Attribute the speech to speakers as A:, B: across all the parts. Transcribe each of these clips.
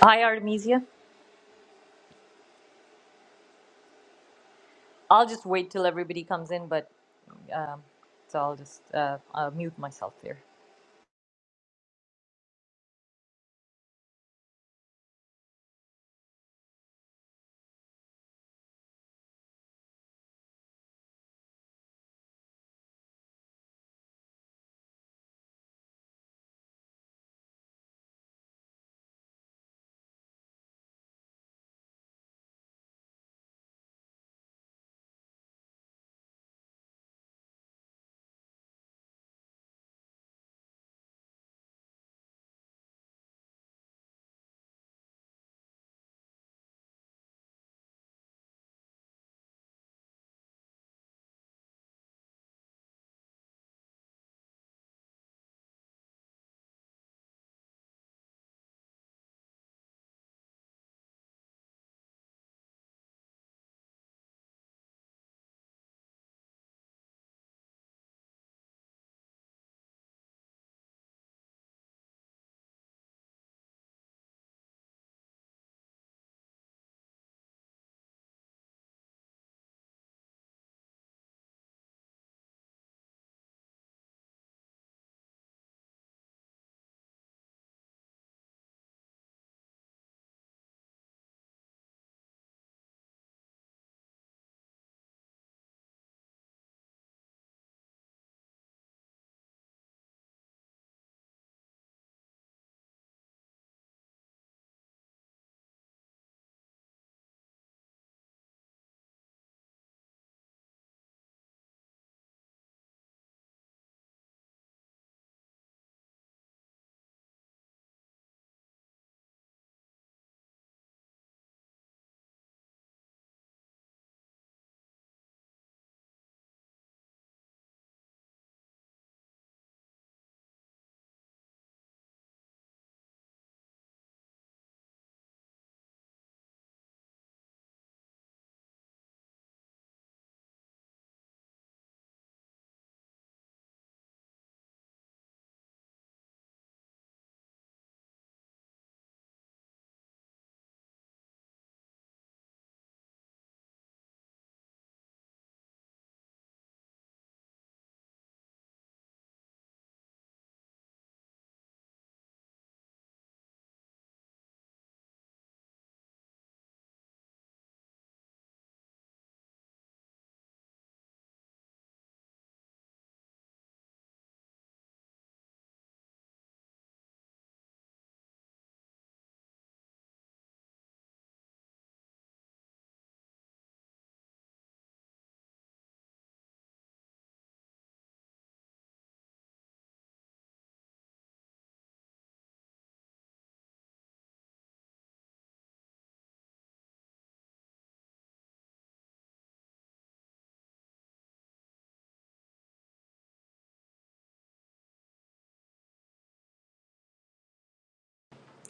A: Hi, Artemisia. I'll just wait till everybody comes in, but um, so I'll just uh, uh, mute myself here.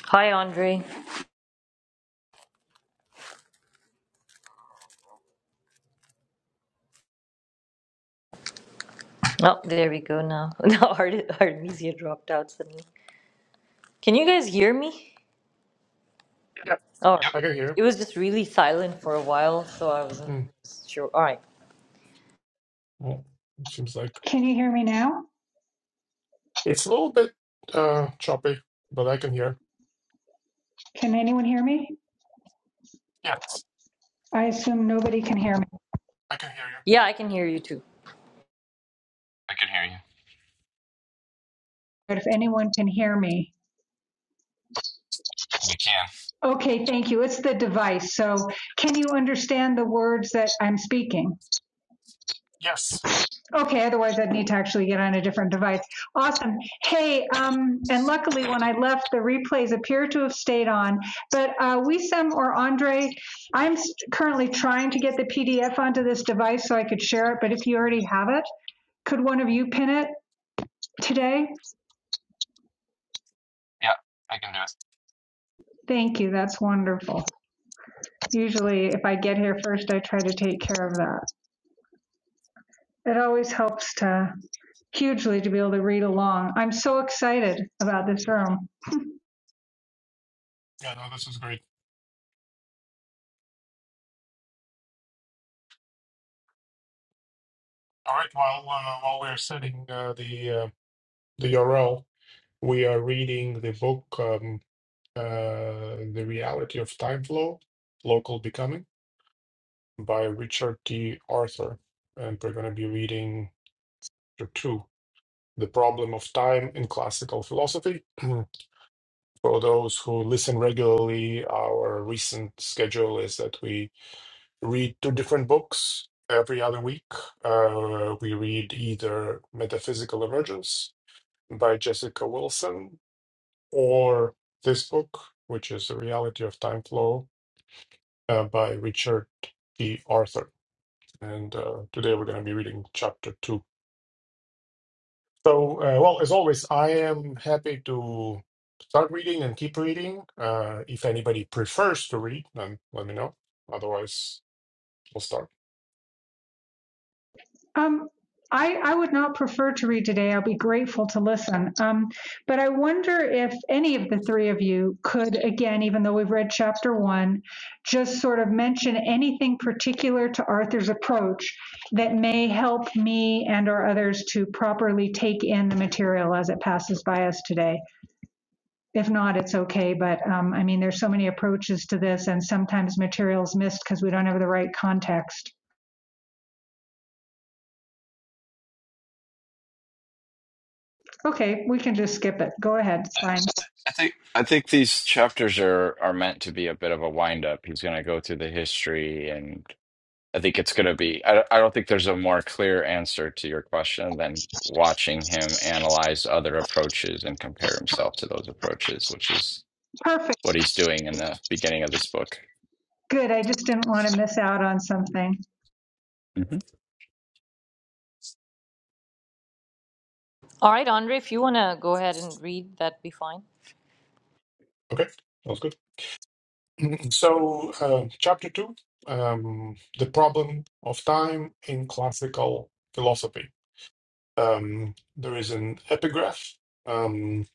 A: Hi, Andre. Oh, there we go now. Now Art- Artemisia dropped out suddenly. Can you guys hear me?
B: Yeah,
A: Oh,
C: Yep,
B: I can hear.
A: it was just really silent for a while, so I wasn't
B: Mm,
A: sure. All right.
B: well, it seems like
D: Can you hear me now?
B: it's a little bit uh choppy, but I can hear.
D: Can anyone hear me?
B: Yes,
D: I assume nobody can hear me,
B: I can hear you.
A: Yeah, I can hear you too.
C: I can hear you.
D: but if anyone can hear me.
C: We can.
D: Okay, thank you. It's the device. So can you understand the words that I'm speaking?
B: Yes.
D: Okay, otherwise I'd need to actually get on a different device. Awesome. Hey, um, and luckily when I left, the replays appear to have stayed on. But uh, Wisam or Andre, I'm currently trying to get the PDF onto this device so I could share it. But if you already have it, could one of you pin it today?
C: Yeah, I can do it.
D: Thank you, that's wonderful. Usually, if I get here first, I try to take care of that. It always helps to hugely to be able to read along. I'm so excited about this room.
B: Yeah, no, this is great. All right, while uh, while we're setting uh, the uh, the URL, we are reading the book um, uh, The Reality of Time Flow, Local Becoming by Richard T. Arthur. And we're going to be reading chapter two, The Problem of Time in Classical Philosophy. For those who listen regularly, our recent schedule is that we read two different books every other week. Uh, we read either Metaphysical Emergence by Jessica Wilson or this book, which is The Reality of Time Flow uh, by Richard P. Arthur. And uh, today we're going to be reading chapter two. So, uh, well, as always, I am happy to start reading and keep reading. Uh, if anybody prefers to read, then let me know. Otherwise, we'll start.
D: Um, I, I would not prefer to read today. I'll be grateful to listen. Um, but I wonder if any of the three of you could, again, even though we've read chapter one, just sort of mention anything particular to Arthur's approach that may help me and or others to properly take in the material as it passes by us today. If not, it's okay. But um, I mean, there's so many approaches to this, and sometimes material's missed because we don't have the right context. Okay, we can just skip it. Go ahead. It's fine.
C: I think I think these chapters are are meant to be a bit of a wind up. He's going to go through the history, and I think it's going to be. I don't- I don't think there's a more clear answer to your question than watching him analyze other approaches and compare himself to those approaches, which is
D: Perfect,
C: what he's doing in the beginning of this book.
D: good, I just didn't want to miss out on something.
A: All right, Andre, if you want to go ahead and read, that'd be fine.
B: Okay, sounds good. So, uh, chapter two, um, the problem of time in classical philosophy. Um, there is an epigraph. Um,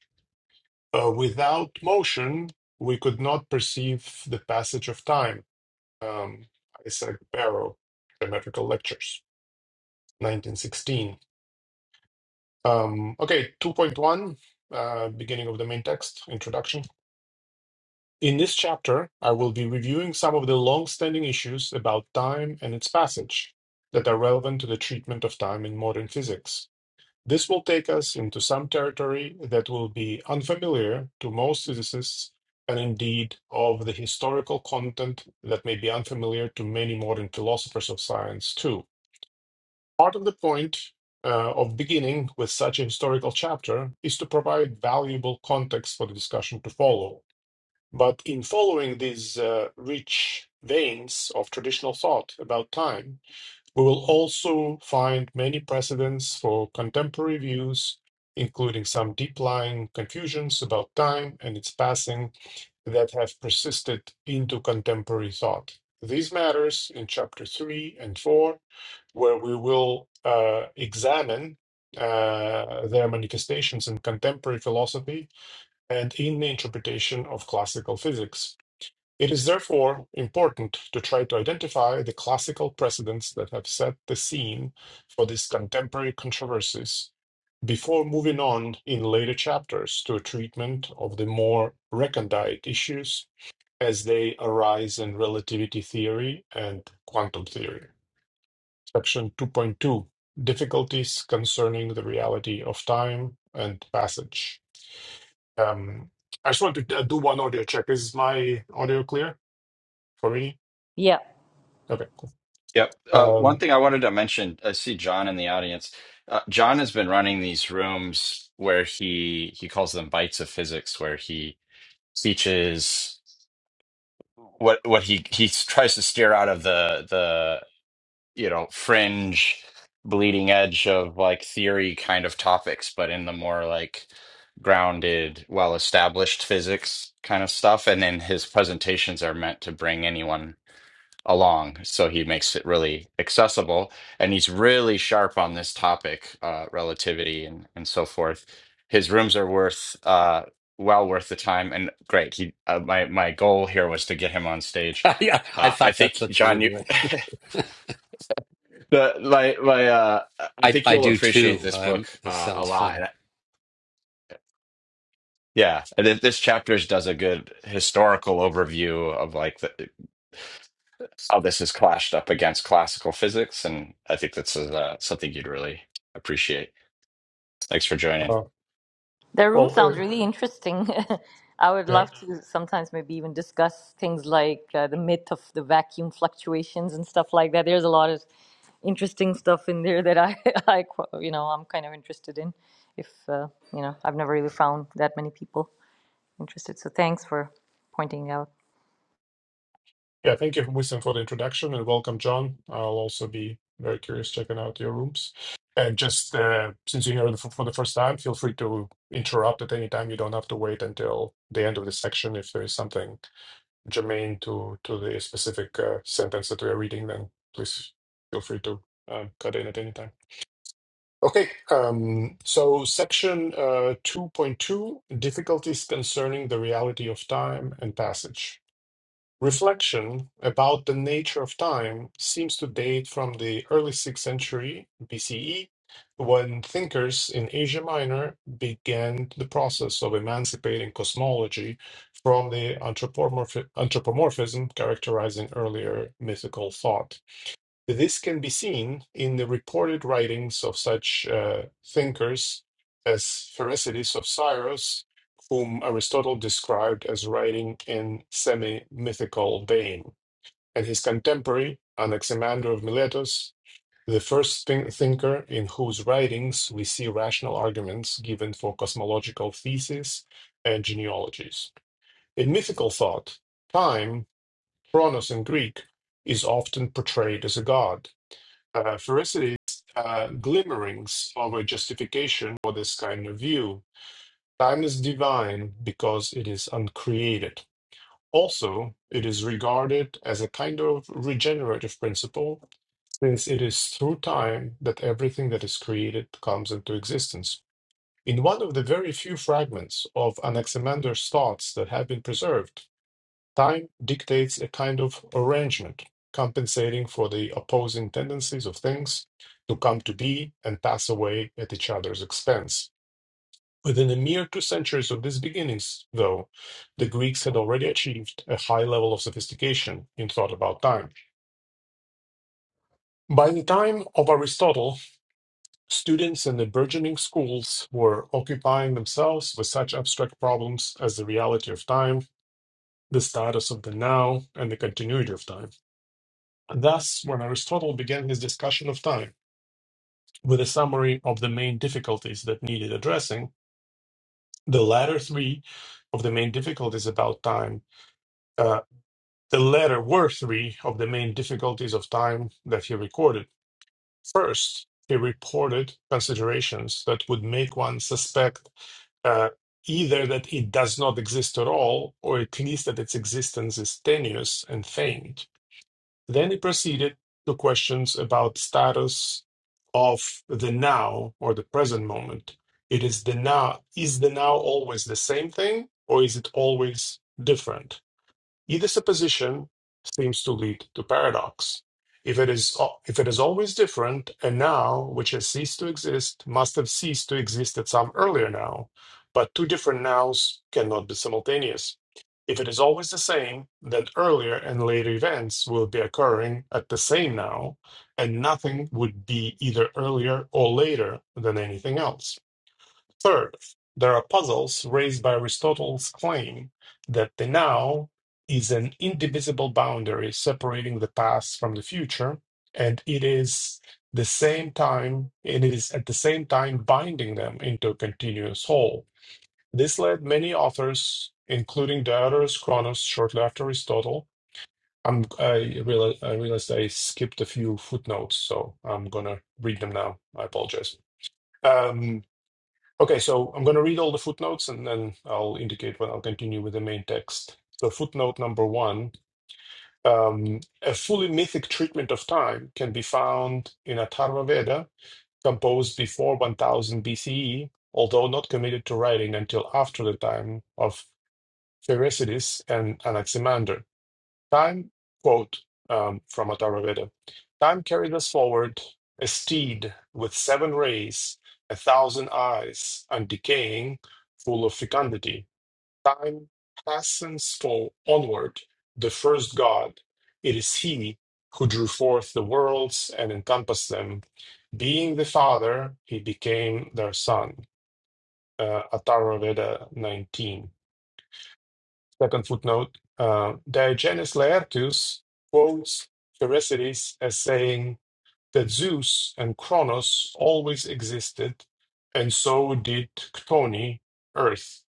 B: uh, without motion, we could not perceive the passage of time. Um, I said Barrow, Geometrical Lectures. 1916. Um, okay, 2.1, uh, beginning of the main text, introduction. In this chapter, I will be reviewing some of the long standing issues about time and its passage that are relevant to the treatment of time in modern physics. This will take us into some territory that will be unfamiliar to most physicists and indeed of the historical content that may be unfamiliar to many modern philosophers of science too. Part of the point uh, of beginning with such a historical chapter is to provide valuable context for the discussion to follow. But in following these uh, rich veins of traditional thought about time, we will also find many precedents for contemporary views, including some deep lying confusions about time and its passing that have persisted into contemporary thought. These matters in chapter 3 and 4 where we will uh, examine uh, their manifestations in contemporary philosophy and in the interpretation of classical physics. It is therefore important to try to identify the classical precedents that have set the scene for these contemporary controversies before moving on in later chapters to a treatment of the more recondite issues as they arise in relativity theory and quantum theory. Section 2.2 Difficulties concerning the reality of time and passage. Um, I just want to uh, do one audio check. Is my audio clear for me?
A: Yeah.
B: Okay, cool.
C: Yep. Uh, one
B: Um,
C: thing I wanted to mention, I see John in the audience. Uh, John has been running these rooms where he he calls them bites of physics, where he teaches what what he he tries to steer out of the the you know fringe bleeding edge of like theory kind of topics, but in the more like grounded, well established physics kind of stuff. And then his presentations are meant to bring anyone along so he makes it really accessible and he's really sharp on this topic uh, relativity and and so forth his rooms are worth uh well worth the time and great he uh, my my goal here was to get him on stage
E: yeah, I
C: uh, I
E: thought
C: think
E: that's what you were
C: John, you,
E: doing.
C: the my my uh, I
E: I,
C: think
E: I
C: you'll
E: do
C: appreciate
E: too.
C: this book
E: Um, this
C: uh, a
E: sounds
C: lot.
E: fun.
C: And I- yeah, and th- this chapter does a good historical overview of like the, how this has clashed up against classical physics, and I think that's uh, something you'd really appreciate. Thanks for joining.
B: uh,
A: The room
B: well,
A: sounds
B: uh,
A: really interesting. I would
B: yeah,
A: love to sometimes maybe even discuss things like uh, the myth of the vacuum fluctuations and stuff like that. There's a lot of interesting stuff in there that I, I qu- you know, I'm kind of interested in. If uh, you know, I've never really found that many people interested. So thanks for pointing out.
B: yeah. Thank you, Winston, for the introduction, and welcome, John. I'll also be very curious checking out your rooms. And just uh, since you're here for for the first time, feel free to interrupt at any time. You don't have to wait until the end of the section if there is something germane to to the specific uh, sentence that we are reading, then please feel free to um, cut in at any time. Okay, um, so section uh, 2.2 difficulties concerning the reality of time and passage. Reflection about the nature of time seems to date from the early 6th century BCE, when thinkers in Asia Minor began the process of emancipating cosmology from the anthropomorph- anthropomorphism characterizing earlier mythical thought. This can be seen in the reported writings of such uh, thinkers as Pherecydes of Syros, whom Aristotle described as writing in semi mythical vein, and his contemporary Anaximander of Miletus, the first thin- thinker in whose writings we see rational arguments given for cosmological theses and genealogies. In mythical thought, time, chronos in Greek, is often portrayed as a god uh, Pherecydes uh, glimmerings of a justification for this kind of view. Time is divine because it is uncreated. Also, it is regarded as a kind of regenerative principle, since it is through time that everything that is created comes into existence. In one of the very few fragments of Anaximander's thoughts that have been preserved, Time dictates a kind of arrangement, compensating for the opposing tendencies of things to come to be and pass away at each other's expense. Within a mere two centuries of these beginnings, though, the Greeks had already achieved a high level of sophistication in thought about time. By the time of Aristotle, students in the burgeoning schools were occupying themselves with such abstract problems as the reality of time, the status of the now, and the continuity of time. And thus, when Aristotle began his discussion of time with a summary of the main difficulties that needed addressing, the latter three of the main difficulties about time, uh, the latter were three of the main difficulties of time that he recorded. First, he reported considerations that would make one suspect uh, either that it does not exist at all, or at least that its existence is tenuous and faint. Then he proceeded to questions about status of the now or the present moment. It is the now. Is the now always the same thing, or is it always different? Either supposition seems to lead to paradox. If it is uh, if it is always different, a now which has ceased to exist must have ceased to exist at some earlier now, but two different nows cannot be simultaneous. If it is always the same, then earlier and later events will be occurring at the same now, and nothing would be either earlier or later than anything else. Third, there are puzzles raised by Aristotle's claim that the now is an indivisible boundary separating the past from the future, and it is the same time and it is at the same time binding them into a continuous whole. This led many authors, including Diodorus Chronos shortly after Aristotle. I'm, I, realize, I realized I skipped a few footnotes, so I'm gonna read them now. I apologize. Um, Okay, so I'm going to read all the footnotes and then I'll indicate when I'll continue with the main text. So, footnote number one um, a fully mythic treatment of time can be found in Atharva Veda, composed before 1000 BCE, although not committed to writing until after the time of Thucydides and Anaximander. Time, quote um, from Atharvaveda Time carried us forward, a steed with seven rays, a thousand eyes, and decaying, full of fecundity. Time hastens for onward, the first God. It is He who drew forth the worlds and encompassed them. Being the Father, He became their Son. Uh, Atharvaveda 19. Second footnote uh, Diogenes Laertius quotes Thucydides as saying that Zeus and Kronos always existed, and so did Chtoni, Earth.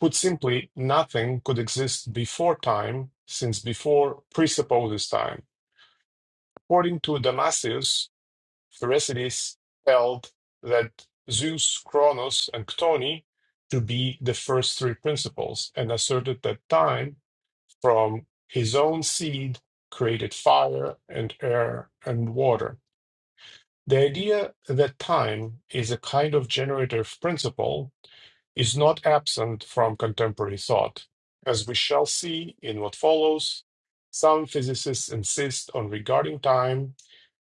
B: Put simply, nothing could exist before time, since before presupposes time. According to Damasius, Thucydides held that Zeus, Kronos, and Chtoni to be the first three principles, and asserted that time from his own seed created fire and air and water. The idea that time is a kind of generative principle is not absent from contemporary thought. As we shall see in what follows, some physicists insist on regarding time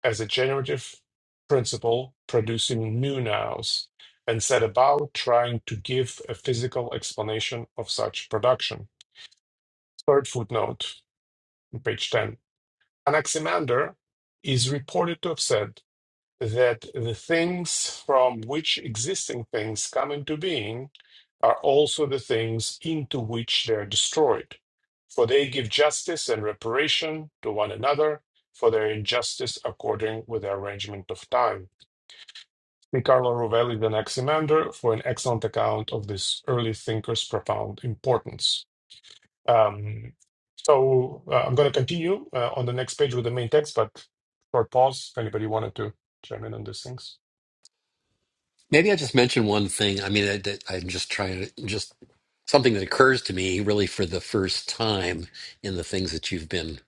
B: as a generative principle producing new nows and set about trying to give a physical explanation of such production. Third footnote, on page 10. Anaximander is reported to have said that the things from which existing things come into being are also the things into which they are destroyed. For they give justice and reparation to one another for their injustice according with the arrangement of time. Niccolo Rovelli and Anaximander for an excellent account of this early thinker's profound importance. Um, so uh, I'm going to continue uh, on the next page with the main text, but short pause if anybody wanted to chime in on these things.
E: Maybe I just mention one thing. I mean, I, that- I'm just trying to just something that occurs to me really for the first time in the things that you've been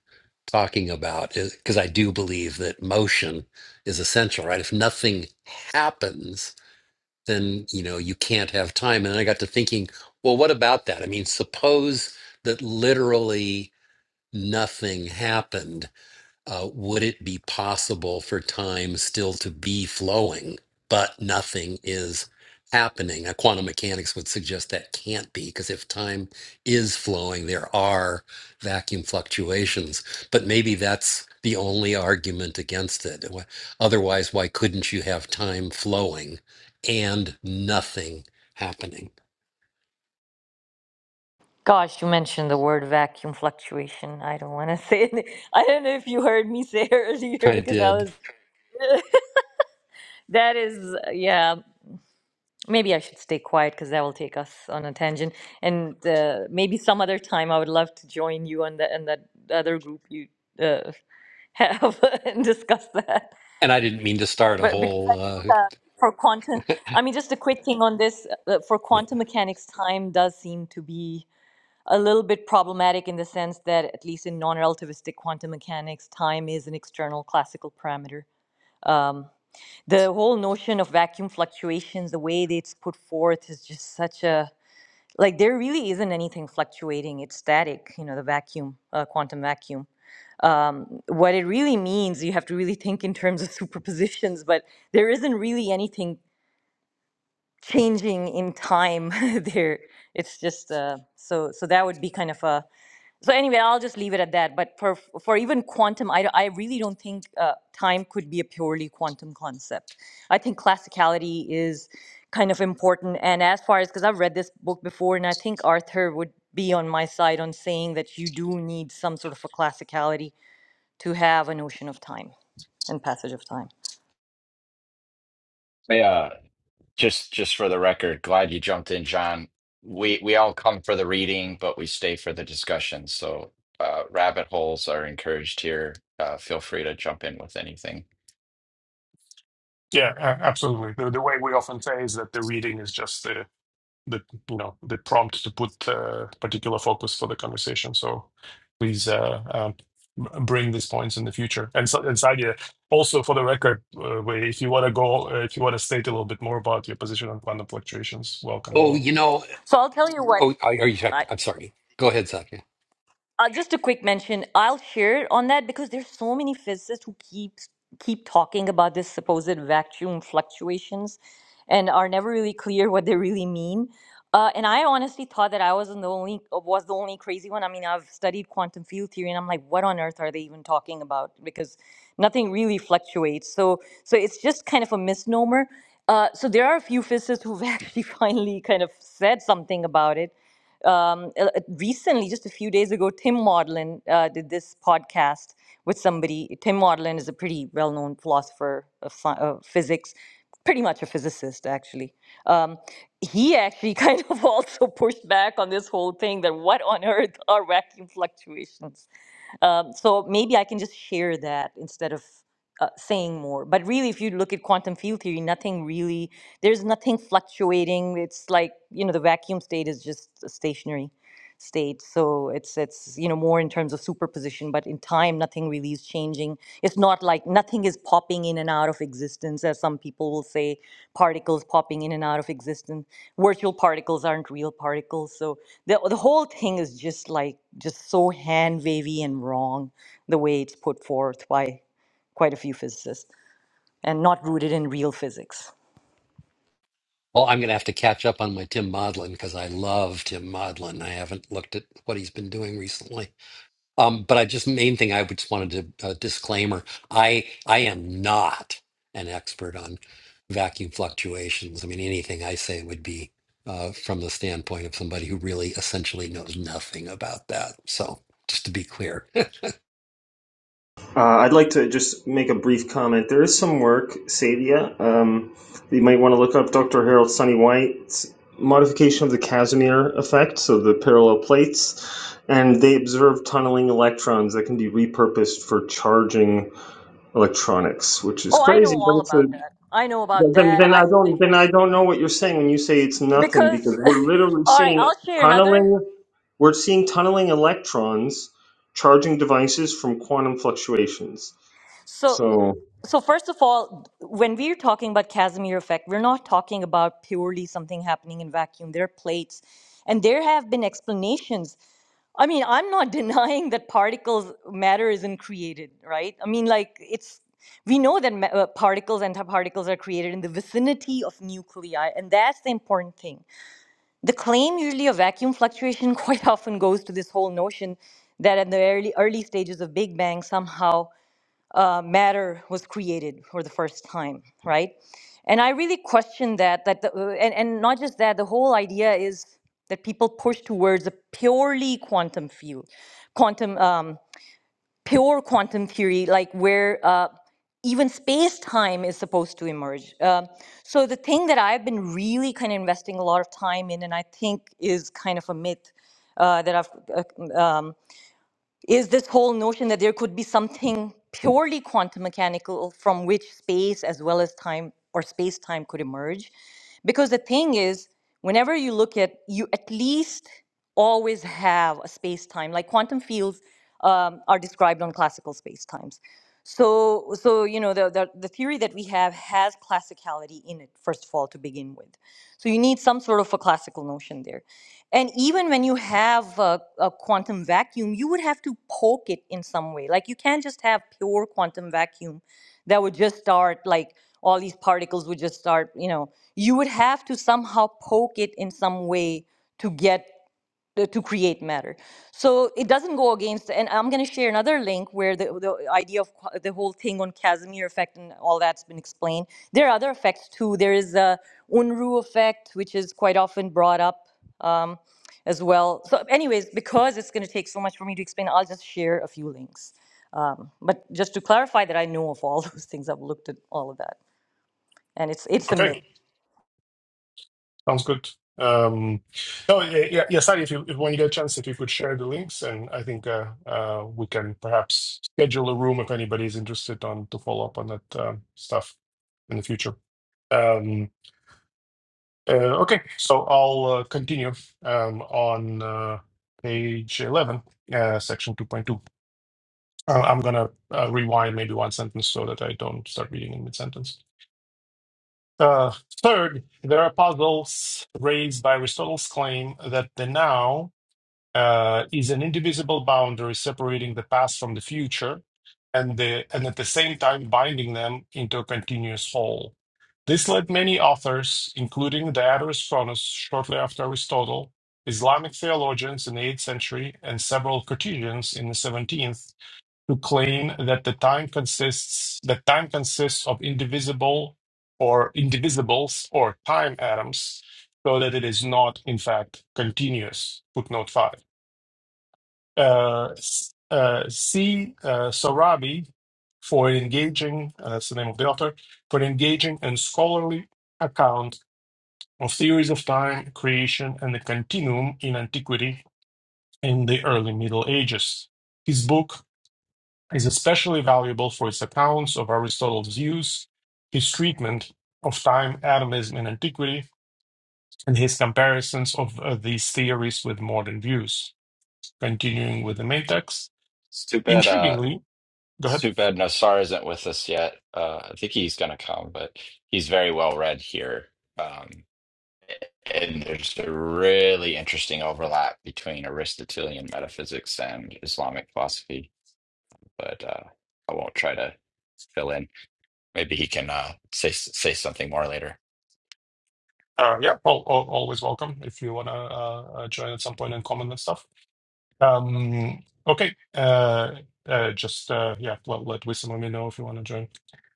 E: talking about, because I do believe that motion is essential, right? If nothing happens, then you know you can't have time. And then I got to thinking, well, what about that? I mean, suppose that literally nothing happened uh, would it be possible for time still to be flowing, but nothing is happening? Uh, quantum mechanics would suggest that can't be, because if time is flowing, there are vacuum fluctuations. But maybe that's the only argument against it. Wh- Otherwise, why couldn't you have time flowing and nothing happening?
A: Gosh, you mentioned the word vacuum fluctuation. I don't want to say it. I don't know if you heard me say it earlier
E: I
A: because I
E: did.
A: was. That is, yeah. Maybe I should stay quiet because that will take us on a tangent. And uh, maybe some other time, I would love to join you and the and that other group you uh, have and discuss that.
E: And I didn't mean to start a
A: But because I
E: whole.
A: think
E: Uh,
A: uh, for quantum, I mean, just a quick thing on this uh, for
E: yeah.
A: quantum mechanics, time does seem to be a little bit problematic in the sense that, at least in non-relativistic quantum mechanics, time is an external classical parameter. Um, the whole notion of vacuum fluctuations, the way that it's put forth, is just such a like there really isn't anything fluctuating it's static you know the vacuum uh, quantum vacuum um, what it really means you have to really think in terms of superpositions but there isn't really anything changing in time there it's just uh, so so that would be kind of a so anyway i'll just leave it at that but for for even quantum i, I really don't think uh, time could be a purely quantum concept i think classicality is kind of important and as far as because i've read this book before and i think arthur would be on my side on saying that you do need some sort of a classicality to have a notion of time and passage of time
C: Yeah, just just for the record, glad you jumped in, John. We we all come for the reading, but we stay for the discussion. So uh, rabbit holes are encouraged here. Uh, feel free to jump in with anything.
B: Yeah, a- absolutely. The, the way we often say is that the reading is just the the you know the prompt to put uh, particular focus for the conversation. So please uh, um, b- bring these points in the future. And so, and Sadia, also for the record, uh, we- if you want to go, uh, if you want to state a little bit more about your position on quantum fluctuations, welcome as
E: oh,
B: well.
E: you know.
A: so i'll tell you what
E: Oh, are are you?
A: I.
E: I'm sorry. Go ahead, Zach.
A: Uh, just a quick mention. I'll share on that because there's so many physicists who keep keep talking about this supposed vacuum fluctuations, and are never really clear what they really mean. Uh, and I honestly thought that I wasn't the only was the only crazy one. I mean, I've studied quantum field theory, and I'm like, what on earth are they even talking about? Because nothing really fluctuates. So so it's just kind of a misnomer. Uh, so there are a few physicists who've actually finally kind of said something about it um, uh, recently, just a few days ago, Tim Maudlin uh, did this podcast with somebody. Tim Maudlin is a pretty well-known philosopher of, sci- of physics, pretty much a physicist, actually. Um, he actually kind of also pushed back on this whole thing that what on earth are vacuum fluctuations? Um, so maybe I can just share that instead of uh, saying more. But really, if you look at quantum field theory, nothing really, there's nothing fluctuating. It's like, you know, the vacuum state is just stationary state. So it's it's you know more in terms of superposition, but in time nothing really is changing. It's not like nothing is popping in and out of existence, as some people will say, particles popping in and out of existence. Virtual particles aren't real particles. So the the whole thing is just like just so hand wavy and wrong the way it's put forth by quite a few physicists and not rooted in real physics.
E: Well, I'm going to have to catch up on my Tim Modlin because I love Tim Modlin. I haven't looked at what he's been doing recently. Um, but I just main thing I just wanted to uh, disclaimer: I I am not an expert on vacuum fluctuations. I mean, anything I say would be uh, from the standpoint of somebody who really essentially knows nothing about that. So just to be clear.
F: Uh, I'd like to just make a brief comment. There is some work, Sadia. Um, you might want to look up Dr. Harold Sunny White's modification of the Casimir effect, so the parallel plates, and they observe tunneling electrons that can be repurposed for charging electronics, which is
A: Oh, I know
F: crazy. But
A: all
F: it's a,
A: about that. I know about
F: then,
A: that.
F: then I
A: I
F: don't
A: even
F: then I don't know what you're saying when you say it's nothing because
A: because
F: we're literally
A: all right,
F: seeing
A: I'll share another.
F: tunneling. We're seeing tunneling electrons charging devices from quantum fluctuations.
A: So,
F: So
A: so first of all, when we're talking about Casimir effect, we're not talking about purely something happening in vacuum. There are plates, and there have been explanations. I mean, I'm not denying that particles matter isn't created, right? I mean, like it's we know that ma- uh, particles and antiparticles are created in the vicinity of nuclei, and that's the important thing. The claim usually of vacuum fluctuation quite often goes to this whole notion that at the early early stages of Big Bang somehow uh, matter was created for the first time, right? And I really question that. That the, uh, and and not just that. The whole idea is that people push towards a purely quantum field, quantum um, pure quantum theory, like where uh, even space time is supposed to emerge. Um, so the thing that I've been really kind of investing a lot of time in, and I think is kind of a myth uh, that I've uh, um, is this whole notion that there could be something purely quantum mechanical from which space as well as time or space time could emerge because the thing is whenever you look at you at least always have a space time like quantum fields um, are described on classical space times so so you know the, the the theory that we have has classicality in it first of all to begin with so you need some sort of a classical notion there and even when you have a, a quantum vacuum you would have to poke it in some way like you can't just have pure quantum vacuum that would just start like all these particles would just start you know you would have to somehow poke it in some way to get uh, to create matter. So it doesn't go against, and I'm going to share another link where the, the idea of qu- the whole thing on Casimir effect and all that's been explained. There are other effects too. There is a Unruh effect, which is quite often brought up um, as well. So, anyways, because it's going to take so much for me to explain, I'll just share a few links. Um, but just to clarify that I know of all those things, I've looked at all of that, and it's it's a
B: Okay.
A: myth.
B: Sounds good. Um, no, eh, yeah, yeah, Sadi, if you, if, when you get a chance, if you could share the links, and I think uh, uh, we can perhaps schedule a room if anybody's interested on to follow up on that uh, stuff in the future. Um, uh, okay, so I'll uh, continue um, on uh, page 11, uh, section 2.2. Uh, I'm going to uh, rewind maybe one sentence so that I don't start reading in mid sentence. Uh, third, there are puzzles raised by Aristotle's claim that the now uh, is an indivisible boundary separating the past from the future, and the and at the same time binding them into a continuous whole. This led many authors, including Diodorus Cronus shortly after Aristotle, Islamic theologians in the 8th century, and several Cartesians in the 17th, to claim that the time consists that time consists of indivisible or indivisibles or time atoms, so that it is not in fact continuous. Footnote five. Uh, s- uh, see uh, Sorabi for engaging. Uh, that's the name of the author for engaging and scholarly account of theories of time, creation, and the continuum in antiquity in the early Middle Ages. His book is especially valuable for its accounts of Aristotle's views, his treatment of time, atomism, and antiquity, and his comparisons of uh, these theories with modern views. Continuing with the main text,
C: It's too bad. Uh,
B: intriguingly, go
C: it's
B: ahead.
C: too bad Nassar isn't with us yet. Uh, I think he's gonna come, but he's very well read here. Um, And there's a really interesting overlap between Aristotelian metaphysics and Islamic philosophy, but uh, I won't try to fill in. Maybe he can uh, say say something more later.
B: Uh, yeah, al- al- always welcome if you want to uh, uh, join at some point and comment and stuff. Um, okay. Uh, uh, just uh, yeah, let, let Wissam let me know if you want to join.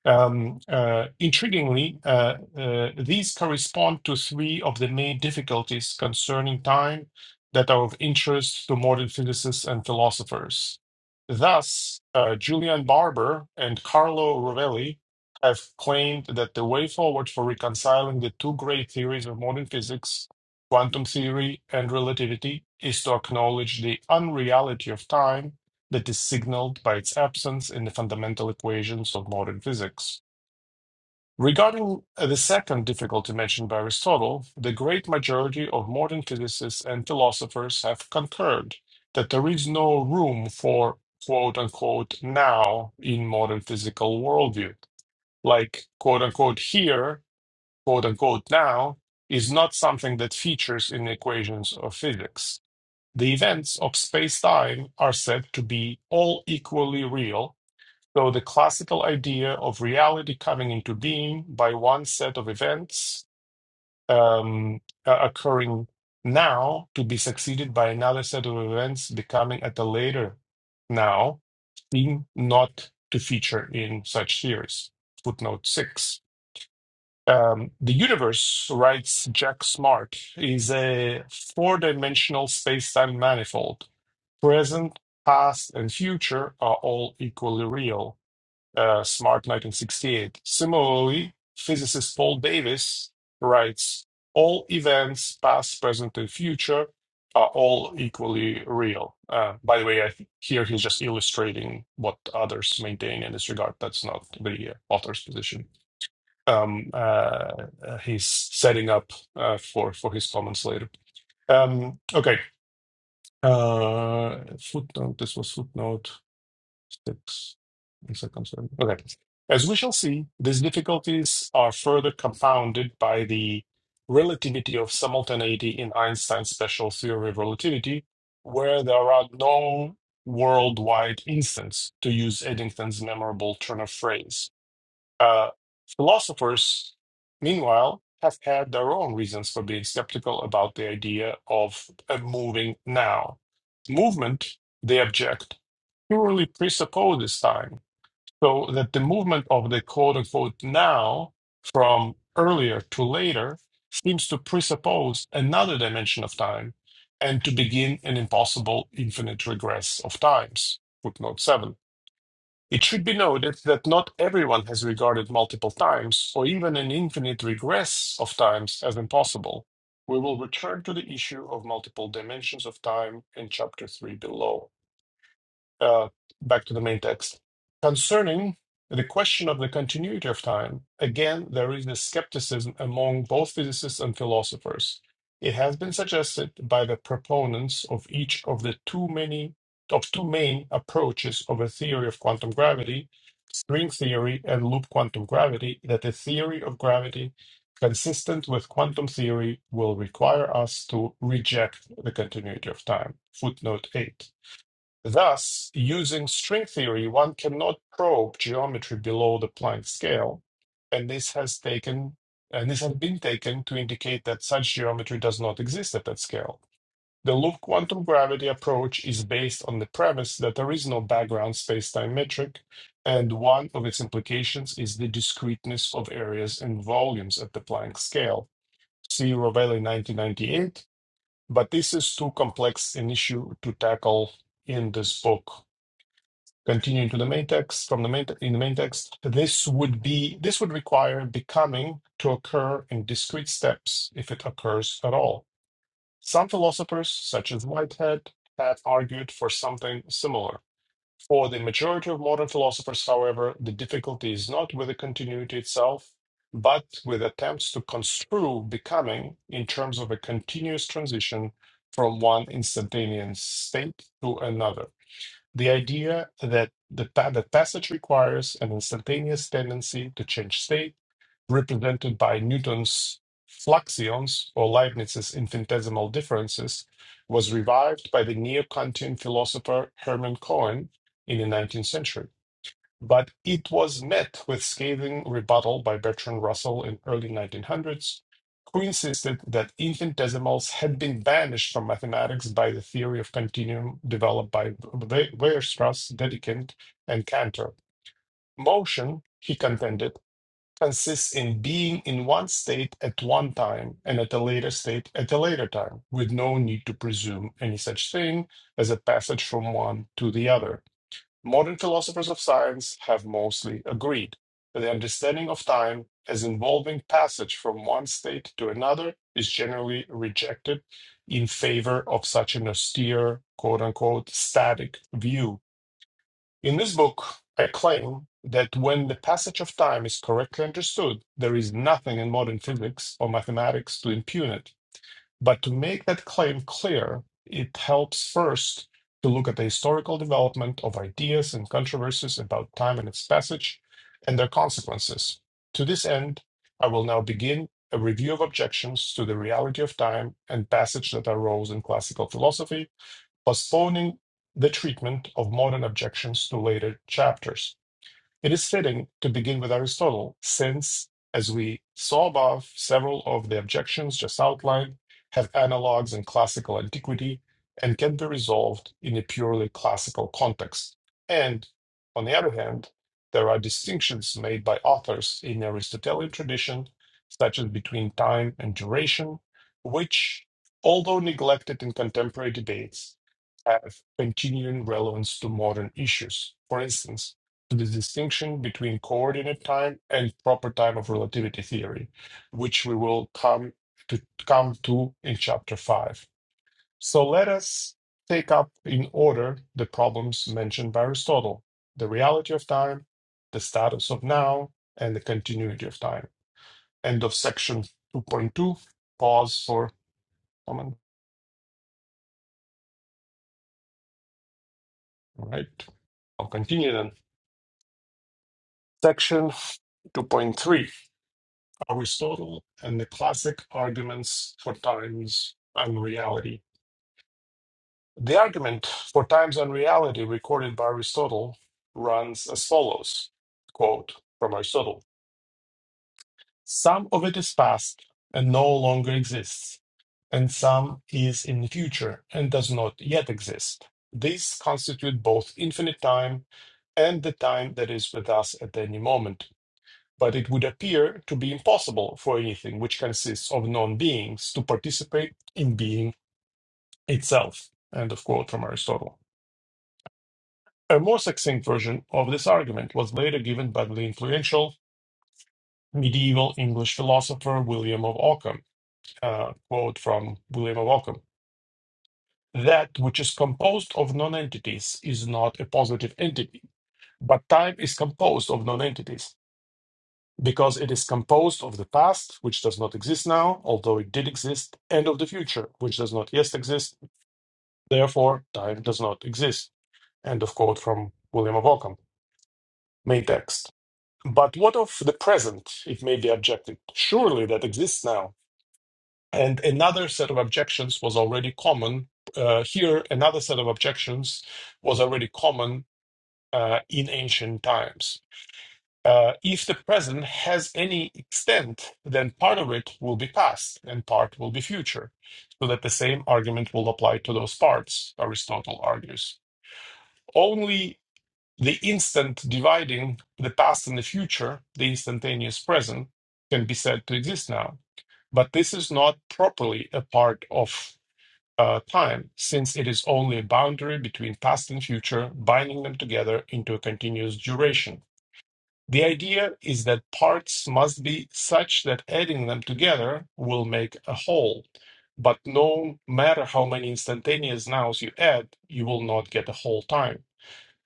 B: Um, uh, intriguingly, uh, uh, these correspond to three of the main difficulties concerning time that are of interest to modern physicists and philosophers. Thus, uh, Julian Barber and Carlo Rovelli have claimed that the way forward for reconciling the two great theories of modern physics quantum theory and relativity is to acknowledge the unreality of time that is signaled by its absence in the fundamental equations of modern physics. Regarding uh, the second difficulty mentioned by Aristotle, the great majority of modern physicists and philosophers have concurred that there is no room for quote unquote now in modern physical worldview. Like quote unquote here quote unquote now is not something that features in equations of physics. The events of space-time are said to be all equally real, so the classical idea of reality coming into being by one set of events um, uh, occurring now to be succeeded by another set of events becoming at a later now seem not to feature in such theories. Footnote 6. Um, the universe, writes Jack Smart, is a four dimensional space time manifold. Present, past, and future are all equally real. Uh, Smart 1968. Similarly, physicist Paul Davies writes All events, past, present, and future, are all equally real. Uh, by the way, I th- here he's just illustrating what others maintain in this regard. That's not the uh, author's position um, uh, uh, he's setting up uh, for for his comments later. Um, okay, uh, footnote. This was footnote six in circumstance. Okay, as we shall see, these difficulties are further compounded by the relativity of simultaneity in Einstein's special theory of relativity, where there are no worldwide instants, to use Eddington's memorable turn of phrase. Uh, philosophers, meanwhile, have had their own reasons for being skeptical about the idea of a moving now. Movement, they object, purely presupposes time, so that the movement of the quote unquote now from earlier to later seems to presuppose another dimension of time and to begin an impossible infinite regress of times. Footnote 7. It should be noted that not everyone has regarded multiple times, or even an infinite regress of times, as impossible. We will return to the issue of multiple dimensions of time in Chapter 3 below. Uh, back to the main text. Concerning the question of the continuity of time, again, there is a skepticism among both physicists and philosophers. It has been suggested by the proponents of each of the too many of two main approaches of a theory of quantum gravity string theory and loop quantum gravity that a theory of gravity consistent with quantum theory will require us to reject the continuity of time. Footnote 8. Thus, using string theory, one cannot probe geometry below the Planck scale, and this has taken and this has been taken to indicate that such geometry does not exist at that scale. The loop quantum gravity approach is based on the premise that there is no background spacetime metric, and one of its implications is the discreteness of areas and volumes at the Planck scale. See Rovelli 1998, but this is too complex an issue to tackle in this book. Continuing to the main text, from the main te- in the main text, this would be this would require becoming to occur in discrete steps if it occurs at all. Some philosophers, such as Whitehead, have argued for something similar. For the majority of modern philosophers, however, the difficulty is not with the continuity itself, but with attempts to construe becoming in terms of a continuous transition from one instantaneous state to another. The idea that the, pa- the passage requires an instantaneous tendency to change state represented by Newton's fluxions or Leibniz's infinitesimal differences, was revived by the neo Kantian philosopher Hermann Cohen in the 19th century. But it was met with scathing rebuttal by Bertrand Russell in early 1900s, who insisted that infinitesimals had been banished from mathematics by the theory of continuum developed by Weierstrass, Dedekind, and Cantor. Motion, he contended, consists in being in one state at one time and at a later state at a later time, with no need to presume any such thing as a passage from one to the other. Modern philosophers of science have mostly agreed that the understanding of time as involving passage from one state to another is generally rejected in favor of such an austere, quote unquote, static view in this book, I claim that when the passage of time is correctly understood, there is nothing in modern physics or mathematics to impugn it. But to make that claim clear, it helps first to look at the historical development of ideas and controversies about time and its passage and their consequences. To this end, I will now begin a review of objections to the reality of time and passage that arose in classical philosophy postponing the treatment of modern objections to later chapters. It is fitting to begin with Aristotle, since, as we saw above, several of the objections just outlined have analogues in classical antiquity and can be resolved in a purely classical context. And, on the other hand, there are distinctions made by authors in the Aristotelian tradition, such as between time and duration, which, although neglected in contemporary debates, have continuing relevance to modern issues. For instance, to the distinction between coordinate time and proper time of relativity theory, which we will come to come to in chapter 5. So let us take up in order the problems mentioned by Aristotle, the reality of time, the status of now, and the continuity of time. End of section 2.2. Pause for comment. All right. I'll continue then. Section 2.3 Aristotle and the classic arguments for times and reality. The argument for times and reality recorded by Aristotle runs as follows quote from Aristotle Some of it is past and no longer exists, and some is in the future and does not yet exist. These constitute both infinite time and the time that is with us at any moment. but it would appear to be impossible for anything which consists of non beings to participate in being itself. End of quote from Aristotle. A more succinct version of this argument was later given by the influential medieval English philosopher William of Ockham. Uh, quote from William of Ockham That which is composed of non entities is not a positive entity, but time is composed of non entities. because it is composed of the past, which does not exist now, although it did exist, and of the future, which does not yet exist, therefore time does not exist. End of quote from William of Ockham, main text. But what of the present, it may be objected? Surely that exists now. And another set of objections was already common. Uh, here, another set of objections was already common uh, in ancient times Uh, if the present has any extent, then part of it will be past and part will be future, so that the same argument will apply to those parts, Aristotle argues. Only the instant dividing the past and the future, the instantaneous present, can be said to exist now. But this is not properly a part of uh, time, since it is only a boundary between past and future, binding them together into a continuous duration the idea is that parts must be such that adding them together will make a whole, but no matter how many instantaneous nows you add, you will not get a whole time.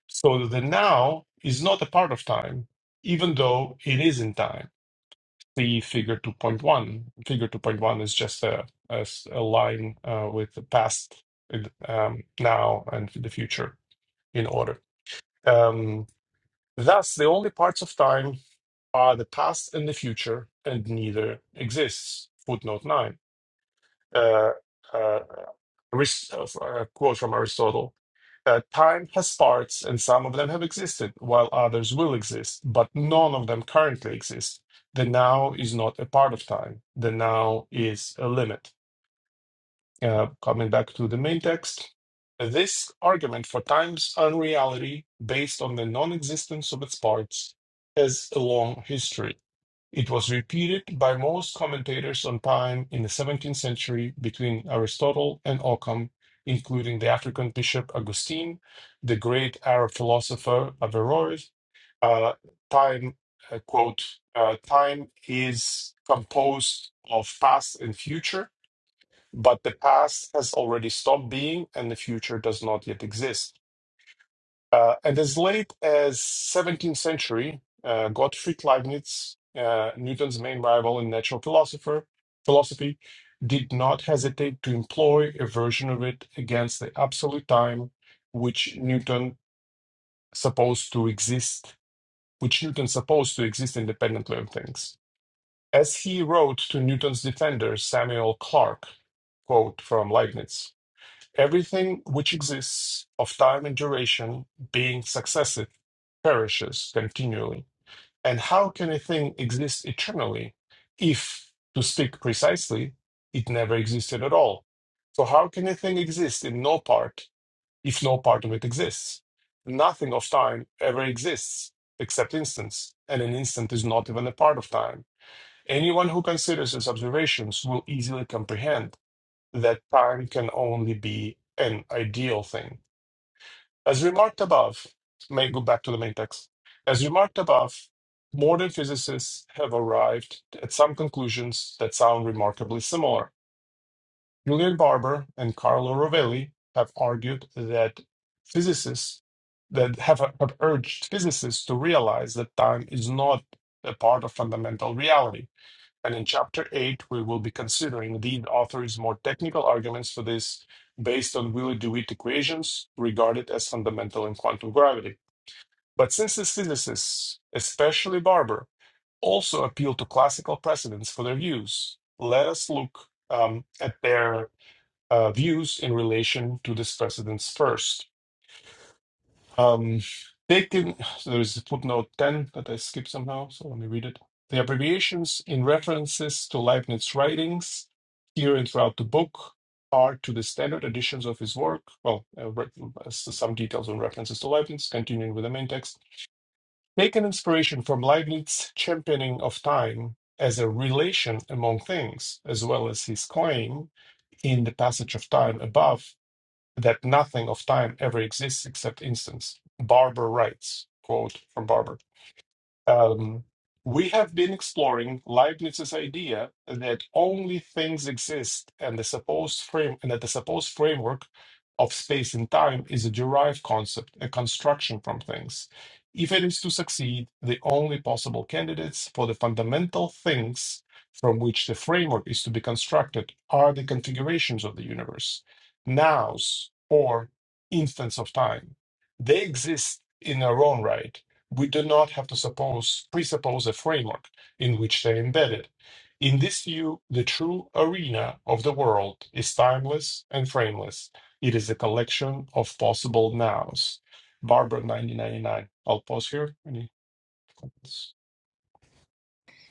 B: So the now is not a part of time, even though it is in time. See figure 2.1. Figure 2.1 is just a, a s- a line uh, with the past, um, now, and the future in order. Um, thus, the only parts of time are the past and the future, and neither exists. Footnote 9. Uh, uh, Aris- uh, a quote from Aristotle uh, Time has parts, and some of them have existed, while others will exist, but none of them currently exist. The now is not a part of time, the now is a limit. Uh, coming back to the main text, this argument for time's unreality, based on the non existence of its parts, has a long history it was repeated by most commentators on time in the 17th century between Aristotle and Occam, including the African bishop Augustine, the great Arab philosopher Averroes. Uh, time, uh, quote, uh, time is composed of past and future, but the past has already stopped being and the future does not yet exist. Uh, and as late as 17th century, uh, Gottfried Leibniz, uh, Newton's main rival in natural philosopher philosophy, did not hesitate to employ a version of it against the absolute time, which Newton supposed to exist, which Newton supposed to exist independently of things. As he wrote to Newton's defender Samuel Clarke, quote from Leibniz. Everything which exists of time and duration, being successive, perishes continually. And how can a thing exist eternally if, to speak precisely, it never existed at all? So, how can a thing exist in no part if no part of it exists? Nothing of time ever exists except instants, and an instant is not even a part of time. Anyone who considers these observations will easily comprehend that time can only be an ideal thing. As remarked above, may go back to the main text. As remarked above, modern physicists have arrived at some conclusions that sound remarkably similar. Julian Barber and Carlo Rovelli have argued that physicists that have, have urged physicists to realize that time is not a part of fundamental reality and in chapter 8, we will be considering the author's more technical arguments for this based on Willy DeWitt equations regarded as fundamental in quantum gravity. But since the physicists, especially Barber, also appeal to classical precedents for their views, let us look um, at their uh, views in relation to these precedents first. Um, taken, so there is a footnote 10 that I skipped somehow, so let me read it. The abbreviations in references to Leibniz's writings here and throughout the book are to the standard editions of his work. Well, uh, re- as to some details on references to Leibniz, continuing with the main text. Taken inspiration from Leibniz's championing of time as a relation among things, as well as his claim in the passage of time above that nothing of time ever exists except instants. Barber writes, quote from Barber. Um, we have been exploring Leibniz's idea that only things exist and the supposed frame and that the supposed framework of space and time is a derived concept, a construction from things. If it is to succeed, the only possible candidates for the fundamental things from which the framework is to be constructed are the configurations of the universe, nows or instants of time. They exist in their own right we do not have to suppose presuppose a framework in which they're embedded. In this view, the true arena of the world is timeless and frameless. It is a collection of possible nows. Barbara, 1999. I'll pause here. Any-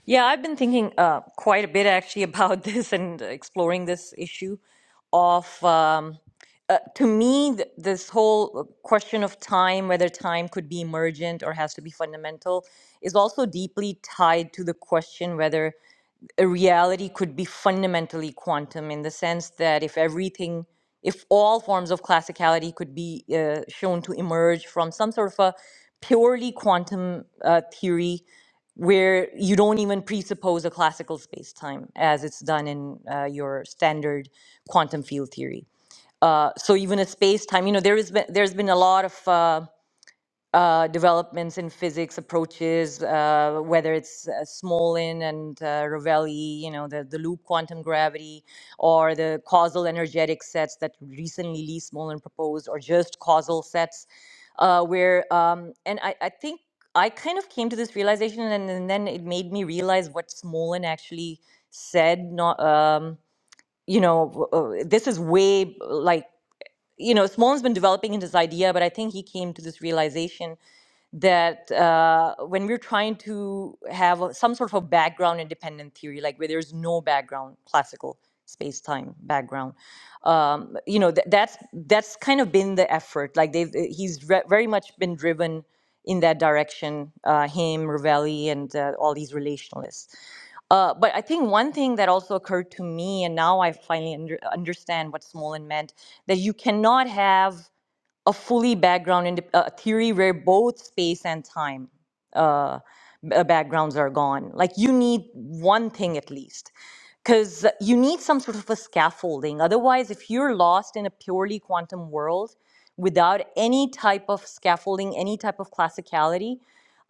A: Yeah, I've been thinking uh, quite a bit actually about this and exploring this issue of, um, uh, to me, th- this whole uh, question of time, whether time could be emergent or has to be fundamental, is also deeply tied to the question whether a reality could be fundamentally quantum in the sense that if everything, if all forms of classicality could be uh, shown to emerge from some sort of a purely quantum uh, theory where you don't even presuppose a classical space time as it's done in uh, your standard quantum field theory. Uh, so even a space time, you know, there is been, there's been a lot of. uh, uh, developments in physics approaches, uh, whether it's uh, Smolin and uh, Rovelli, you know, the, the loop quantum gravity, or the causal energetic sets that recently Lee Smolin proposed, or just causal sets, uh, where, um, and I, I think I kind of came to this realization, and, and then it made me realize what Smolin actually said, not, um, you know, w- uh, this is way like, you know, Smolin's been developing into this idea, but I think he came to this realization that uh, when we're trying to have a- some sort of a background independent theory, like where there's no background, classical space time background, um, you know, th- that's that's kind of been the effort. Like they've uh, he's re- very much been driven in that direction, uh, him, Ravelli, and uh, all these relationalists. Uh, but I think one thing that also occurred to me, and now I finally under, understand what Smolin meant, that you cannot have a fully background in a theory where both space and time uh, b- uh, backgrounds are gone. Like you need one thing at least because you need some sort of a scaffolding. Otherwise, if you're lost in a purely quantum world without any type of scaffolding, any type of classicality,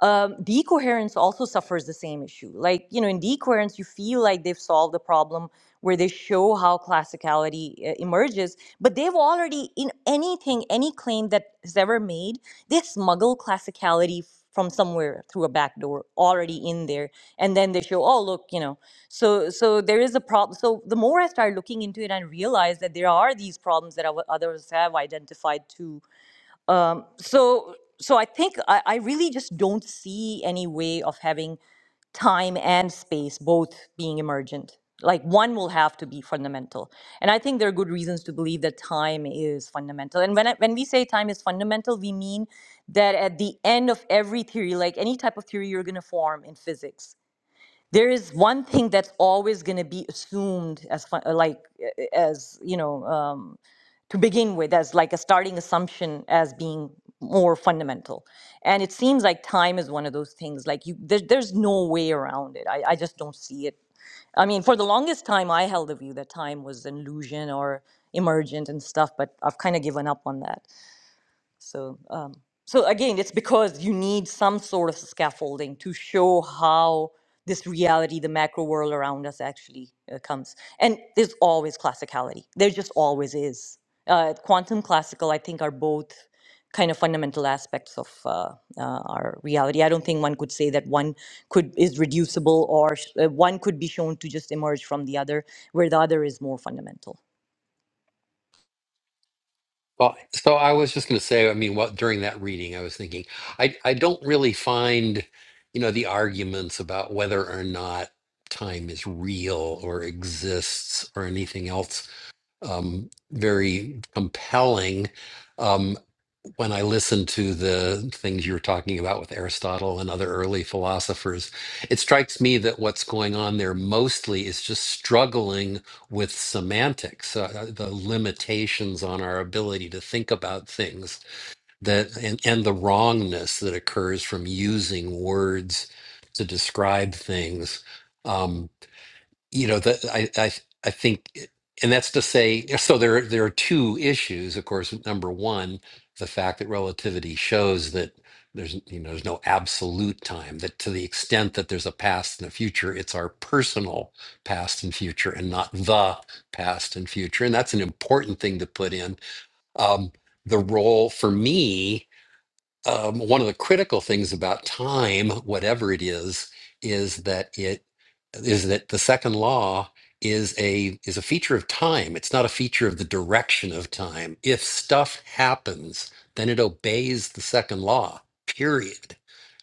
A: um, decoherence also suffers the same issue. Like, you know, in decoherence, you feel like they've solved the problem where they show how classicality uh, emerges, but they've already, in anything, any claim that is ever made, they smuggle classicality from somewhere through a back door already in there. And then they show, oh, look, you know, so so there is a problem so the more i started looking into it and realized that there are these problems that our- others have identified too so so i think I, I really just don't see any way of having time and space both being emergent like one will have to be fundamental and i think there are good reasons to believe that time is fundamental and when I, when we say time is fundamental we mean that at the end of every theory like any type of theory you're going to form in physics there is one thing that's always going to be assumed as fi- uh, like uh, uh, as you know um, to begin with as like a starting assumption as being more fundamental and it seems like time is one of those things like you there, there's no way around it I, I just don't see it i mean for the longest time i held the view that time was an illusion or emergent and stuff but i've kind of given up on that so, um, so again, it's because you need some sort of scaffolding to show how this reality, the macro world around us, actually uh, comes. And there's always classicality. There just always is. Uh, quantum classical, I think, are both kind of fundamental aspects of uh, uh, our reality. I don't think one could say that one could is reducible or sh- uh, one could be shown to just emerge from the other, where the other is more fundamental.
E: Well, so I was just going to say, I mean, what during that reading, I was thinking, I I don't really find, you know, the arguments about whether or not time is real or exists or anything else um, very compelling um, when I listen to the things you were talking about with Aristotle and other early philosophers. It strikes me that what's going on there mostly is just struggling with semantics, uh, uh, the limitations on our ability to think about things that and, and the wrongness that occurs from using words to describe things. Um, you know that I, I i think and that's to say so there there are two issues of course number one the fact that relativity shows that there's you know there's no absolute time that to the extent that there's a past and a future it's our personal past and future and not the past and future and that's an important thing to put in um, the role for me um, one of the critical things about time, whatever it is, is that it is that the second law is a is a feature of time. It's not a feature of the direction of time. If stuff happens, then it obeys the second law. Period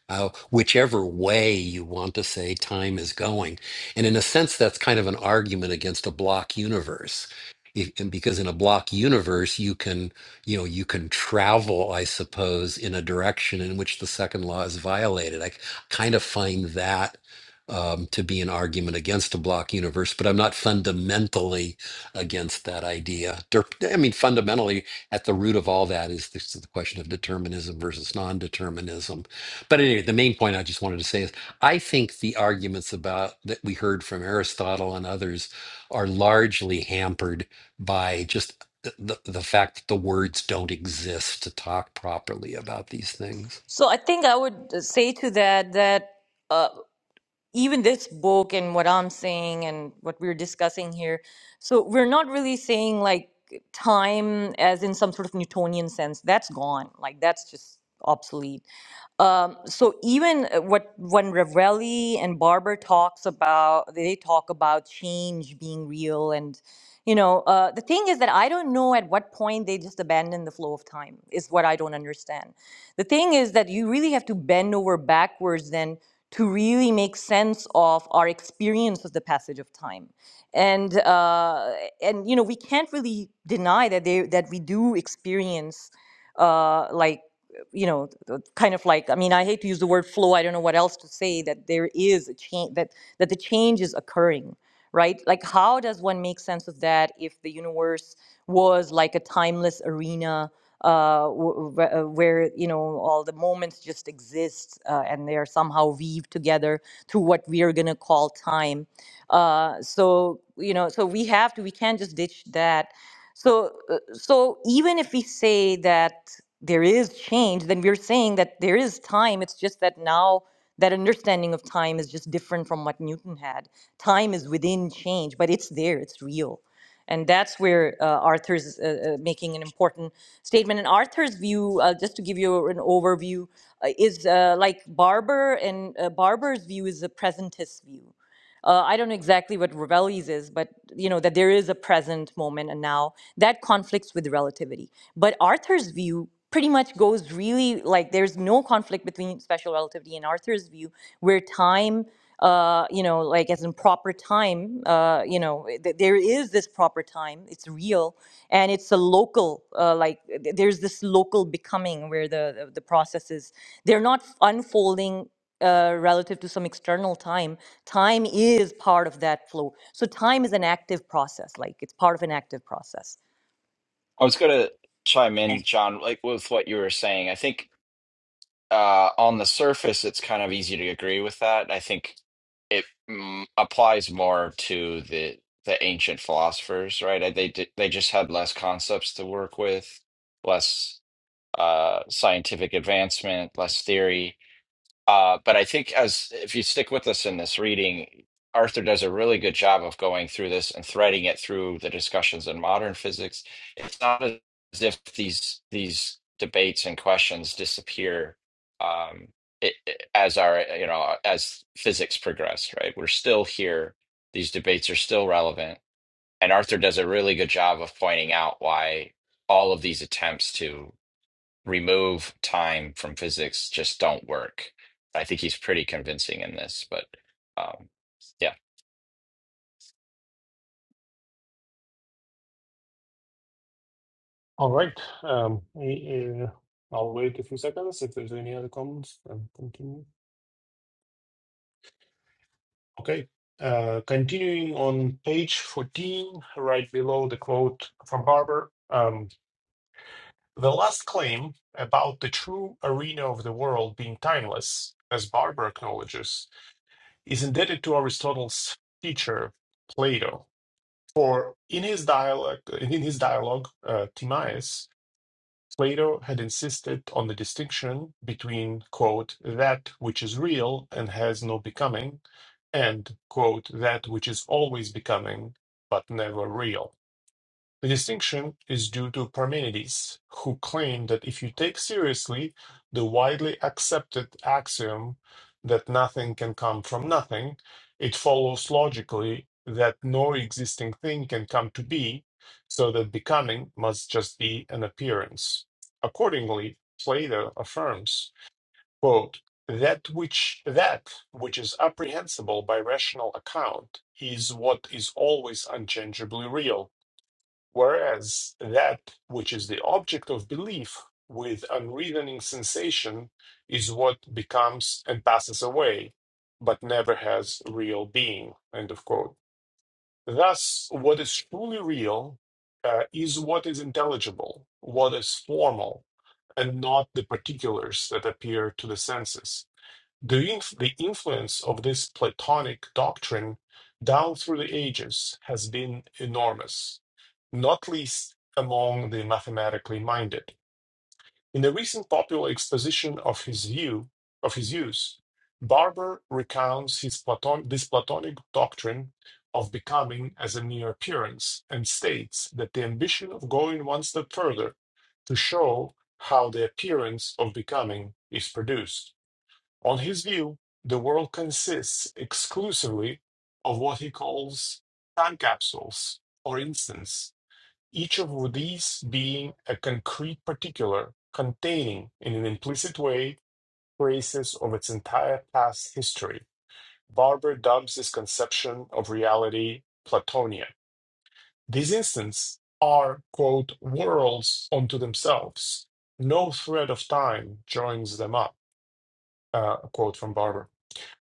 E: uh, whichever way you want to say time is going. And in a sense, that's kind of an argument against a block universe. If, and because in a block universe, you can, you know, you can travel, I suppose, in a direction in which the second law is violated. I kind of find that um, to be an argument against a block universe, but I'm not fundamentally against that idea. Der- I mean, fundamentally, at the root of all that is this, the question of determinism versus non-determinism but anyway, the main point I just wanted to say is I think the arguments about that we heard from Aristotle and others are largely hampered by just the, the, the fact that the words don't exist to talk properly about these things
A: So I think I would uh, say to that that. uh, even this book and what I'm saying and what we're discussing here. So we're not really saying like time as in some sort of Newtonian sense. That's gone. Like that's just obsolete. Um, so even uh, what when Ravelli and Barber talks about, they talk about change being real and. You know, uh, the thing is that I don't know at what point they just abandon the flow of time, is what I don't understand the thing is that you really have to bend over backwards then to really make sense of our experience of the passage of time. And uh, and you know we can't really deny that they that we do experience uh, like you know kind of like i mean i hate to use the word flow i don't know what else to say that there is a change that that the change is occurring right like how does one make sense of that if the universe was like a timeless arena uh, w- w- uh, where you know all the moments just exist uh, and they are somehow weaved together through what we are going to call time. Uh, so you know, so we have to. We can't just ditch that. So uh, so even if we say that there is change, then we're saying that there is time. It's just that now that understanding of time is just different from what Newton had. Time is within change, but it's there. It's real and that's where uh, Arthur's uh, uh, making an important statement. And Arthur's view, uh, just to give you an overview, uh, is uh, like Barber, and uh, Barber's view is a presentist view uh, I don't know exactly what Ravelli's is, but you know that there is a present moment and now that conflicts with relativity. But Arthur's view pretty much goes really like there's no conflict between special relativity and Arthur's view, where time, uh, you know, like as in proper time, uh, you know, th- there is this proper time. It's real and it's a local, uh, like th- there's this local becoming where the the the process They're not unfolding uh, relative to some external time time is part of that flow so time is an active process like it's part of an active process
C: I was going to chime in, John, like with what you were saying. I think uh, on the surface, it's kind of easy to agree with that. I think it mm, applies more to the the ancient philosophers, right? Uh, They di- they just had less concepts to work with, less uh, scientific advancement, less theory. Uh, but I think as if you stick with us in this reading, Arthur does a really good job of going through this and threading it through the discussions in modern physics. It's not as if these these debates and questions disappear um, it, it- as our you know as physics progressed. Right, we're still here. These debates are still relevant, and Arthur does a really good job of pointing out why all of these attempts to remove time from physics just don't work. I think he's pretty convincing in this, but um, yeah,
B: All right. Um, eh, eh, I'll wait a few seconds if there's any other comments and continue. Okay. Uh, continuing on page 14, right below the quote from Barber. The last claim about the true arena of the world being timeless, as Barber acknowledges, is indebted to Aristotle's teacher Plato. For in his dialogue, in his dialogue, uh, Timaeus, Plato had insisted on the distinction between quote that which is real and has no becoming, and quote that which is always becoming but never real the distinction is due to Parmenides, who claimed that if you take seriously the widely accepted axiom that nothing can come from nothing, it follows logically that no existing thing can come to be, so that becoming must just be an appearance. Accordingly, Plato affirms, quote, that which that which is apprehensible by rational account is what is always unchangeably real Whereas that which is the object of belief with unreasoning sensation is what becomes and passes away, but never has real being. End of quote. Thus, what is truly real uh, is what is intelligible, what is formal, and not the particulars that appear to the senses. The, inf- the influence of this Platonic doctrine down through the ages has been enormous not least among the mathematically minded. In a recent popular exposition of his view of his use, Barber recounts his Platon- this Platonic doctrine of becoming as a mere appearance and states that the ambition of going one step further to show how the appearance of becoming is produced. On his view, the world consists exclusively of what he calls time capsules or instants each of these being a concrete particular containing, in an implicit way, traces of its entire past history. Barber dubs this conception of reality Platonia. These instants are, quote, worlds unto themselves. No thread of time joins them up, uh, a quote from Barber.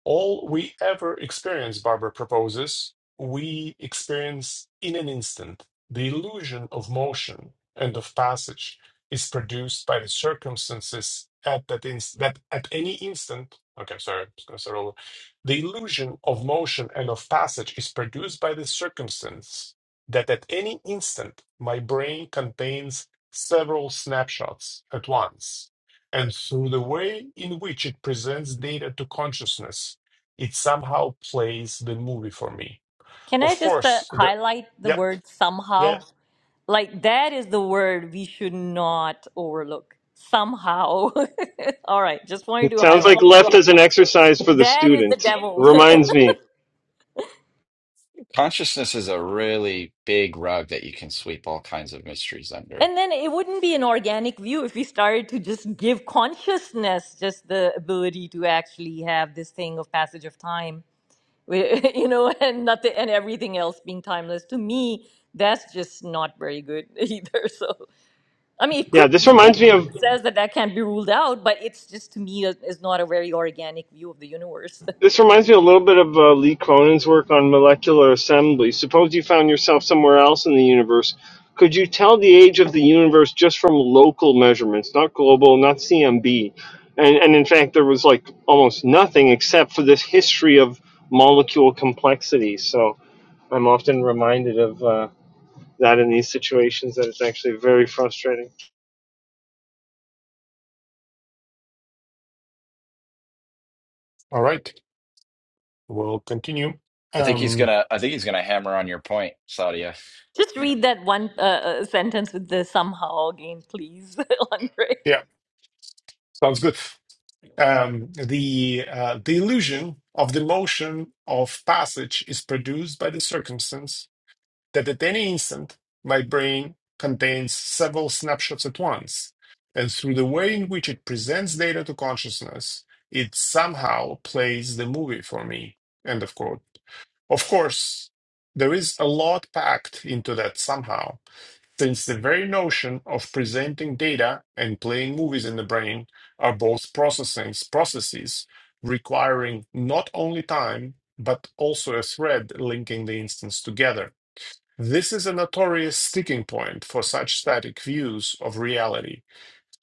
B: All we ever experience, Barber proposes, we experience in an instant. The illusion of motion and of passage is produced by the circumstances at that instant. That at any instant. Okay, sorry, I'm just gonna start over. The illusion of motion and of passage is produced by the circumstance that at any instant my brain contains several snapshots at once, and through the way in which it presents data to consciousness it somehow plays the movie for me.
A: can i
B: Of
A: just uh,
B: course, the
A: highlight the
B: yeah,
A: word somehow
B: yeah.
A: like that is the word we should not overlook somehow all right just wanted
F: It
A: to
F: sounds like
A: highlight that
F: left as an exercise for the
A: that is the
F: student.
A: devil
F: Reminds me.
C: consciousness is a really big rug that you can sweep all kinds of mysteries under.
A: and then it wouldn't be an organic view if we started to just give consciousness just the ability to actually have this thing of passage of time We- you know, and nothing and everything else being timeless. To me, that's just not very good either. So, I mean, it
F: Yeah,
A: could
F: this
A: be that
F: reminds me of
A: nobody says that that can't be ruled out, but it's just to me is is not a very organic view of the universe.
F: this reminds me a little bit of uh, Lee Cronin's work on molecular assembly. Suppose you found yourself somewhere else in the universe. Could you tell the age of the universe just from local measurements, not global, not CMB? And and in fact, there was like almost nothing except for this history of molecule complexity. So I'm often reminded of uh, that in these situations that it's actually very frustrating.
B: All right, we'll continue.
C: I think he's
B: Um,
C: gonna. I think he's gonna hammer on your point, Claudia.
A: Just
C: W-
A: read that one uh, uh, sentence with the somehow again, please, Andre.
B: yeah, sounds good. Um, the uh, the illusion of the motion of passage is produced by the circumstance that at any instant my brain contains several snapshots at once, and through the way in which it presents data to consciousness, it somehow plays the movie for me. End of quote. Of course, there is a lot packed into that somehow, since the very notion of presenting data and playing movies in the brain are both processing processes requiring not only time, but also a thread linking the instance together. This is a notorious sticking point for such static views of reality,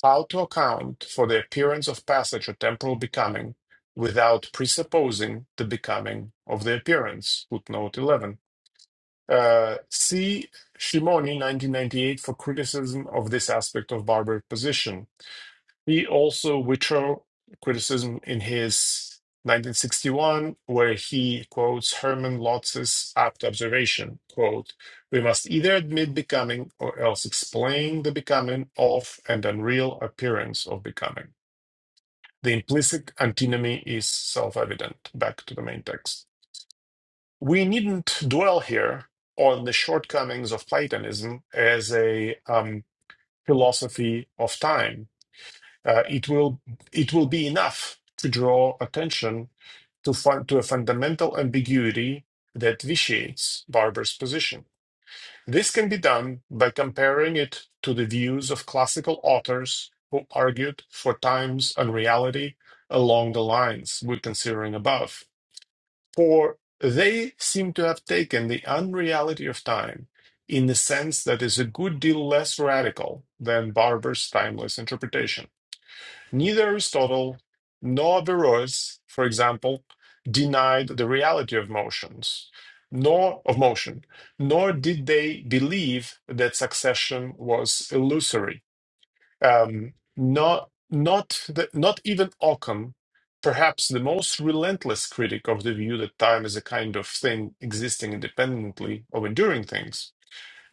B: how to account for the appearance of passage or temporal becoming without presupposing the becoming of the appearance. Footnote 11. Uh, see Shimoni, 1998, for criticism of this aspect of barbaric position. He also withdrew criticism in his 1961, where he quotes Hermann Lotz's apt observation, quote, "We must either admit becoming or else explain the becoming of and unreal appearance of becoming. The implicit antinomy is self-evident." Back to the main text. We needn't dwell here on the shortcomings of Platonism as a um, philosophy of time. Uh, it will it will be enough to draw attention to fun, to a fundamental ambiguity that vitiates Barber's position. This can be done by comparing it to the views of classical authors who argued for time's unreality along the lines we're considering above. For they seem to have taken the unreality of time in a sense that is a good deal less radical than Barber's timeless interpretation. Neither Aristotle nor Averroes, for example, denied the reality of motions, nor of motion, nor did they believe that succession was illusory um, not not the, not even Ockham, perhaps the most relentless critic of the view that time is a kind of thing existing independently of enduring things,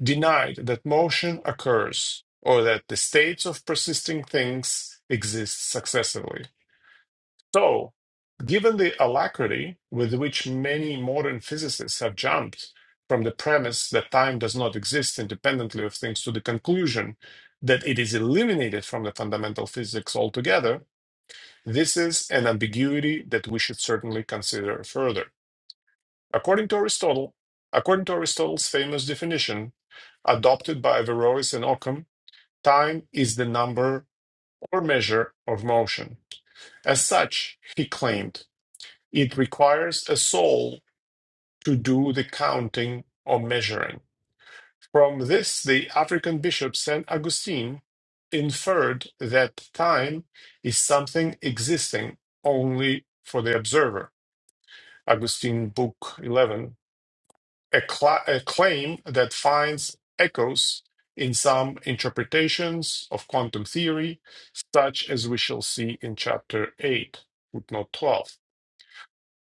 B: denied that motion occurs or that the states of persisting things exist successively. So, given the alacrity with which many modern physicists have jumped from the premise that time does not exist independently of things to the conclusion that it is eliminated from the fundamental physics altogether, this is an ambiguity that we should certainly consider further. According to Aristotle, according to Aristotle's famous definition adopted by Averroes and Occam, time is the number or measure of motion. As such, he claimed It requires a soul to do the counting or measuring. From this, the African bishop St. Augustine inferred that time is something existing only for the observer. Augustine, Book 11, a, cla a claim that finds echoes in some interpretations of quantum theory, such as we shall see in Chapter 8, footnote 12.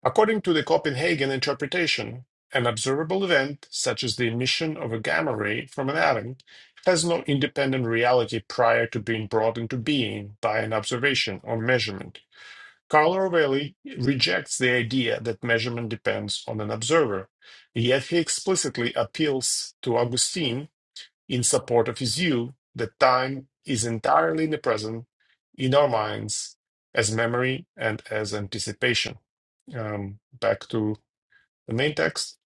B: According to the Copenhagen interpretation, an observable event, such as the emission of a gamma ray from an atom, has no independent reality prior to being brought into being by an observation or measurement. Carlo Rovelli rejects the idea that measurement depends on an observer, yet he explicitly appeals to Augustine in support of his view that time is entirely in the present, in our minds, as memory and as anticipation um, back to the main text.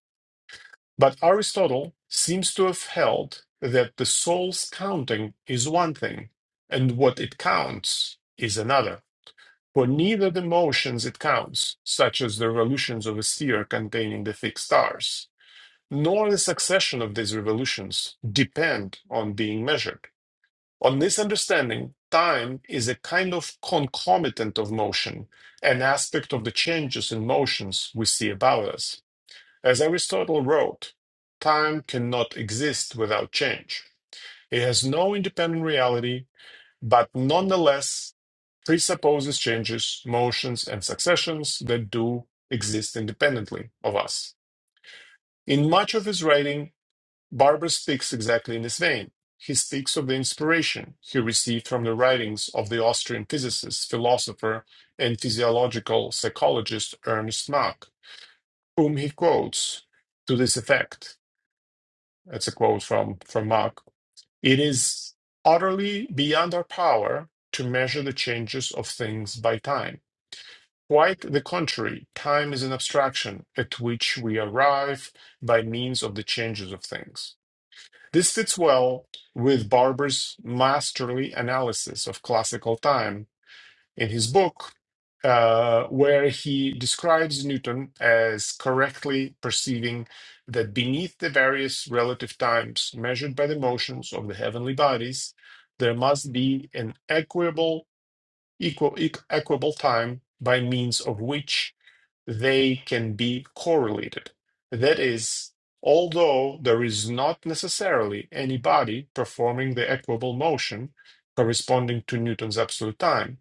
B: But Aristotle seems to have held that the soul's counting is one thing, and what it counts is another. For neither the motions it counts, such as the revolutions of a sphere containing the fixed stars, nor the succession of these revolutions depend on being measured. On this understanding, time is a kind of concomitant of motion, an aspect of the changes in motions we see about us. As Aristotle wrote, time cannot exist without change. It has no independent reality, but nonetheless presupposes changes, motions, and successions that do exist independently of us. In much of his writing, Barber speaks exactly in this vein. He speaks of the inspiration he received from the writings of the Austrian physicist, philosopher, and physiological psychologist Ernst Mach, whom he quotes to this effect. That's a quote from from Mark. It is utterly beyond our power to measure the changes of things by time. Quite the contrary, time is an abstraction at which we arrive by means of the changes of things. This fits well with Barber's masterly analysis of classical time in his book, uh, where he describes Newton as correctly perceiving that beneath the various relative times measured by the motions of the heavenly bodies, there must be an equable, equal, equ- equable time by means of which they can be correlated. That is, although there is not necessarily any body performing the equable motion corresponding to Newton's absolute time,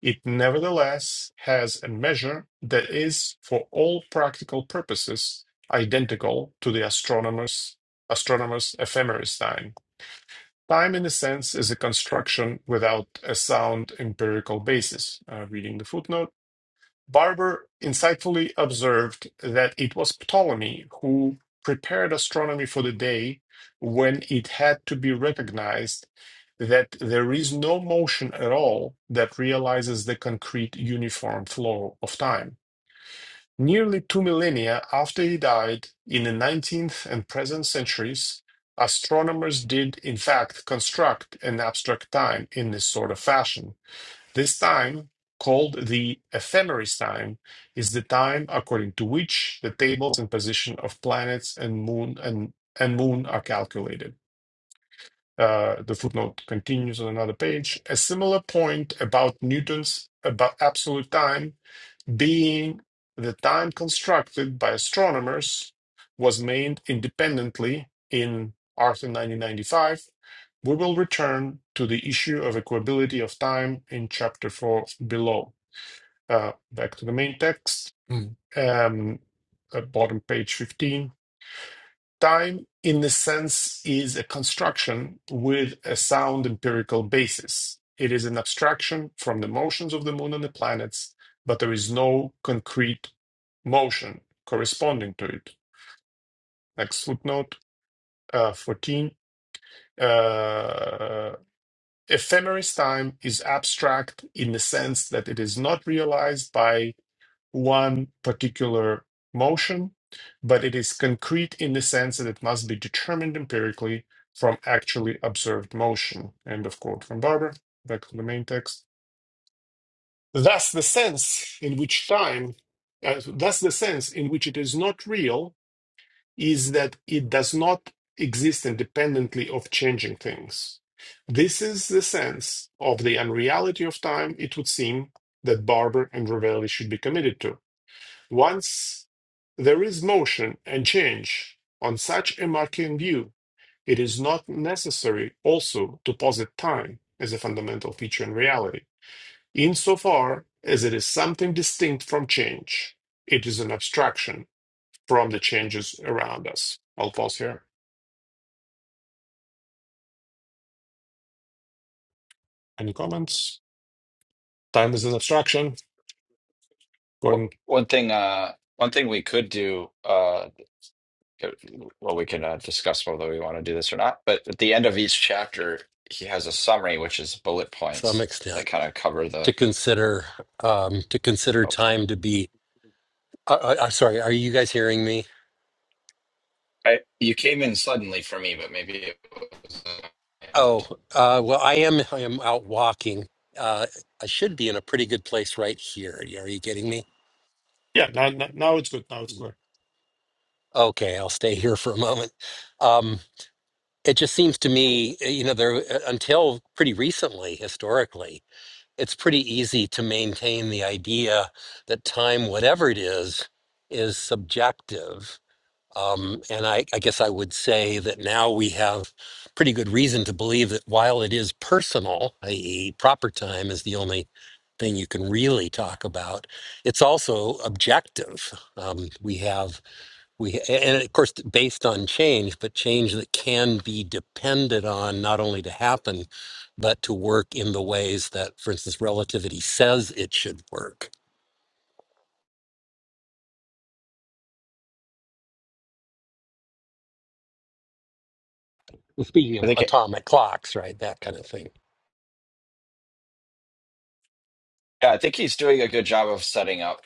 B: it nevertheless has a measure that is, for all practical purposes, identical to the astronomer's, astronomer's ephemeris time. Time, in a sense, is a construction without a sound empirical basis. Uh, reading the footnote. Barber insightfully observed that it was Ptolemy who prepared astronomy for the day when it had to be recognized that there is no motion at all that realizes the concrete uniform flow of time. Nearly two millennia after he died, in the 19th and present centuries, astronomers did in fact construct an abstract time in this sort of fashion. This time, called the ephemeris time, is the time according to which the tables and position of planets and moon and, and moon are calculated. Uh, the footnote continues on another page. A similar point about Newton's about absolute time being at the time constructed by astronomers, was made independently in Arthur 1995. We will return to the issue of equability of time in chapter 4 below. Uh, back to the main text, Mm. um, at bottom page 15. Time, in a sense, is a construction with a sound empirical basis. It is an abstraction from the motions of the moon and the planets, but there is no concrete motion corresponding to it. Next footnote uh, 14. Uh, ephemeris time is abstract in the sense that it is not realized by one particular motion, but it is concrete in the sense that it must be determined empirically from actually observed motion. End of quote from Barber. Back to the main text. Thus, the sense in which time, uh, thus, the sense in which it is not real is that it does not exist independently of changing things. This is the sense of the unreality of time, it would seem, that Barber and Ravelli should be committed to. Once there is motion and change on such a Marquean view, it is not necessary also to posit time as a fundamental feature in reality, insofar as it is something distinct from change. It is an abstraction from the changes around us. I'll pause here. Any comments? Time is an abstraction. Going,
C: One thing. Uh, one thing we could do. Uh, well, we can uh, discuss whether we want to do this or not. But at the end of each chapter, he has a summary, which is bullet
E: to some
C: points that
E: extent.
C: kind of cover
E: To
C: the
E: consider um, to consider time to be. Uh, uh, I'm sorry. Are you guys hearing me?
C: I you came in suddenly for me, but maybe it was.
E: Oh, uh, well, I am. I am out walking. Uh, I should be in a pretty good place right here. Are you getting me?
B: yeah, now, now now it's good. Now it's clear.
E: Okay, I'll stay here for a moment. Um, it just seems to me, eh, you know, there eh, until pretty recently, historically, it's pretty easy to maintain the idea that time, whatever it is, is subjective. Um, and I, I guess I would say that now we have pretty good reason to believe that while it is personal, i.e., proper time is the only thing you can really talk about, it's also objective. Um, we have we and of course based on change, but change that can be depended on not only to happen, but to work in the ways that, for instance, relativity says it should work. Well, Speaking of
C: I think it,
E: atomic clocks, right, that kind of thing.
C: yeah, I think he's doing a good job of setting up,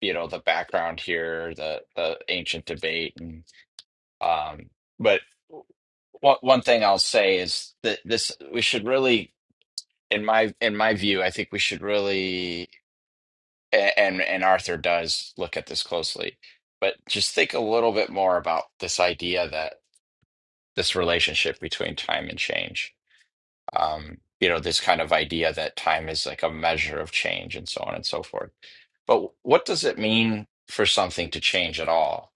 C: you know, the background here, the the ancient debate, and um. But one one thing I'll say is that this we should really, in my in my view, I think we should really, a- and and Arthur does look at this closely, but just think a little bit more about this idea that this relationship between time and change um, you know, this kind of idea that time is like a measure of change and so on and so forth. But what does it mean for something to change at all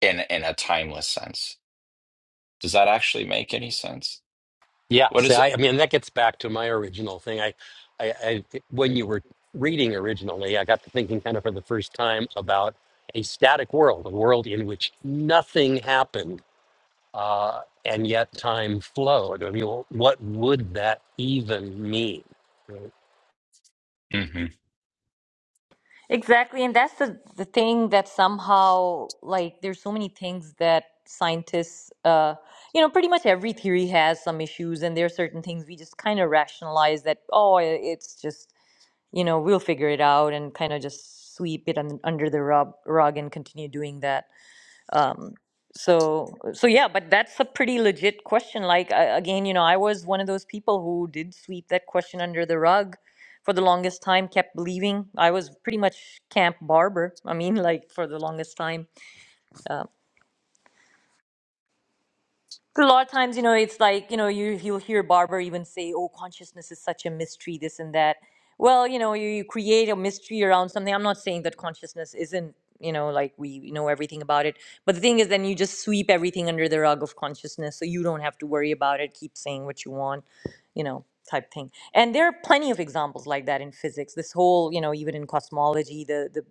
C: in in a timeless sense? Does that actually make any sense?
E: Yeah.
C: What
E: See,
C: is it?
E: I, I mean, that gets back to my original thing. I, I, I, when you were reading originally, I got to thinking kind of for the first time about a static world, a world in which nothing happens uh, and yet time flowed. I mean, what would that even mean? Right.
C: hmm
A: Exactly, and that's the the thing that somehow like there's so many things that scientists uh you know pretty much every theory has some issues and there are certain things we just kind of rationalize that oh i- it's just you know we'll figure it out and kind of just sweep it un- under the rug, rug and continue doing that um, so, so yeah, but that's a pretty legit question. Like, I, again, you know, I was one of those people who did sweep that question under the rug for the longest time, kept believing I was pretty much Camp Barber. I mean, like, for the longest time So a lot of times, you know, it's like, you know, you you'll hear Barber even say, "Oh, consciousness is such a mystery, this and that." Well, you know, you, you create a mystery around something. I'm not saying that consciousness isn't, you know, like we know everything about it. But the thing is, then you just sweep everything under the rug of consciousness, so you don't have to worry about it. Keep saying what you want, you know, type thing. And there are plenty of examples like that in physics. This whole, you know, even in cosmology, the the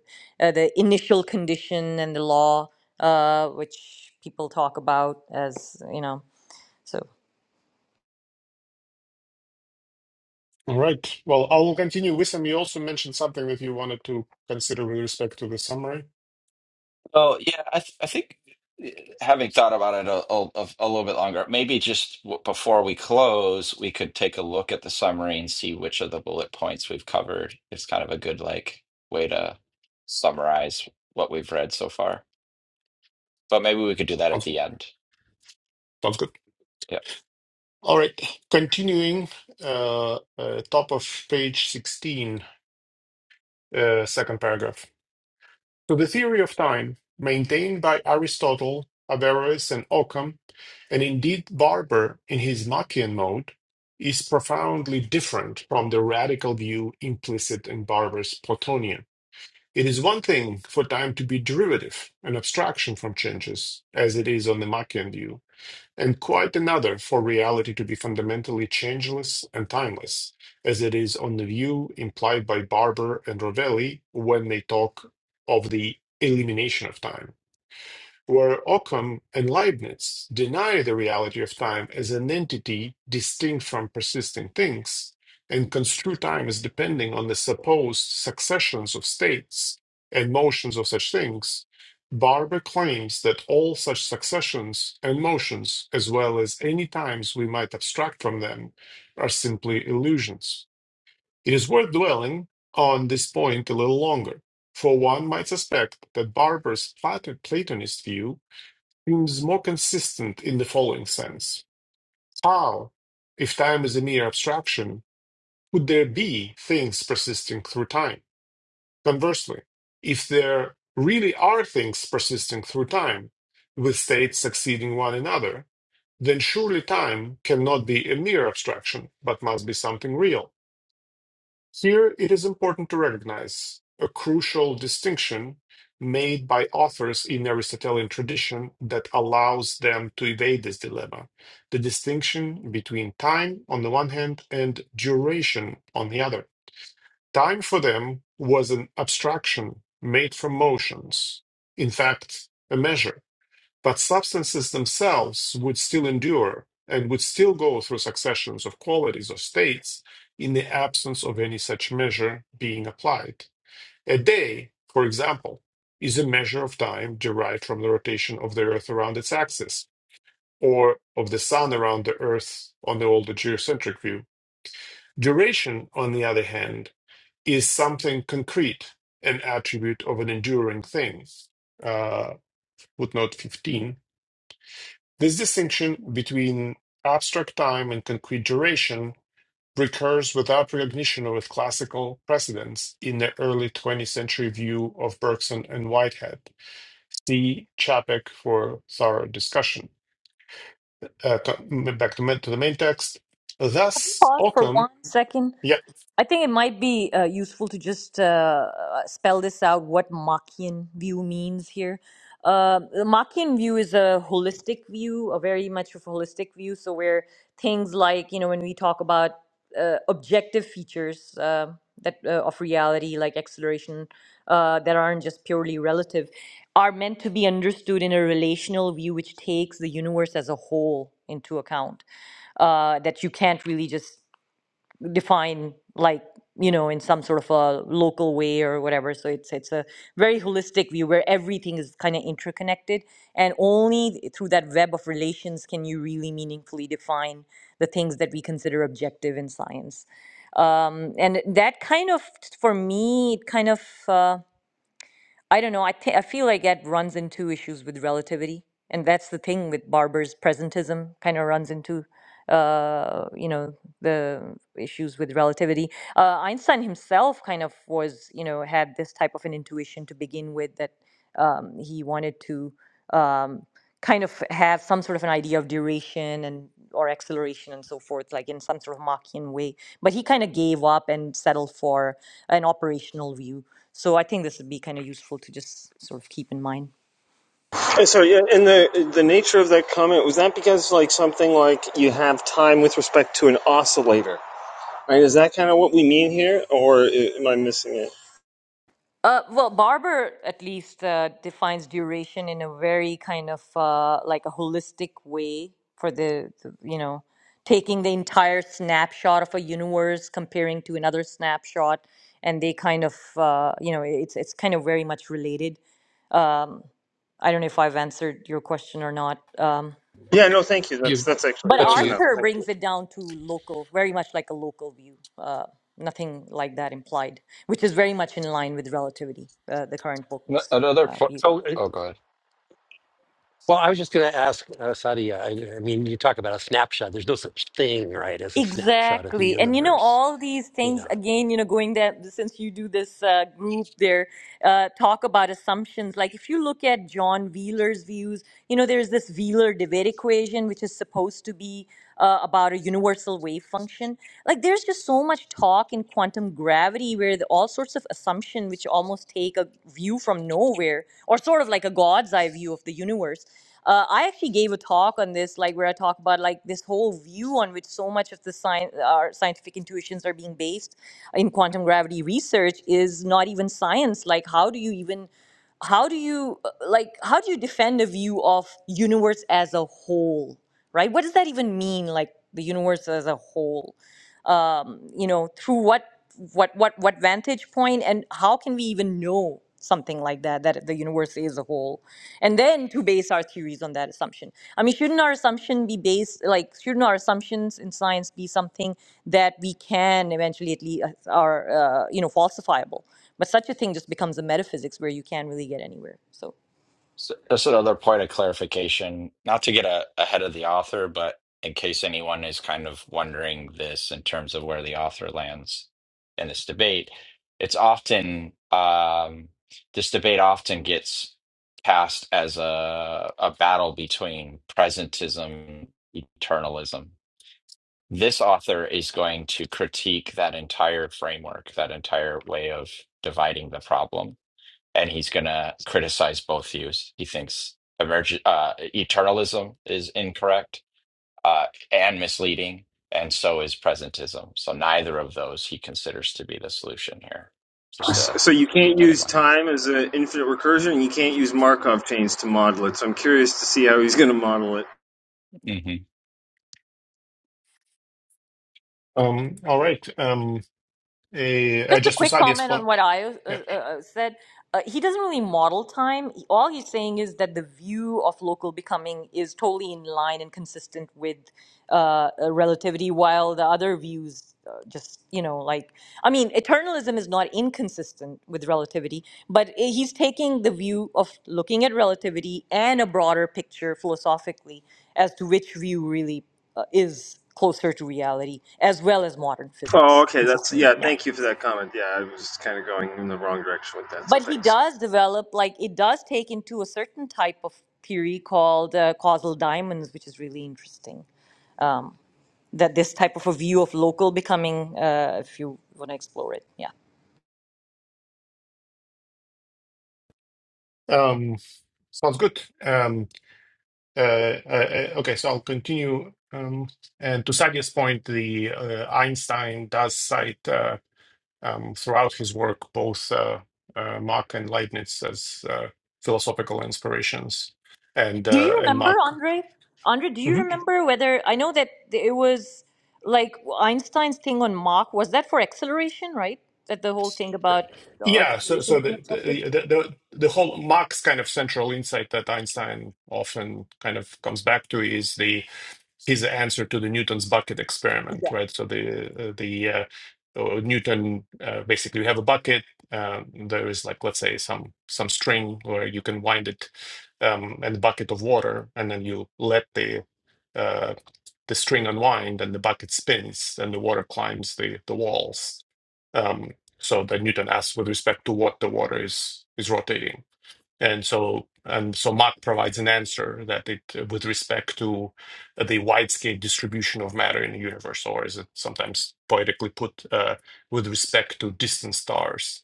A: uh, the initial condition and the law uh, which people talk about as you know. So
B: All right. Well, I will continue. Wissam, you also mentioned something that you wanted to consider with respect to the summary.
C: Oh, yeah, I th I think eh, having thought about it a, a, a a little bit longer, maybe just w- before we close, we could take a look at the summary and see which of the bullet points we've covered. It's kind of a good like way to summarize what we've read so far. But maybe we could do that at
B: Sounds
C: the
B: good.
C: end.
B: Sounds good.
C: Yeah.
B: All right. Continuing, uh, uh, top of page 16, uh, second paragraph. So the theory of time maintained by Aristotle, Averroes, and Occam And indeed, Barber, in his Machian mode, is profoundly different from the radical view implicit in Barber's Platonian. It is one thing for time to be derivative, an abstraction from changes, as it is on the Machian view, and quite another for reality to be fundamentally changeless and timeless, as it is on the view implied by Barber and Rovelli when they talk of the elimination of time where Occam and Leibniz deny the reality of time as an entity distinct from persisting things and construe time as depending on the supposed successions of states and motions of such things, Barber claims that all such successions and motions, as well as any times we might abstract from them, are simply illusions. It is worth dwelling on this point a little longer, for one might suspect that Barber's Plato- Platonist view seems more consistent in the following sense. How, if time is a mere abstraction, could there be things persisting through time? Conversely, if there really are things persisting through time, with states succeeding one another, then surely time cannot be a mere abstraction, but must be something real. Here it is important to recognize a crucial distinction made by authors in the Aristotelian tradition that allows them to evade this dilemma the distinction between time on the one hand and duration on the other. Time for them was an abstraction made from motions, in fact, a measure but substances themselves would still endure and would still go through successions of qualities or states in the absence of any such measure being applied. A day, for example, is a measure of time derived from the rotation of the Earth around its axis, or of the Sun around the Earth on the older geocentric view. Duration, on the other hand, is something concrete, an attribute of an enduring thing. Uh, footnote 15 This distinction between abstract time and concrete duration recurs without recognition or with classical precedents in the early 20th century view of Bergson and Whitehead. See Chapek for thorough discussion. Uh, co- back to, to the main text.
A: have you
B: Thus,
A: paused for
B: Ockham.
A: one second?
B: yeah,
A: I think it might be uh, useful to just uh, uh, spell this out what Machian view means here. Uh, the Machian view is a holistic view, a very much of a holistic view. So, where things like, you know, when we talk about uh, objective features uh, that uh, of reality, like acceleration, uh, that aren't just purely relative, are meant to be understood in a relational view, which takes the universe as a whole into account uh, that you can't really just define like you know in some sort of a local way or whatever so it's it's a very holistic view where everything is kind of interconnected and only through that web of relations can you really meaningfully define the things that we consider objective in science um, and that kind of for me it kind of uh, I don't know. I, thi- I feel like that runs into issues with relativity, and that's the thing with Barber's presentism. Kind of runs into, uh, you know, the issues with relativity. Uh, Einstein himself kind of was, you know, had this type of an intuition to begin with that um, he wanted to. Um, kind of have some sort of an idea of duration and or acceleration and so forth, like in some sort of Machian way. But he kind of gave up and settled for an operational view. So I think this would be kind of useful to just sort of keep in mind.
F: So, yeah, and the the nature of that comment was that because like something like you have time with respect to an oscillator, right? Is that kind of what we mean here, or am I missing it?
A: Uh, well, Barber at least uh, defines duration in a very kind of uh, like a holistic way for the, the, you know, taking the entire snapshot of a universe, comparing to another snapshot, and they kind of, uh, you know, it's it's kind of very much related. Um, I don't know if I've answered your question or not. Um,
F: Yeah, no, thank you.
E: You,
F: That's
A: Right.
F: that's actually
A: But
F: that
E: but
F: was
E: you,
F: enough.
A: Arthur
F: Thank you.
A: brings it down to local, very much like a local view. Uh, nothing like that implied, which is very much in line with relativity, uh, the current
C: N-
A: book's
C: Another.
A: uh,
C: Fo-
A: view.
E: so, uh,
C: oh, God.
E: well, I was just going to ask uh, Sadia. I, I mean, you talk about a snapshot. There's no such thing, right, as a snapshot of the
A: Exactly. And you know,
E: universe.
A: all these
E: You
A: things,
E: know, I
A: again, you know, going there, since you do this uh, group there, uh, talk about assumptions. Like if you look at John Wheeler's views, you know, there's this Wheeler-DeWitt equation, which is supposed to be uh, about a universal wave function. Like there's just so much talk in quantum gravity where the, all sorts of assumption, which almost take a view from nowhere or sort of like a God's eye view of the universe uh, i actually gave a talk on this like where i talk about like this whole view on which so much of the science our scientific intuitions are being based in quantum gravity research is not even science like how do you even how do you uh, like how do you defend a view of universe as a whole right what does that even mean like the universe as a whole um, you know, through what what what what vantage point and how can we even know something like that that the universe is a whole and then to base our theories on that assumption i mean shouldn't our assumption be based like shouldn't our assumptions in science be something that we can eventually at least uh, are uh, you know falsifiable but such a thing just becomes a metaphysics where you can't really get anywhere so
C: So, just another point of clarification, not to get a, ahead of the author, but in case anyone is kind of wondering this in terms of where the author lands in this debate, it's often um, this debate often gets cast as a a battle between presentism, eternalism. This author is going to critique that entire framework, that entire way of dividing the problem and he's going to criticize both views. He thinks emerg- uh, eternalism is incorrect uh, and misleading, and so is presentism. So neither of those he considers to be the solution here. Just to
F: So you can't
C: keep that in
F: use time as an infinite recursion, and you can't use Markov chains to model it. So I'm curious to see how he's going to model it.
C: mind. hmm
B: um, all right, um, eh, uh,
A: Just a
B: just to
A: quick
B: side, yes,
A: comment
B: point,
A: on what I uh, uh,
B: yeah,
A: uh, said. Uh, he doesn't really model time. He- All he's saying is that the view of local becoming is totally in line and consistent with uh, uh, relativity, while the other views uh, just, you know, like, I mean, eternalism is not inconsistent with relativity, but i- he's taking the view of looking at relativity and a broader picture philosophically as to which view really uh, is closer to reality, as well as modern
F: Oh,
A: physics,
F: okay. That's
A: consistent
F: yeah.
A: with modern
F: Thank you for that comment. Yeah, I was kind of going in the wrong direction with that. So
A: but he
F: thanks.
A: does develop like it does take into a certain type of theory called uh, causal diamonds which is really interesting um, that this type of a view of local becoming uh, if you want to explore it yeah
B: um, sounds good. Um, uh, uh, uh, okay, so I'll continue. Um, and to Sadia's point, the uh, Einstein does cite uh, um, throughout his work both uh, uh, Mach and Leibniz as uh, philosophical inspirations, and
A: do
B: uh,
A: you
B: and
A: remember
B: Mach.
A: andre andre do you
B: Mhm.
A: remember whether i know that it was like einstein's thing on mach was that for acceleration right that the whole thing about the
B: Yeah, so
A: acceleration
B: so
A: being
B: the,
A: objective
B: the the the the whole Mach's kind of central insight that Einstein often kind of comes back to is the his answer to the Newton's bucket experiment,
A: yeah
B: right? So the uh, the uh, uh, Newton uh, basically you have a bucket. Uh, there is like let's say some some string where you can wind it um, and a bucket of water, and then you let the uh, the string unwind, and the bucket spins, and the water climbs the the walls. Um, so that Newton asks with respect to what the water is is rotating and so, and so Mach provides an answer that it, with respect to the wide-scale distribution of matter in the universe, or is it sometimes poetically put, uh, with respect to distant stars.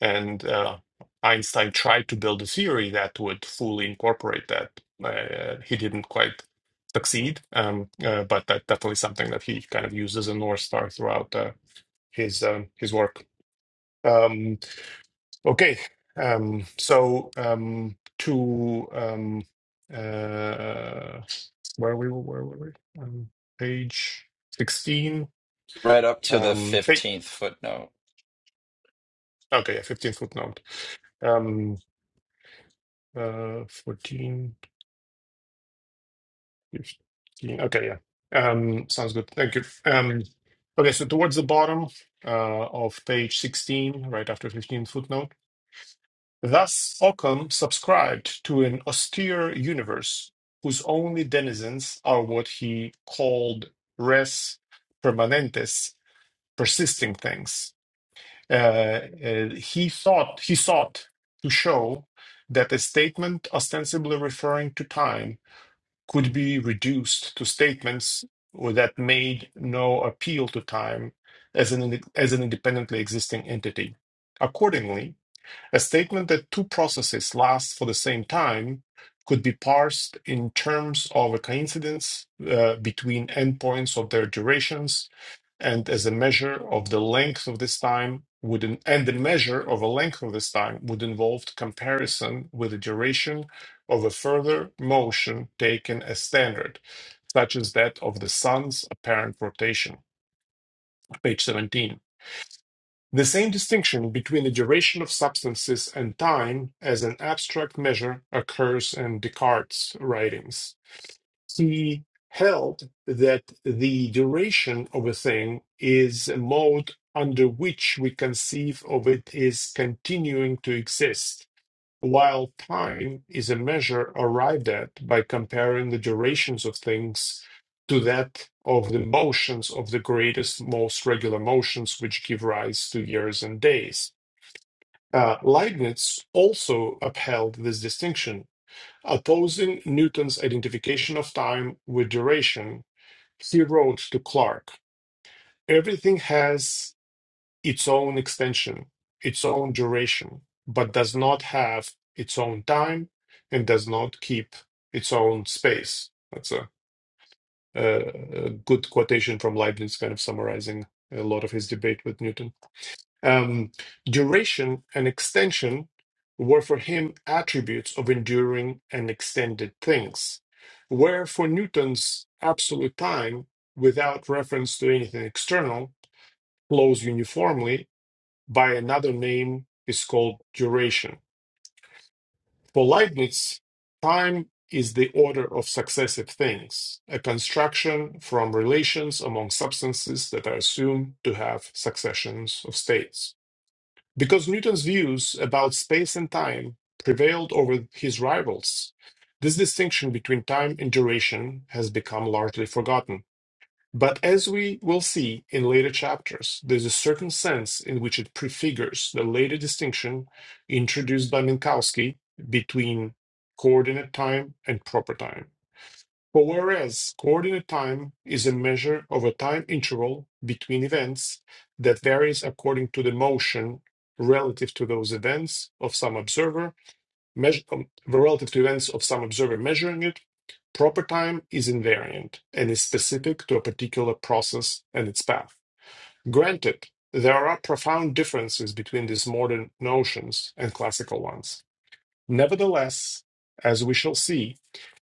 B: And uh, Einstein tried to build a theory that would fully incorporate that. Uh, he didn't quite succeed, um, uh, but that's definitely something that he kind of used as a north star throughout uh, his um, his work. Um, Okay. Um, so um, to um, uh, where we were, where were we? Um, page sixteen.
C: Right up to the
B: Um, pa-
C: fifteenth footnote.
B: okay, yeah, fifteen footnote. Um, uh, 14, 15. Okay, yeah. Um, sounds good. Thank you. Um, okay, so towards the bottom uh, of page sixteen, right after fifteen footnote. Thus Occam subscribed to an austere universe whose only denizens are what he called res permanentes, persisting things. Uh, uh, he thought he sought to show that a statement ostensibly referring to time could be reduced to statements that made no appeal to time as an, as an independently existing entity. Accordingly, a statement that two processes last for the same time could be parsed in terms of a coincidence uh, between endpoints of their durations and as a measure of the length of this time would in- and the measure of a length of this time would involve comparison with the duration of a further motion taken as standard, such as that of the sun's apparent rotation. Page 17. The same distinction between the duration of substances and time as an abstract measure occurs in Descartes' writings. He held that the duration of a thing is a mode under which we conceive of it as continuing to exist while time is a measure arrived at by comparing the durations of things to that of the motions of the greatest, most regular motions, which give rise to years and days. Uh, Leibniz also upheld this distinction, opposing Newton's identification of time with duration. He wrote to Clarke: Everything has its own extension, its own duration, but does not have its own time and does not keep its own space. That's a, a, a good quotation from Leibniz, kind of summarizing a lot of his debate with Newton. Um, duration and extension were for him attributes of enduring and extended things, where for Newton's absolute time, without reference to anything external, flows uniformly by another name is called duration. For Leibniz, time is the order of successive things, a construction from relations among substances that are assumed to have successions of states. Because Newton's views about space and time prevailed over his rivals, this distinction between time and duration has become largely forgotten. But as we will see in later chapters, there's a certain sense in which it prefigures the later distinction introduced by Minkowski between coordinate time and proper time. For whereas coordinate time is a measure of a time interval between events that varies according to the motion relative to those events of some observer, measure, um, relative to events of some observer measuring it, proper time is invariant and is specific to a particular process and its path. Granted, there are profound differences between these modern notions and classical ones. Nevertheless, as we shall see,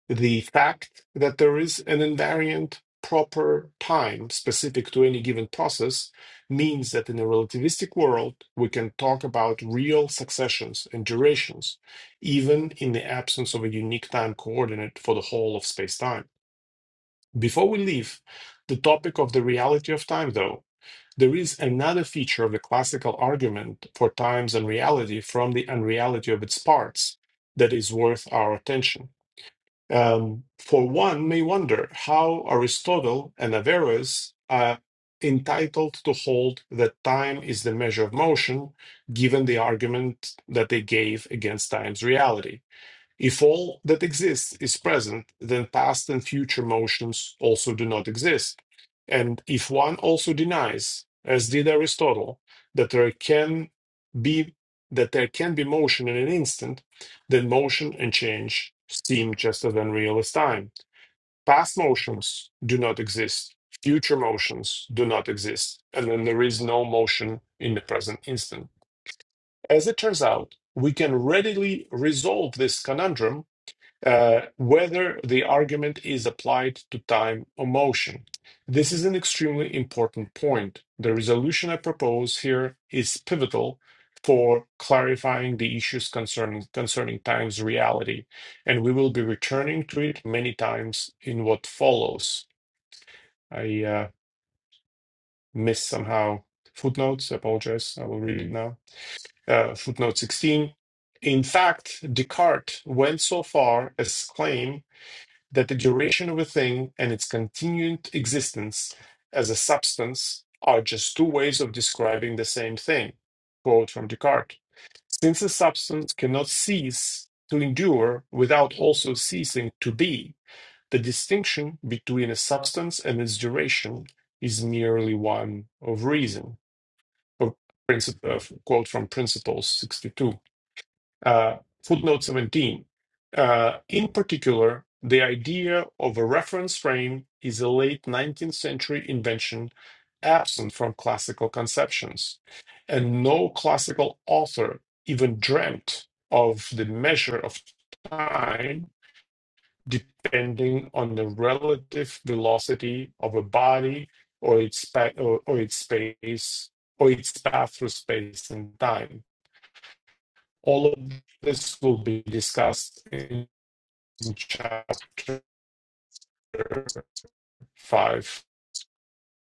B: the fact that there is an invariant proper time specific to any given process means that in a relativistic world, we can talk about real successions and durations, even in the absence of a unique time coordinate for the whole of space time. Before we leave the topic of the reality of time, though, there is another feature of the classical argument for times unreality from the unreality of its parts that is worth our attention. Um, for one may wonder how Aristotle and Averroes are entitled to hold that time is the measure of motion, given the argument that they gave against time's reality. If all that exists is present, then past and future motions also do not exist. And if one also denies, as did Aristotle, that there can be that there can be motion in an instant, then motion and change seem just as unreal as time. Past motions do not exist. Future motions do not exist. And then there is no motion in the present instant. As it turns out, we can readily resolve this conundrum uh, whether the argument is applied to time or motion. This is an extremely important point. The resolution I propose here is pivotal for clarifying the issues concerning, concerning time's reality, and we will be returning to it many times in what follows. I uh, missed somehow footnotes, I apologize, I will read it now. Uh, footnote 16. In fact, Descartes went so far as claim that the duration of a thing and its continued existence as a substance are just two ways of describing the same thing. Quote from Descartes Since a substance cannot cease to endure without also ceasing to be, the distinction between a substance and its duration is merely one of reason. Of princip- of- quote from Principles 62 uh, footnote 17. Uh, in particular, the idea of a reference frame is a late 19th century invention absent from classical conceptions, and no classical author even dreamt of the measure of time depending on the relative velocity of a body or its, pa- or, or its space or its path through space and time all of this will be discussed in chapter five.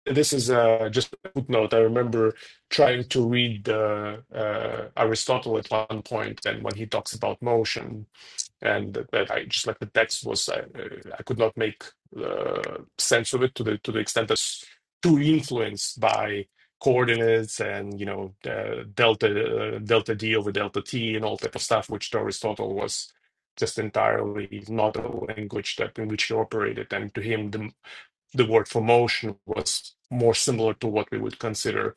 B: This is uh, just a footnote. I remember trying to read uh, uh, Aristotle at one point, and when he talks about motion, and that, I just like the text was I, I could not make uh, sense of it to the to the extent that's too influenced by coordinates and you know uh, delta uh, delta d over delta t and all type of stuff, which to Aristotle was just entirely not a language that in which he operated, and to him the the word for motion was more similar to what we would consider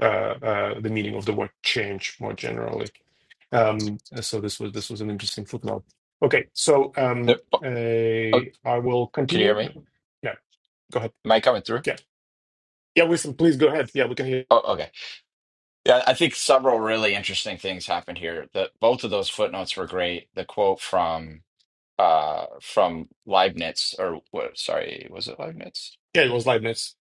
B: uh, uh, the meaning of the word change more generally. Um, so this was this was an interesting footnote. Okay, so um,
C: Yep. Oh,
B: uh,
C: oh,
B: I will
C: can you hear
B: continue.
C: me?
B: Yeah, go ahead.
C: Am I coming through?
B: Yeah, yeah, Wilson, please go ahead. Yeah, we can hear.
C: Oh, okay. Yeah, I think several really interesting things happened here. That both of those footnotes were great. The quote from uh from Leibniz or what sorry was it Leibniz
B: Yeah, it was Leibniz.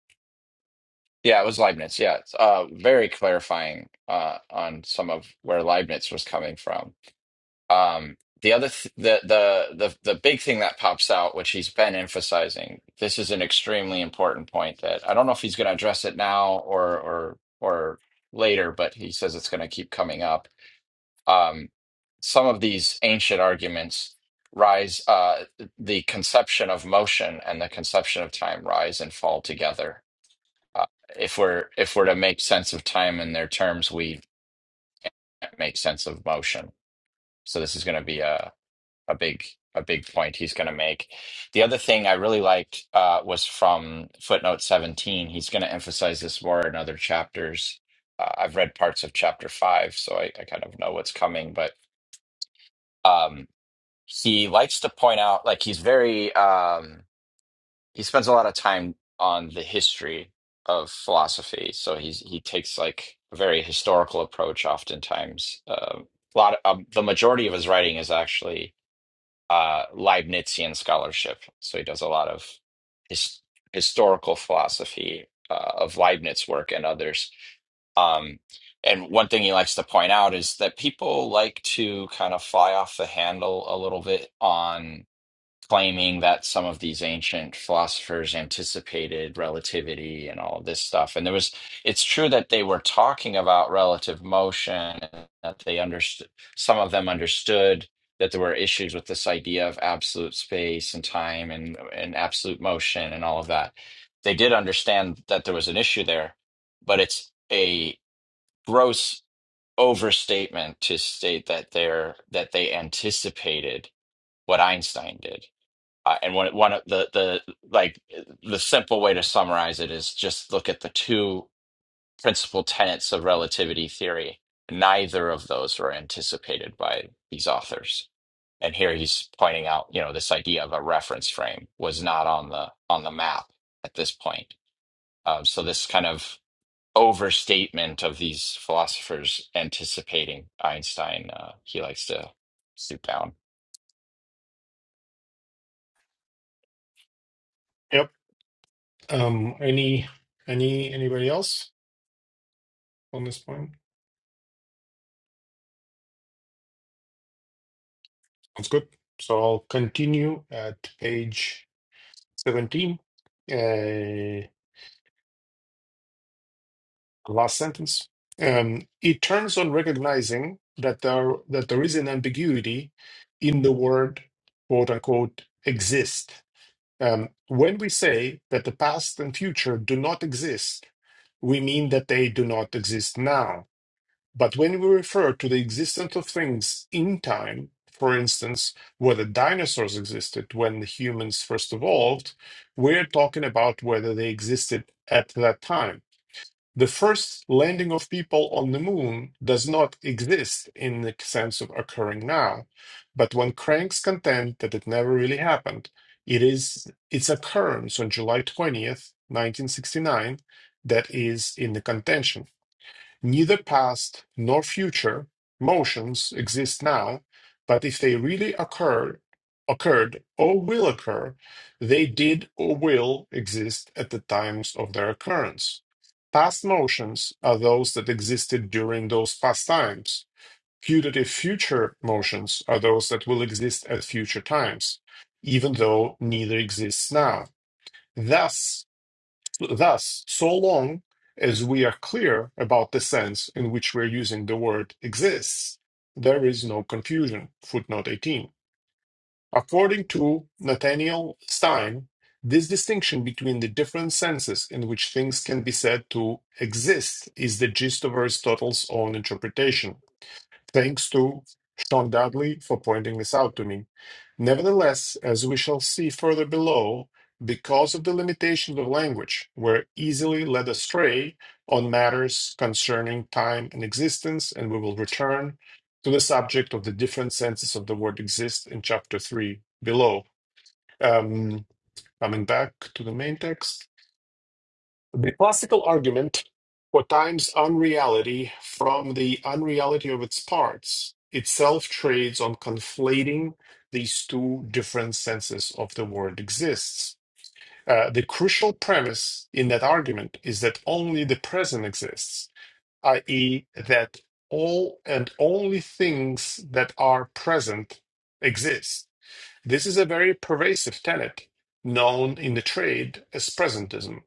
C: yeah it was Leibniz yeah it's, uh very clarifying uh on some of where Leibniz was coming from um the other th the, the the the big thing that pops out which he's been emphasizing this is an extremely important point that I don't know if he's going to address it now or or or later but he says it's going to keep coming up um, some of these ancient arguments rise uh, the conception of motion and the conception of time rise and fall together uh, if we're if we're to make sense of time in their terms we can't make sense of motion so this is going to be a, a big a big point he's going to make the other thing i really liked uh, was from footnote 17 he's going to emphasize this more in other chapters uh, i've read parts of chapter 5 so I, I kind of know what's coming but Um, he likes to point out like he's very um he spends a lot of time on the history of philosophy so he's he takes like a very historical approach oftentimes um a lot of, um, the majority of his writing is actually uh leibnizian scholarship so he does a lot of his historical philosophy uh, of leibniz work and others um and one thing he likes to point out is that people like to kind of fly off the handle a little bit on claiming that some of these ancient philosophers anticipated relativity and all this stuff. And there was, it's true that they were talking about relative motion, and that they understood, some of them understood that there were issues with this idea of absolute space and time and, and absolute motion and all of that. They did understand that there was an issue there, but it's a gross overstatement to state that they're that they anticipated what Einstein did uh, and one one of the the like the simple way to summarize it is just look at the two principal tenets of relativity theory. Neither of those were anticipated by these authors. And here he's pointing out, you know, this idea of a reference frame was not on the on the map at this point. Um, so this kind of overstatement of these philosophers anticipating Einstein, uh, he likes to stoop down.
B: Yep. Um, any any anybody else on this point? Sounds good. So I'll continue at page seventeen. Uh, last sentence. Um, it turns on recognizing that there that there is an ambiguity in the word "quote unquote" exist. Um, when we say that the past and future do not exist, we mean that they do not exist now. But when we refer to the existence of things in time, for instance, whether dinosaurs existed when humans first evolved, we're talking about whether they existed at that time the first landing of people on the moon does not exist in the sense of occurring now but when cranks contend that it never really happened it is its occurrence on july 20th 1969 that is in the contention Neither past nor future motions exist now, but if they really occurred, occurred or will occur, they did or will exist at the times of their occurrence. Past motions are those that existed during those past times. Putative future motions are those that will exist at future times, even though neither exists now. Thus, Thus, so long as we are clear about the sense in which we're using the word exists, there is no confusion. Footnote 18. According to Nathaniel Stein, this distinction between the different senses in which things can be said to exist is the gist of Aristotle's own interpretation. Thanks to Sean Dudley for pointing this out to me. Nevertheless, as we shall see further below, because of the limitations of language, we're easily led astray on matters concerning time and existence, and we will return to the subject of the different senses of the word exist in chapter 3 below. Um, coming back to the main text. The classical argument for time's unreality from the unreality of its parts itself trades on conflating these two different senses of the word exists. Uh, the crucial premise in that argument is that only the present exists, i.e., that all and only things that are present exist. This is a very pervasive tenet known in the trade as presentism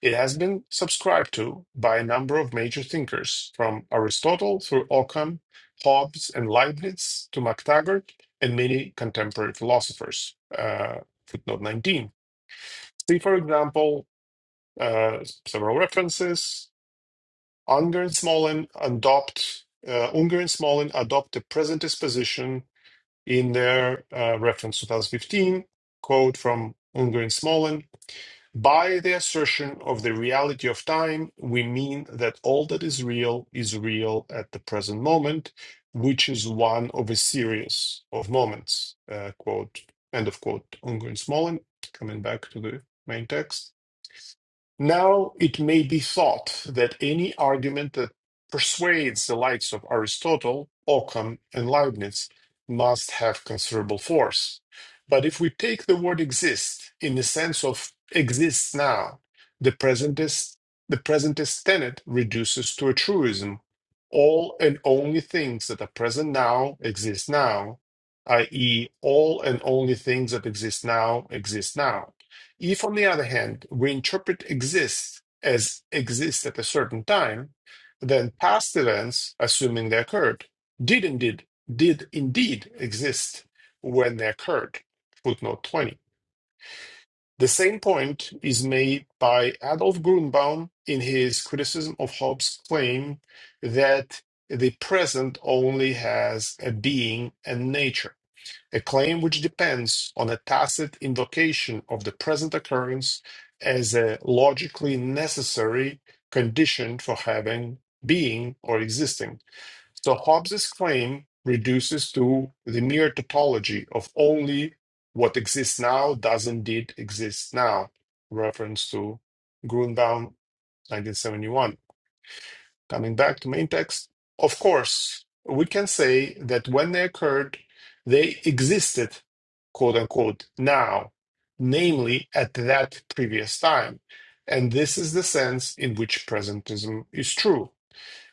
B: it has been subscribed to by a number of major thinkers, from Aristotle through Occam, Hobbes, and Leibniz to MacTaggart and many contemporary philosophers. Uh, footnote 19. See, for example, uh, several references. Unger and Smolin adopt uh, Unger and Smolin adopt the presentist position in their uh, reference 2015 quote from Unger and Smolin by the assertion of the reality of time, we mean that all that is real is real at the present moment, which is one of a series of moments. Uh, quote, end of quote, ongoing Smolin. Coming back to the main text. Now it may be thought that any argument that persuades the likes of Aristotle, Occam, and Leibniz must have considerable force. But if we take the word exist in the sense of exists now, the presentist, the presentist tenet reduces to a truism. All and only things that are present now exist now, i.e., all and only things that exist now exist now. If, on the other hand, we interpret exists as exists at a certain time, then past events, assuming they occurred, did indeed did indeed exist when they occurred. Footnote 20. The same point is made by Adolf Grunbaum in his criticism of Hobbes' claim that the present only has a being and nature a claim which depends on a tacit invocation of the present occurrence as a logically necessary condition for having, being, or existing. So Hobbes's claim reduces to the mere tautology of only what exists now does indeed exist now, reference to Grunbaum, 1971. Coming back to main text, of course, we can say that when they occurred, they existed, quote unquote, now, namely at that previous time. And this is the sense in which presentism is true.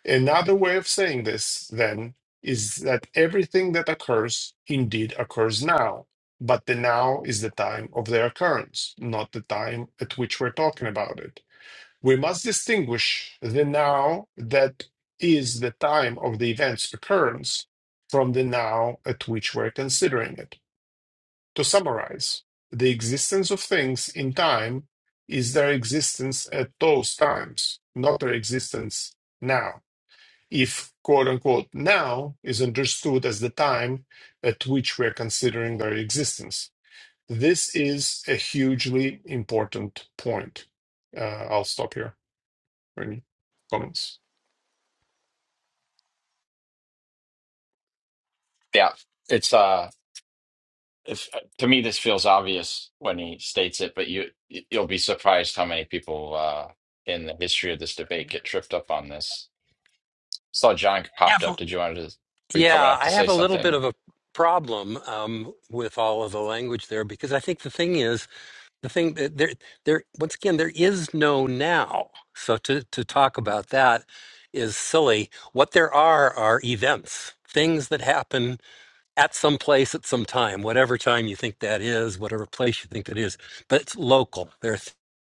B: Another way of saying this, then, is that everything that occurs indeed occurs now, but the now is the time of their occurrence, not the time at which we're talking about it. We must distinguish the now that is the time of the event's occurrence from the now at which we're considering it. To summarize, the existence of things in time is their existence at those times, not their existence now. If quote unquote now is understood as the time at which we're considering their existence, this is a hugely important point. Uh, I'll stop here or any comments.
C: Yeah, it's uh, if to me this feels obvious when he states it, but you you'll be surprised how many people uh in the history of this debate get tripped up on this. Saw John popped
E: have
C: up.
E: a,
C: Did you want to? Were you coming
E: yeah,
C: up
E: I
C: to say
E: have a little bit
C: something?
E: of a problem um, with all of the language there because I think the thing is the thing that there there once again there is no now so to to talk about that is silly what there are are events things that happen at some place at some time whatever time you think that is whatever place you think that is but it's local they're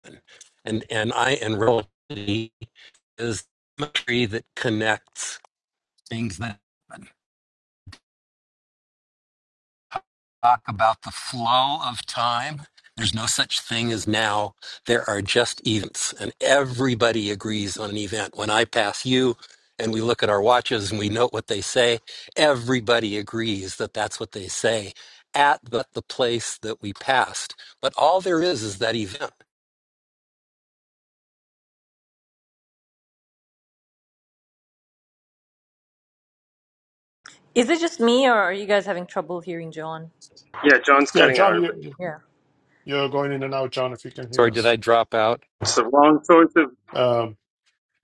E: th- and and i and relativity is the tree that connects things that happen. talk about the flow of time. There's no such thing as now. There are just events, and everybody agrees on an event. When I pass you and we look at our watches and we note what they say, everybody agrees that that's what they say at the, the place that we passed. But all there is is that event.
A: is it just me or are you guys having trouble hearing john
F: Yeah, John's
B: Yeah,
F: cutting
B: John,
F: out a
B: you
F: bit.
B: you-
A: yeah
B: you're going in and out, John, if you can hear
E: Sorry, did I
B: us.
E: drop out?
F: It's the wrong choice of
B: Um,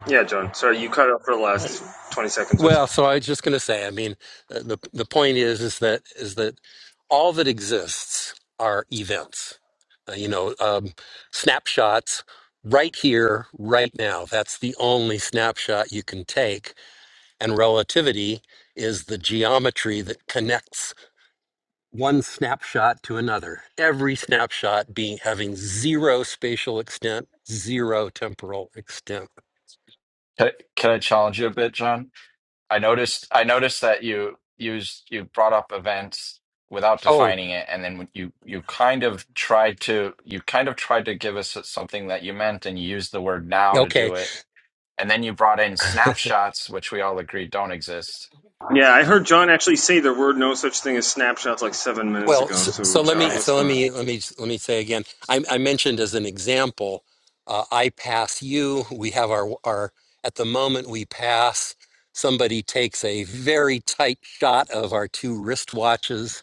F: Yeah, John. Sorry, you cut out for the last
B: I,
F: 20 seconds or so.
E: Well, so I was just going to say, I mean, uh, the the point is is that is that all that exists are events. Uh, you know, um, snapshots right here, right now. That's the only snapshot you can take. And relativity is the geometry that connects one snapshot to another. Every snapshot being having zero spatial extent, zero temporal extent.
C: Can, can I challenge you a bit, John? I noticed I noticed that you used you brought up events without
E: Oh,
C: defining it, and then you you kind of tried to you kind of tried to give us something that you meant, and you used the word now to
E: okay.
C: do it, and then you brought in snapshots, which we all agree don't exist,
F: Yeah, I heard John actually say there were no such thing as snapshots like seven minutes
E: Well,
F: ago.
E: so,
F: So,
E: so let me
F: John,
C: right?
F: what's
E: so let
F: going
E: me
F: on?
E: let me let me say again. I, I mentioned as an example, uh, I pass you. We have our our at the moment we pass. Somebody takes a very tight shot of our two wristwatches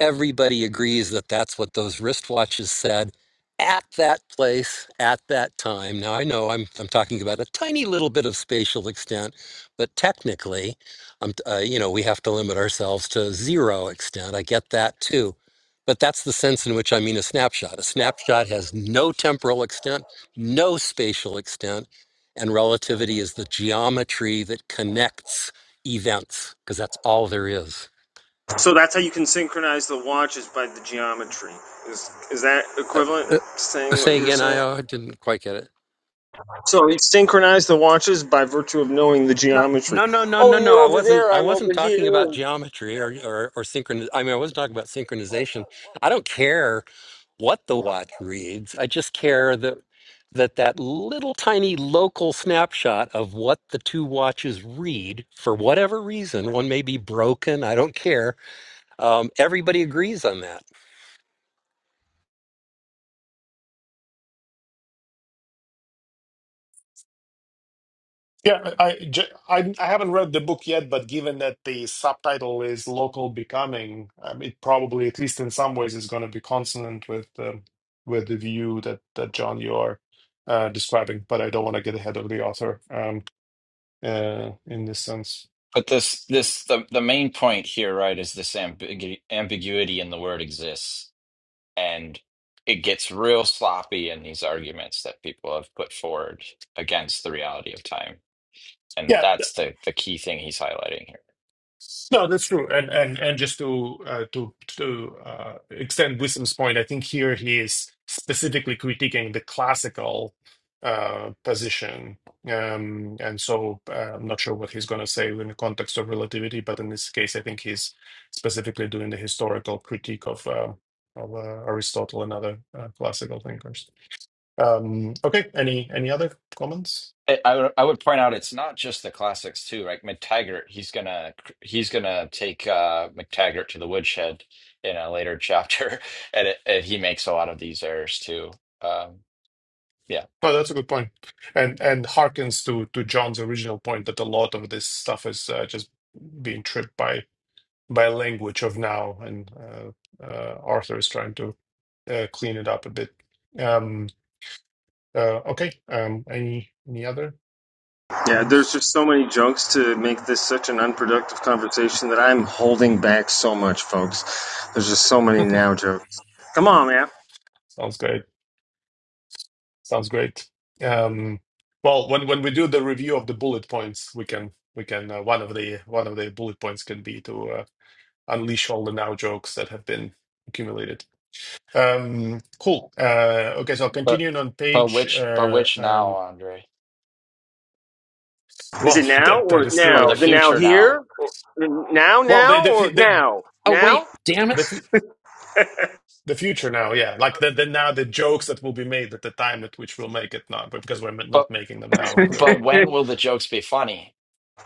E: everybody agrees that that's what those wristwatches said at that place at that time. Now I know I'm I'm talking about a tiny little bit of spatial extent, but technically, um, uh, you know, we have to limit ourselves to zero extent. I get that too, but that's the sense in which I mean a snapshot. A snapshot has no temporal extent, no spatial extent, and relativity is the geometry that connects events because that's all there is.
F: So that's how you can synchronize the watch is by the geometry. Is is that equivalent to saying what
E: Say
F: you're
E: again, I
F: saying?
E: uh, didn't quite get it.
F: So you synchronize the watches by virtue of knowing the
E: No,
F: geometry.
E: no, no, no, no,
F: Oh,
E: no.
F: you're
E: I
F: over
E: wasn't.
F: there.
E: I
F: I'm
E: wasn't
F: over
E: talking about
F: here.
E: geometry or or, or synchron. I mean, I wasn't talking about synchronization. I don't care what the watch reads. I just care that that that little tiny local snapshot of what the two watches read for whatever reason. One may be broken. I don't care. Um, everybody agrees on that.
B: yeah, I, j- I I haven't read the book yet, but given that the subtitle is local becoming, um, it probably, at least in some ways, is going to be consonant with um, with the view that that John you are uh, describing. But I don't want to get ahead of the author um, uh, in this sense.
C: But this this the the main point here, right, is this ambigu ambiguity in the word exists, and it gets real sloppy in these arguments that people have put forward against the reality of time. And
B: Yeah,
C: that's the the key thing he's highlighting here.
B: No, that's true. And and and just to uh, to to uh, extend Wisdom's point, I think here he is specifically critiquing the classical uh, position. Um, and so uh, I'm not sure what he's going to say in the context of relativity, but in this case, I think he's specifically doing the historical critique of uh, of uh, Aristotle and other uh, classical thinkers. Um, okay, any any other comments?
C: I, I would I would point out it's not just the classics too, right? McTaggart, he's gonna he's gonna take uh, McTaggart to the woodshed in a later chapter, and, it, and he makes a lot of these errors too. Um, yeah,
B: No, that's a good point, and and harkens to to John's original point that a lot of this stuff is uh, just being tripped by by language of now, and uh, uh, Arthur is trying to uh, clean it up a bit. Um, uh, okay. Um, any any other
F: Yeah, there's
B: comments?
F: just so many jokes to make this such an unproductive conversation that I'm holding back so much, folks. There's just so many now jokes. Come on, man.
B: Sounds great. Sounds great. Um, well, when when we do the review of the bullet points, we can we can uh, one of the one of the bullet points can be to uh, unleash all the now jokes that have been accumulated. Um, cool. Uh, okay, so
C: but
B: continuing on
C: but
B: page.
C: which but
B: Uh,
C: which now,
B: um,
C: Andre?
F: Is it
B: well,
F: now
B: that that
F: or
B: is true,
C: or the
F: now?
B: right?
F: The now
C: future now.
F: here? Now,
B: Well, the
F: now,
B: the fu-
F: or
B: the
F: now?
E: Oh wait,
F: Now?
E: damn
B: the,
E: it!
B: fu- the future now, yeah. Like the, the now the jokes that will be made at the time at which we'll make it now, but because we're not
C: But
B: making them now,
C: but
B: clearly.
C: when will the jokes be funny?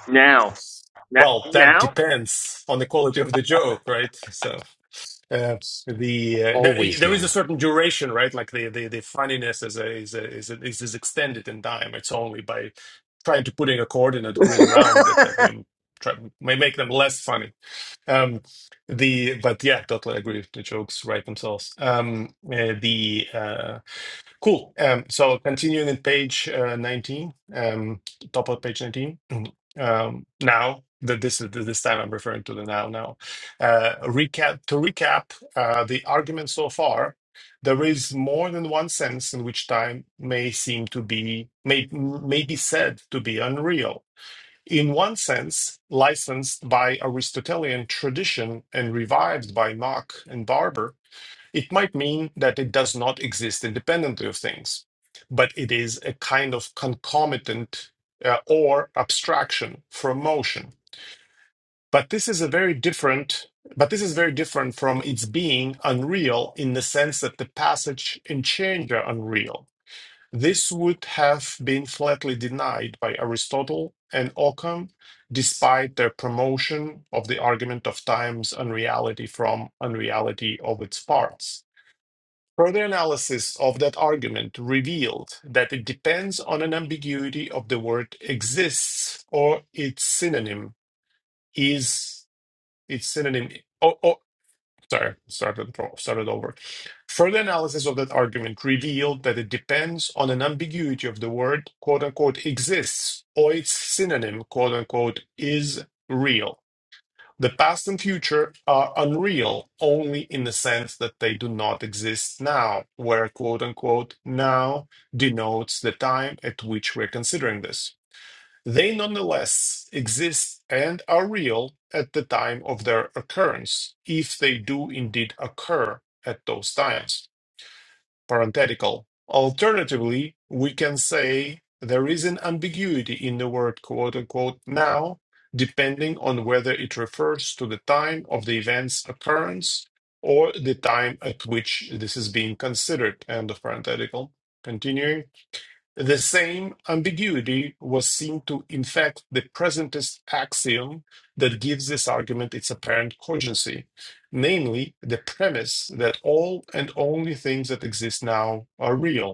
F: Now. Na-
B: Well, that
F: Now?
B: depends on the quality of the joke, right? So. Uh, the uh, there,
E: Always
B: there is a
E: now.
B: certain duration, right? Like the the, the funniness is a, is a, is, a, is is extended in time. It's only by trying to putting a coordinate grid around it that we try, may make them less funny. Um, the but yeah, totally agree. The jokes write themselves. Um, uh, the uh, Cool. Um, so continuing in page uh, 19, um, top of page 19. Mhm. Um, now, the, this is this time I'm referring to the now. Now, uh, recap to recap uh, the argument so far. There is more than one sense in which time may seem to be may may be said to be unreal. In one sense, licensed by Aristotelian tradition and revived by Mach and Barber, it might mean that it does not exist independently of things, but it is a kind of concomitant uh, or abstraction from motion. But this is a very different. But this is very different from its being unreal in the sense that the passage and change are unreal. This would have been flatly denied by Aristotle and Occam, despite their promotion of the argument of time's unreality from unreality of its parts. Further analysis of that argument revealed that it depends on an ambiguity of the word exists or its synonym is its synonym. Oh, oh sorry, started, fro- started over. Further analysis of that argument revealed that it depends on an ambiguity of the word quote unquote exists or its synonym quote unquote is real. The past and future are unreal only in the sense that they do not exist now, where quote unquote now denotes the time at which we're considering this. They nonetheless exist and are real at the time of their occurrence, if they do indeed occur at those times parenthetical. Alternatively, we can say there is an ambiguity in the word quote unquote now, depending on whether it refers to the time of the event's occurrence or the time at which this is being considered. End of parenthetical. Continuing. The same ambiguity was seen to infect the presentist axiom that gives this argument its apparent cogency, namely the premise that all and only things that exist now are real.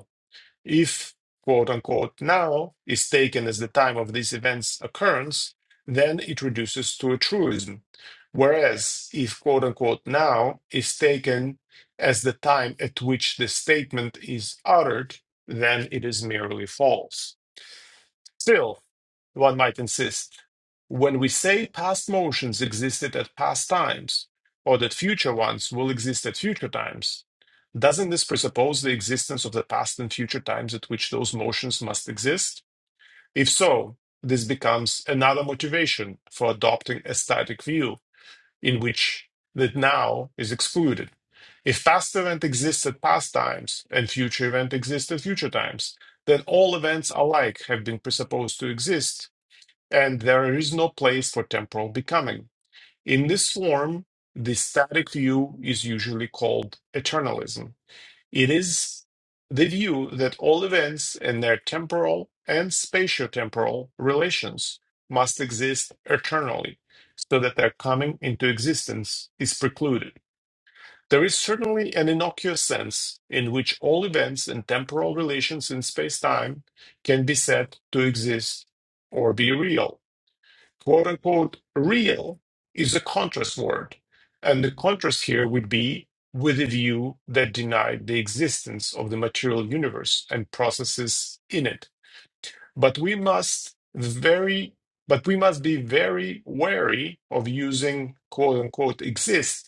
B: If, quote unquote, now is taken as the time of this event's occurrence, then it reduces to a truism. Whereas, if, quote unquote, now is taken as the time at which the statement is uttered, then it is merely false. Still, one might insist. When we say past motions existed at past times, or that future ones will exist at future times, doesn't this presuppose the existence of the past and future times at which those motions must exist? If so, this becomes another motivation for adopting a static view in which that now is excluded. If past event exists at past times and future event exists at future times, then all events alike have been presupposed to exist and there is no place for temporal becoming. In this form, the static view is usually called eternalism. It is the view that all events and their temporal and spatiotemporal relations must exist eternally, so that their coming into existence is precluded. There is certainly an innocuous sense in which all events and temporal relations in space time can be said to exist or be real quote unquote real is a contrast word. And the contrast here would be with a view that denied the existence of the material universe and processes in it. But we must very but we must be very wary of using quote unquote exist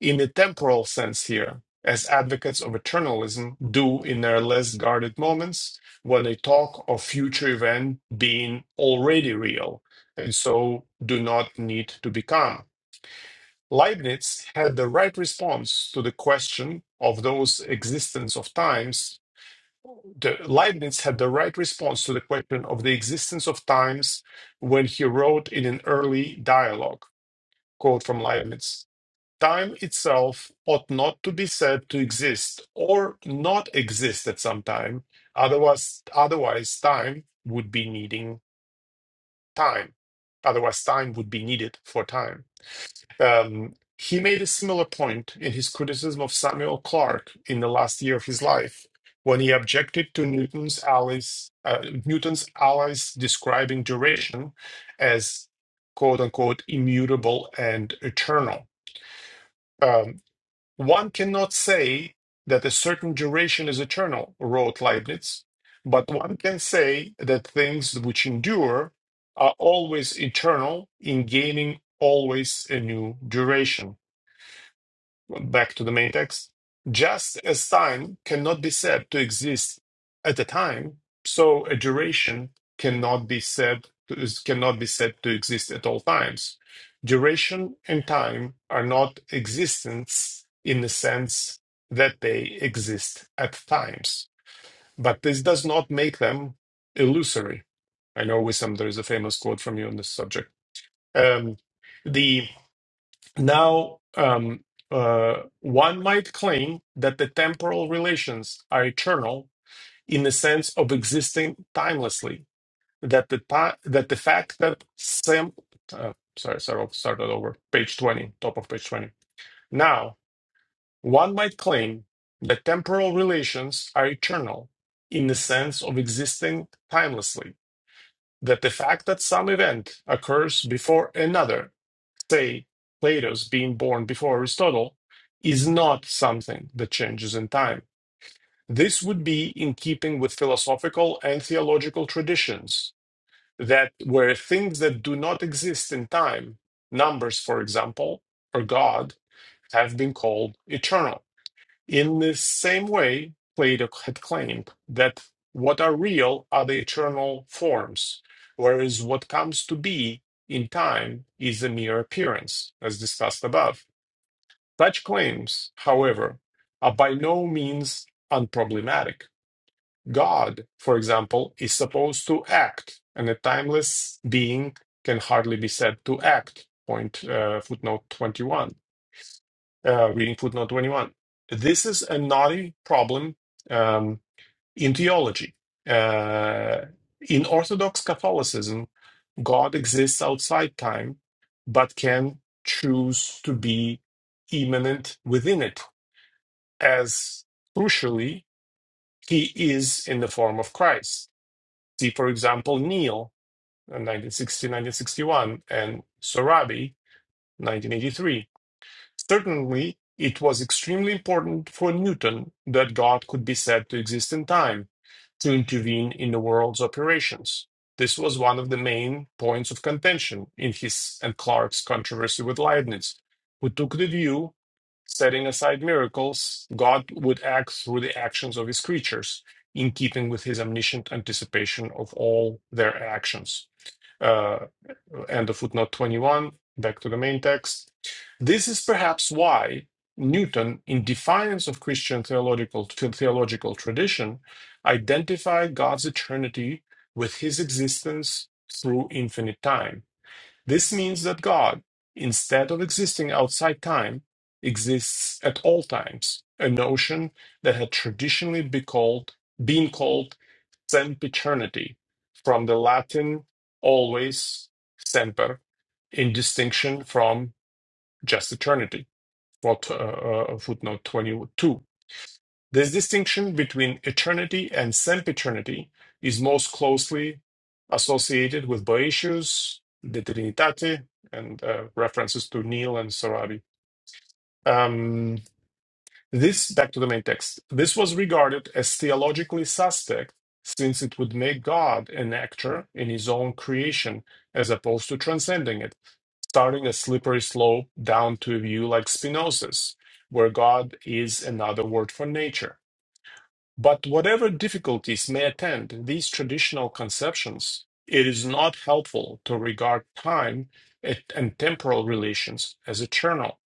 B: in a temporal sense here, as advocates of eternalism do in their less guarded moments when they talk of future event being already real and so do not need to become. Leibniz had the right response to the question of those existence of times. The, Leibniz had the right response to the question of the existence of times when he wrote in an early dialogue, quote from Leibniz. Time itself ought not to be said to exist or not exist at some time. Otherwise, otherwise time would be needing time. Otherwise, time would be needed for time. Um, he made a similar point in his criticism of Samuel Clarke in the last year of his life, when he objected to Newton's allies, uh, Newton's allies describing duration as "quote unquote" immutable and eternal Um, one cannot say that a certain duration is eternal, wrote Leibniz, but one can say that things which endure are always eternal in gaining always a new duration. Back to the main text. Just as time cannot be said to exist at a time, so a duration cannot be said to, is- cannot be said to exist at all times. Duration and time are not existence in the sense that they exist at times, but this does not make them illusory. I know, Wissam, there is a famous quote from you on this subject. Um, now, um, uh, one might claim that the temporal relations are eternal in the sense of existing timelessly. That the ti- that the fact that some uh, sorry, sorry, start that over. Page twenty, top of page twenty. Now, one might claim that temporal relations are eternal in the sense of existing timelessly. That the fact that some event occurs before another say Plato's being born before Aristotle is not something that changes in time. This would be in keeping with philosophical and theological traditions that where things that do not exist in time, numbers, for example, or God, have been called eternal. In the same way, Plato had claimed that what are real are the eternal forms, whereas what comes to be in time is a mere appearance, as discussed above. Such claims, however, are by no means unproblematic. God, for example, is supposed to act, and a timeless being can hardly be said to act. Point uh, footnote 21 uh, reading footnote 21. This is a naughty problem um, in theology. Uh, in Orthodox Catholicism, God exists outside time, but can choose to be immanent within it, as crucially, he is in the form of Christ. See, for example, Neil, uh, 1960 1961, and Sorabi, 1983 Certainly, it was extremely important for Newton that God could be said to exist in time to intervene in the world's operations. This was one of the main points of contention in his and Clarke's controversy with Leibniz, who took the view, setting aside miracles, God would act through the actions of his creatures, in keeping with his omniscient anticipation of all their actions uh, end of footnote 21, back to the main text. This is perhaps why Newton, in defiance of Christian theological, theological tradition, identified God's eternity with his existence through infinite time this means that God, instead of existing outside time, exists at all times, a notion that had traditionally been called, been called sempiternity, from the Latin always semper, in distinction from just eternity, for, uh, uh, footnote 22. This distinction between eternity and sempiternity is most closely associated with Boëtius, De Trinitate, and uh, references to Neil and Sorabi. Um, this, back to the main text, this was regarded as theologically suspect since it would make God an actor in his own creation as opposed to transcending it, starting a slippery slope down to a view like Spinoza's, where God is another word for nature. But whatever difficulties may attend these traditional conceptions, it is not helpful to regard time and temporal relations as eternal,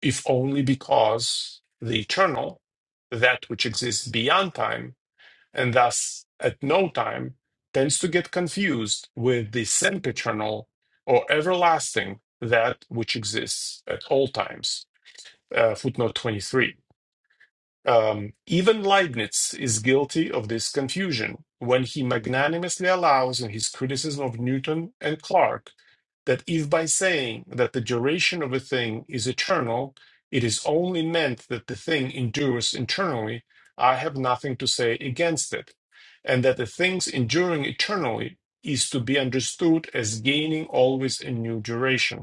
B: if only because the eternal, that which exists beyond time, and thus at no time, tends to get confused with the sempiternal or everlasting, that which exists at all times. Uh, footnote 23. Um, even Leibniz is guilty of this confusion when he magnanimously allows in his criticism of Newton and Clarke that if by saying that the duration of a thing is eternal, it is only meant that the thing endures internally, I have nothing to say against it, and that the thing's enduring eternally is to be understood as gaining always a new duration.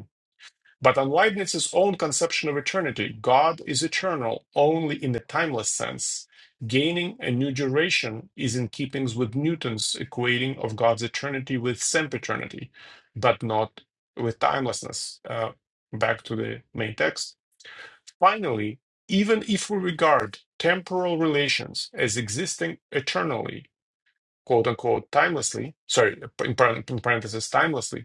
B: But on Leibniz's own conception of eternity, God is eternal only in the timeless sense. Gaining a new duration is in keeping with Newton's equating of God's eternity with sempiternity, but not with timelessness. Uh, back to the main text. Finally, even if we regard temporal relations as existing eternally, quote unquote, timelessly, sorry, in par- in parentheses, timelessly,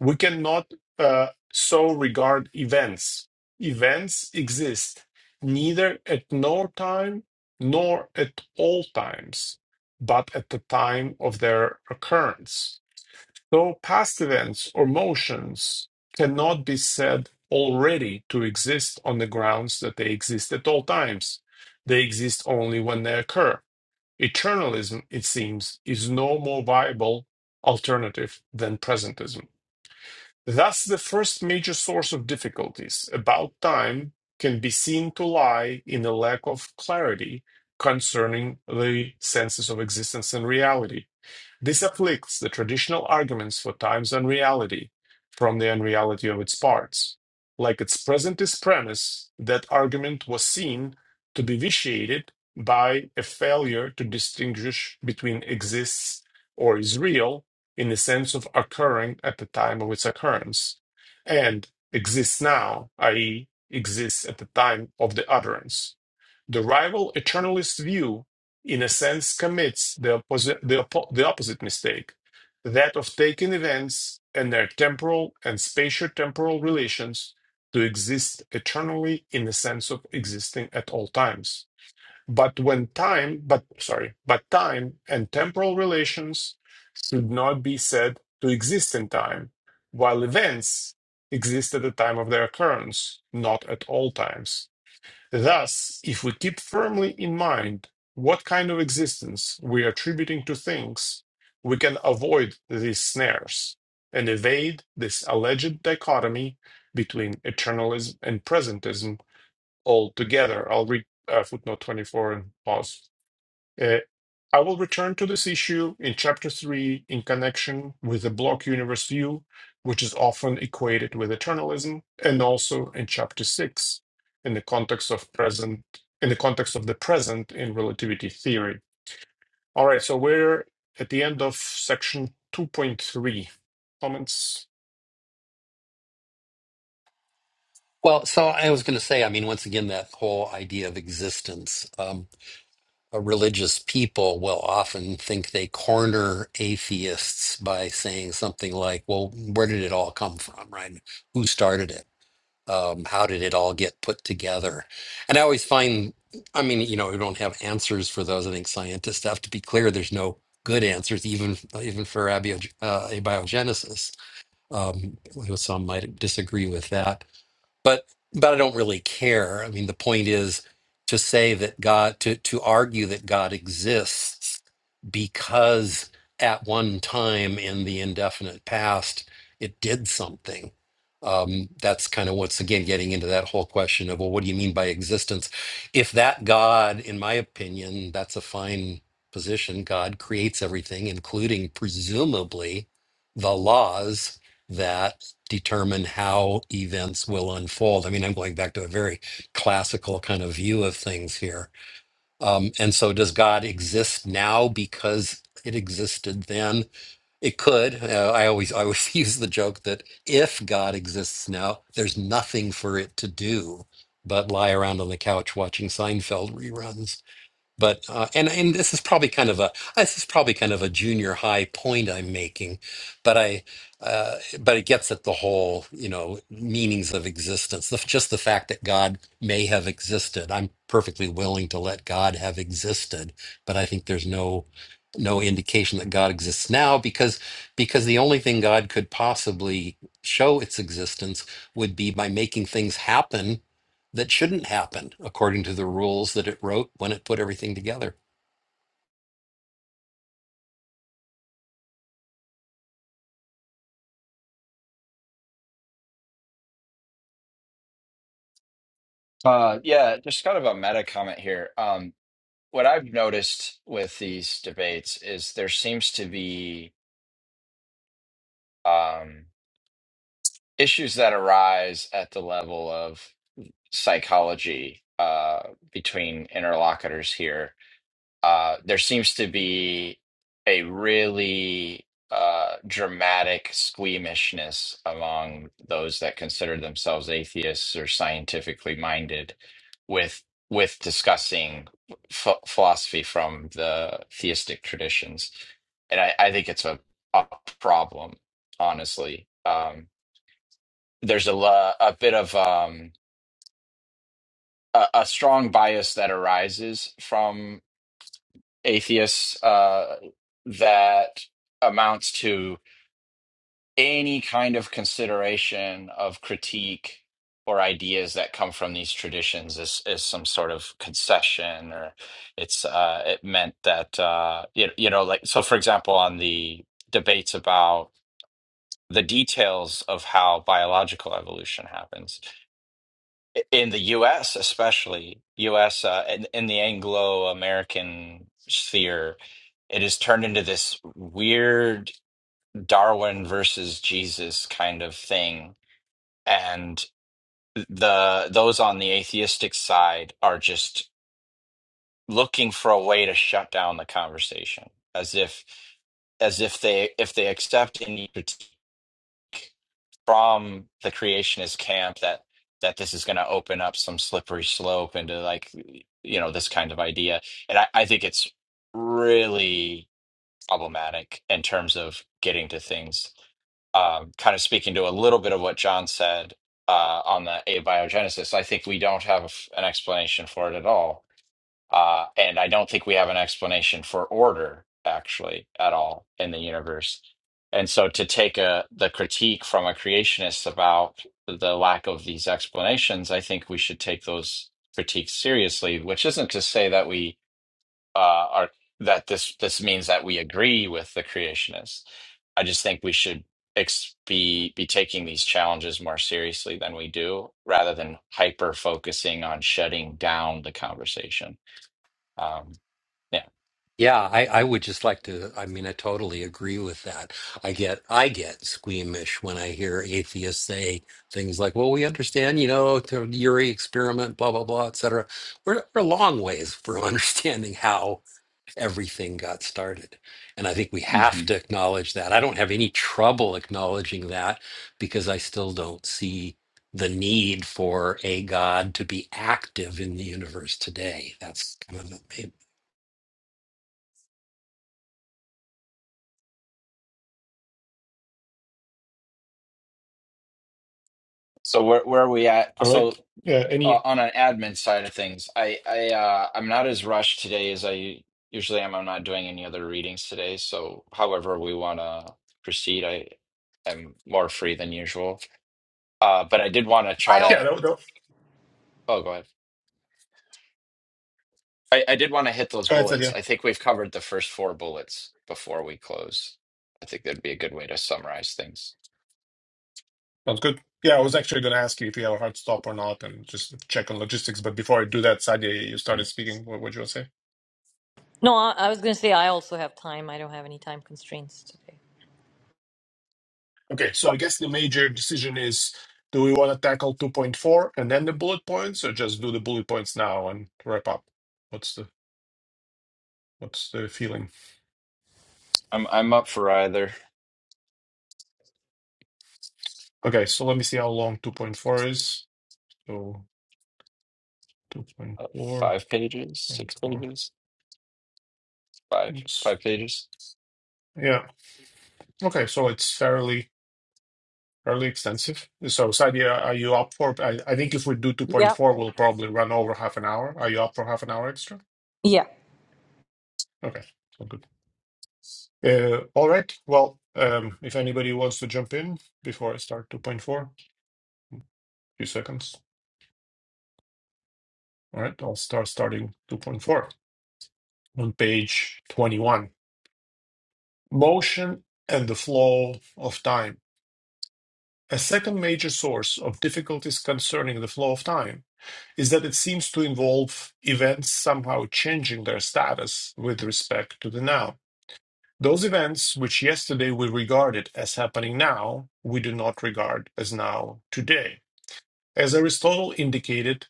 B: we cannot uh, so regard events. Events exist neither at no time nor at all times, but at the time of their occurrence. So past events or motions cannot be said already to exist on the grounds that they exist at all times. They exist only when they occur. Eternalism, it seems, is no more viable alternative than presentism. Thus, the first major source of difficulties about time can be seen to lie in a lack of clarity concerning the senses of existence and reality. This afflicts the traditional arguments for time's unreality from the unreality of its parts. Like its presentist premise, that argument was seen to be vitiated by a failure to distinguish between exists or is real in the sense of occurring at the time of its occurrence and exists now, i.e., exists at the time of the utterance. The rival eternalist view, in a sense, commits the, opposi- the, oppo- the opposite mistake that of taking events and their temporal and spatio-temporal relations to exist eternally in the sense of existing at all times. But when time, but sorry, but time and temporal relations should not be said to exist in time, while events exist at the time of their occurrence, not at all times Thus, if we keep firmly in mind what kind of existence we are attributing to things, we can avoid these snares and evade this alleged dichotomy between eternalism and presentism altogether. I'll read uh, footnote 24 and pause. Uh, I will return to this issue in Chapter 3 in connection with the block universe view, which is often equated with eternalism, and also in Chapter 6 in the context of present in the context of the present in relativity theory. All right, so we're at the end of section 2.3. Comments?
E: Well, so I was going to say. I mean, once again, that whole idea of existence. a religious people will often think they corner atheists by saying something like, well, where did it all come from, right? Who started it? Um, how did it all get put together? And I always find, I mean, you know, we don't have answers for those. I think scientists have to be clear. There's no good answers, even even for abio, uh, abiogenesis. Um, some might disagree with that but but I don't really care. I mean, the point is to say that God to to argue that God exists because at one time in the indefinite past it did something. Um, that's kind of what's again getting into that whole question of well, what do you mean by existence? If that God, in my opinion, that's a fine position. God creates everything, including presumably the laws that determine how events will unfold. I mean, I'm going back to a very classical kind of view of things here. Um, and so, does God exist now because it existed then? It could. Uh, I always, I always use the joke that if God exists now, there's nothing for it to do but lie around on the couch watching Seinfeld reruns but uh, and and this is probably kind of a this is probably kind of a junior high point I'm making, but I uh, but it gets at the whole you know meanings of existence. The, just the fact that God may have existed, I'm perfectly willing to let God have existed, but I think there's no no indication that God exists now because because the only thing God could possibly show its existence would be by making things happen that shouldn't happen according to the rules that it wrote when it put everything together.
C: Uh, yeah, just kind of a meta comment here. Um, what I've noticed with these debates is there seems to be um, issues that arise at the level of psychology uh, between interlocutors here uh, there seems to be a really uh, dramatic squeamishness among those that consider themselves atheists or scientifically minded with with discussing ph philosophy from the theistic traditions. And I, I think it's a, a problem, honestly. Um, there's a, lo- a bit of um, a, a strong bias that arises from. atheists uh, that amounts to any kind of consideration of critique or ideas that come from these traditions is, is some sort of concession or it's uh, it meant that uh, you, you know like so for example on the debates about the details of how biological evolution happens in the US, especially US uh, in, in the Anglo-American sphere, it has turned into this weird Darwin versus Jesus kind of thing, and the those on the atheistic side are just looking for a way to shut down the conversation, as if as if they if they accept any critique. from the creationist camp that that this is going to open up some slippery slope into like you know this kind of idea and I, I think it's really problematic in terms of getting to things um, kind of speaking to a little bit of what john said uh, on the abiogenesis i think we don't have an explanation for it at all uh, and I don't think we have an explanation for order actually at all in the universe. And so to take a the critique from a creationist about the lack of these explanations, I think we should take those critiques seriously, which isn't to say that we uh, are that this this means that we agree with the creationists. I just think we should ex be be taking these challenges more seriously than we do, rather than hyper focusing on shutting down the conversation. Um, yeah.
E: Yeah, I, I would just like to. I mean, I totally agree with that. I get I get squeamish when I hear atheists say things like, "Well, we understand, you know, the Uri experiment, blah blah blah, etc." We're we're a long ways from understanding how. everything got started. And I think we
C: hmm
E: have to acknowledge that. I don't have any trouble acknowledging that because I still don't see the need for a God to be active in the universe today. That's kind of the main
C: So where where are we at?
B: All right.
C: So
B: Yeah,
C: uh,
B: any
C: on an admin side of things, I I uh, I'm not as rushed today as I usually am. I'm not doing any other readings today. So however we want to proceed, I am more free than usual. Uh, but I did want to try
B: Yeah,
C: to.
B: no, no.
C: Oh, go ahead. I, I did want to hit those
B: That's at the end.
C: bullets. I think we've covered the first four bullets before we close. I think that'd be a good way to summarize things.
B: Sounds good. Yeah, I was actually going to ask you if you have a hard stop or not and just check on logistics. But before I do that, Sadia, you started
C: Mhm.
B: speaking. What would you want to say?
A: No, I, I was going to say I also have time. I don't have any time constraints today.
B: Okay, so I guess the major decision is do we want to tackle 2.4 and then the bullet points or just do the bullet points now and wrap up? What's the what's the feeling?
C: I'm I'm up for either
B: Okay, so let me see how long 2.4 is. So two point
C: uh,
B: four
C: five pages,
B: point
C: six
B: four.
C: pages. five
B: It's,
C: five pages.
B: yeah. Okay, so it's fairly fairly extensive. So, Sadia, are you up for? I, I think if we do
A: Yeah.
B: 2.4, we'll probably run over half an hour. Are you up for half an hour extra?
A: Yeah.
B: Okay, so good. Uh, all right. Well, um, if anybody wants to jump in before I start 2.4, few seconds. All right, I'll start starting 2.4 on page 21. Motion and the flow of time. A second major source of difficulties concerning the flow of time is that it seems to involve events somehow changing their status with respect to the now. Those events which yesterday we regarded as happening now, we do not regard as now today. As Aristotle indicated,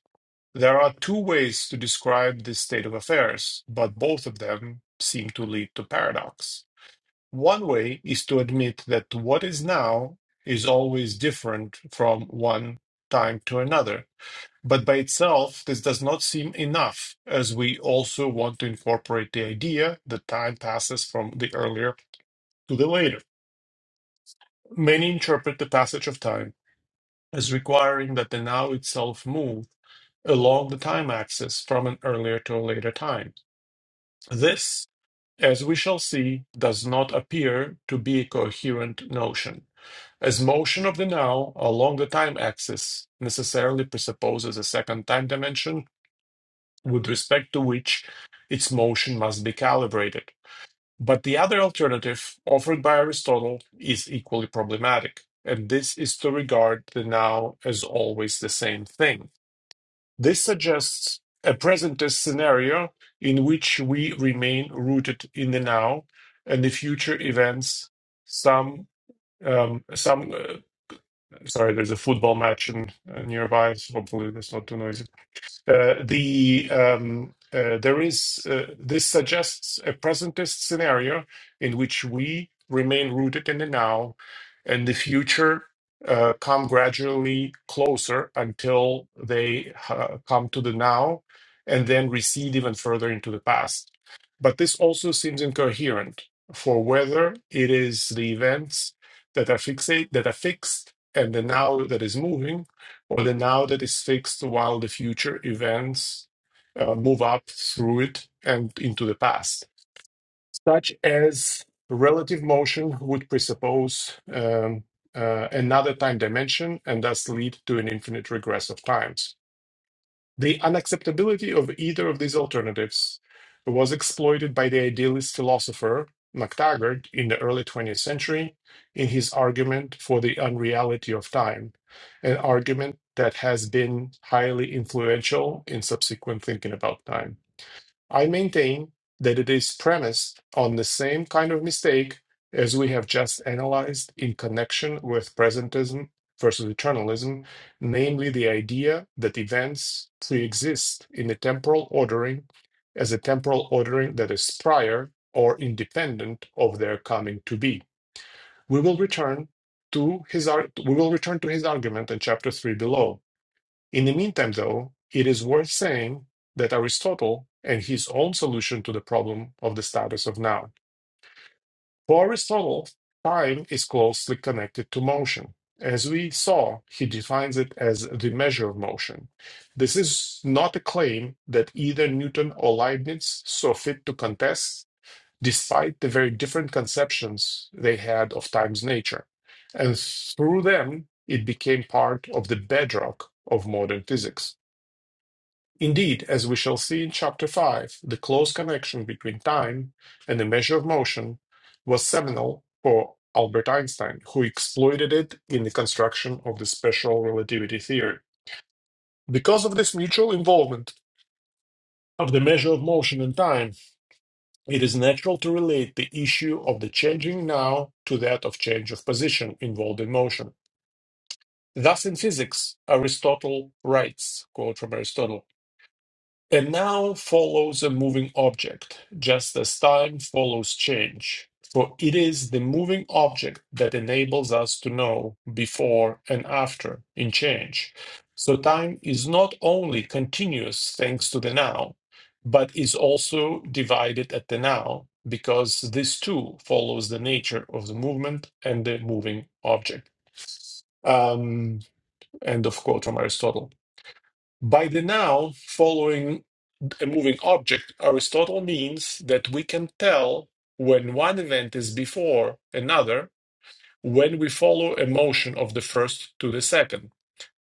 B: there are two ways to describe this state of affairs, but both of them seem to lead to paradox. One way is to admit that what is now is always different from one time to another but by itself, this does not seem enough, as we also want to incorporate the idea that time passes from the earlier to the later. Many interpret the passage of time as requiring that the now itself move along the time axis from an earlier to a later time. This, as we shall see, does not appear to be a coherent notion, as motion of the now along the time axis necessarily presupposes a second time dimension with respect to which its motion must be calibrated. But the other alternative offered by Aristotle is equally problematic, and this is to regard the now as always the same thing. This suggests a presentist scenario in which we remain rooted in the now and the future events some um some uh, sorry there's a football match in, uh, nearby so hopefully that's not too noisy uh, the um, uh, there is uh, this suggests a presentist scenario in which we remain rooted in the now, and the future uh, come gradually closer until they uh, come to the now, and then recede even further into the past. But this also seems incoherent for whether it is the events that are fixate that are fixed and the now that is moving or the now that is fixed while the future events uh, move up through it and into the past, such as relative motion would presuppose um, uh, another time dimension and thus lead to an infinite regress of times. The unacceptability of either of these alternatives was exploited by the idealist philosopher MacTaggart in the early 20th century in his argument for the unreality of time, an argument that has been highly influential in subsequent thinking about time. I maintain that it is premised on the same kind of mistake as we have just analyzed in connection with presentism versus eternalism, namely the idea that events preexist in a temporal ordering as a temporal ordering that is prior or independent of their coming to be. We will return to his ar- we will return to his argument in chapter 3 below in the meantime, though, it is worth saying that Aristotle and his own solution to the problem of the status of noun. For Aristotle, time is closely connected to motion. As we saw, he defines it as the measure of motion. This is not a claim that either Newton or Leibniz saw fit to contest, despite the very different conceptions they had of time's nature. And through them, it became part of the bedrock of modern physics. Indeed, as we shall see in Chapter 5, the close connection between time and the measure of motion was seminal for Albert Einstein, who exploited it in the construction of the special relativity theory. Because of this mutual involvement of the measure of motion and time, it is natural to relate the issue of the changing now to that of change of position involved in motion. Thus, in physics, Aristotle writes, quote from Aristotle, And now follows a moving object, just as time follows change. For it is the moving object that enables us to know before and after in change. So time is not only continuous thanks to the now, but is also divided at the now, because this too follows the nature of the movement and the moving object. Um, end of quote from Aristotle. By the now, following a moving object, Aristotle means that we can tell when one event is before another when we follow a motion of the first to the second.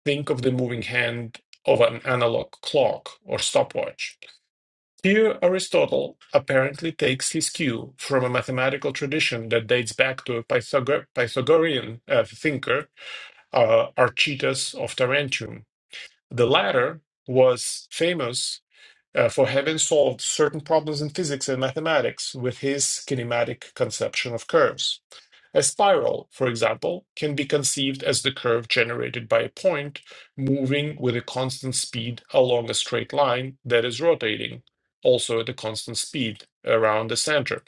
B: Think of the moving hand of an analog clock or stopwatch. Here, Aristotle apparently takes his cue from a mathematical tradition that dates back to a Pythagor- Pythagorean uh, thinker, uh, Archytas of Tarentum. The latter was famous uh, for having solved certain problems in physics and mathematics with his kinematic conception of curves. A spiral, for example, can be conceived as the curve generated by a point moving with a constant speed along a straight line that is rotating, also at a constant speed, around the center.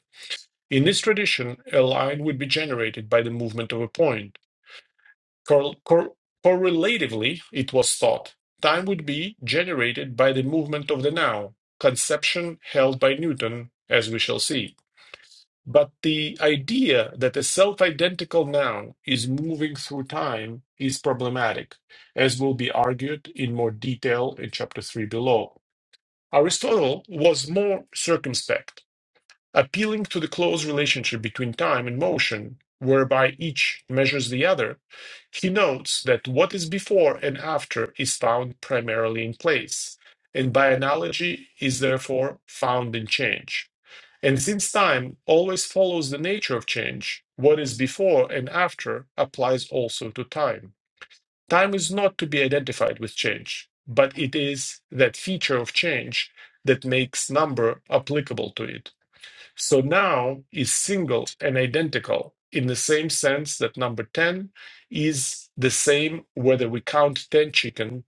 B: In this tradition, a line would be generated by the movement of a point Cor- cor- correlatively, it was thought time would be generated by the movement of the now, conception held by Newton, as we shall see. But the idea that a self identical now is moving through time is problematic, as will be argued in more detail in Chapter 3 below. Aristotle was more circumspect appealing to the close relationship between time and motion, whereby each measures the other, he notes that what is before and after is found primarily in place, and by analogy is therefore found in change. And since time always follows the nature of change, what is before and after applies also to time. Time is not to be identified with change, but it is that feature of change that makes number applicable to it. So now is single and identical in the same sense that number 10 is the same whether we count 10 chicken,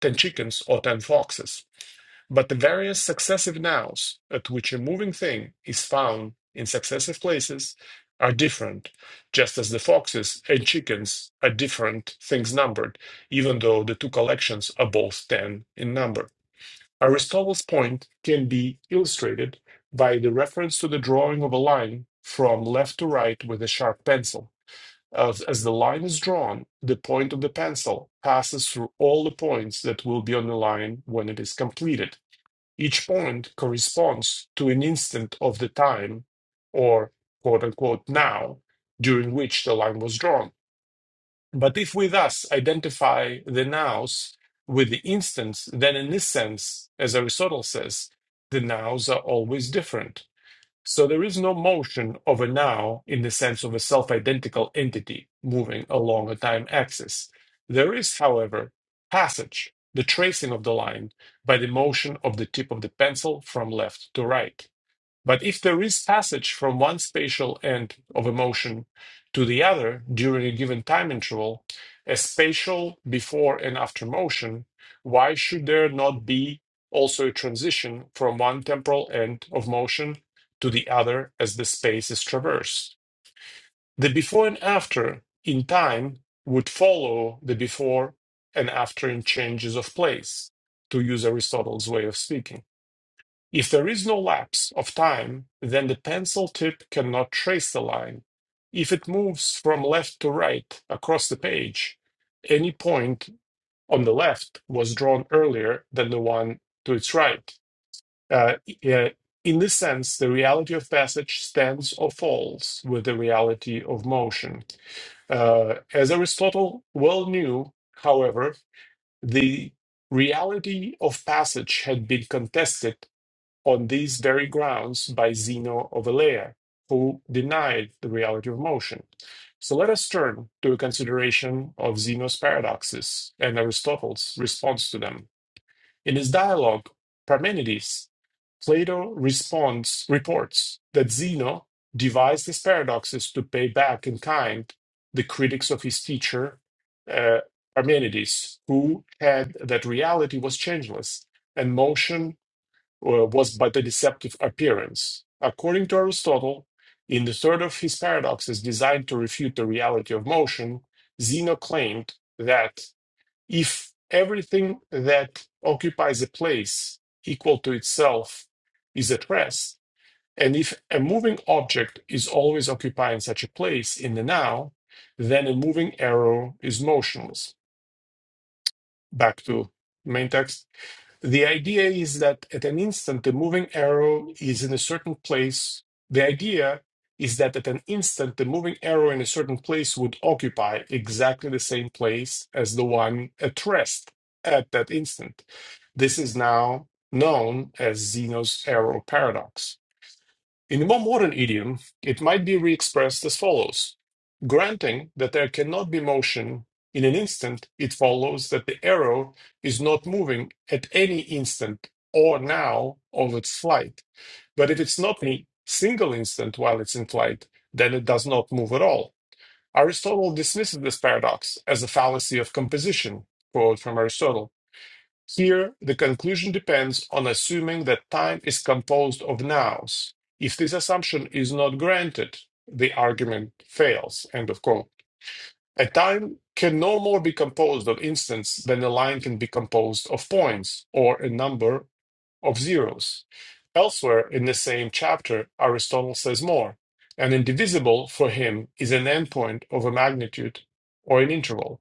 B: 10 chickens or 10 foxes. But the various successive nows at which a moving thing is found in successive places are different, just as the foxes and chickens are different things numbered, even though the two collections are both 10 in number. Aristotle's point can be illustrated by the reference to the drawing of a line from left to right with a sharp pencil. As, as the line is drawn, the point of the pencil passes through all the points that will be on the line when it is completed. Each point corresponds to an instant of the time, or quote unquote now, during which the line was drawn. But if we thus identify the nows with the instants, then in this sense, as Aristotle says, the nows are always different. So there is no motion of a now in the sense of a self identical entity moving along a time axis. There is, however, passage, the tracing of the line by the motion of the tip of the pencil from left to right. But if there is passage from one spatial end of a motion to the other during a given time interval, a spatial before and after motion, why should there not be also a transition from one temporal end of motion to the other as the space is traversed? The before and after in time would follow the before and after in changes of place, to use Aristotle's way of speaking. If there is no lapse of time, then the pencil tip cannot trace the line. If it moves from left to right across the page, any point on the left was drawn earlier than the one to its right. Uh, uh, in this sense, the reality of passage stands or falls with the reality of motion. Uh, as Aristotle well knew, however, the reality of passage had been contested on these very grounds by Zeno of Elea, who denied the reality of motion. So let us turn to a consideration of Zeno's paradoxes and Aristotle's response to them. In his dialogue, Parmenides, Plato responds, reports that Zeno devised his paradoxes to pay back in kind the critics of his teacher, uh, Parmenides, who had that reality was changeless and motion uh, was but a deceptive appearance. According to Aristotle, in the third of his paradoxes designed to refute the reality of motion, Zeno claimed that if everything that occupies a place equal to itself is at rest, and if a moving object is always occupying such a place in the now, then a moving arrow is motionless. Back to main text. The idea is that at an instant, the moving arrow is in a certain place. The idea is that at an instant, the moving arrow in a certain place would occupy exactly the same place as the one at rest at that instant. This is now known as Zeno's arrow paradox. In a more modern idiom, it might be re expressed as follows Granting that there cannot be motion in an instant, it follows that the arrow is not moving at any instant or now of its flight. But if it's not any single instant while it's in flight, then it does not move at all. Aristotle dismisses this paradox as a fallacy of composition. Quote from Aristotle. Here, the conclusion depends on assuming that time is composed of nows. If this assumption is not granted, the argument fails. End of quote. A time can no more be composed of instants than a line can be composed of points or a number of zeros. Elsewhere in the same chapter, Aristotle says more. An indivisible for him is an endpoint of a magnitude or an interval.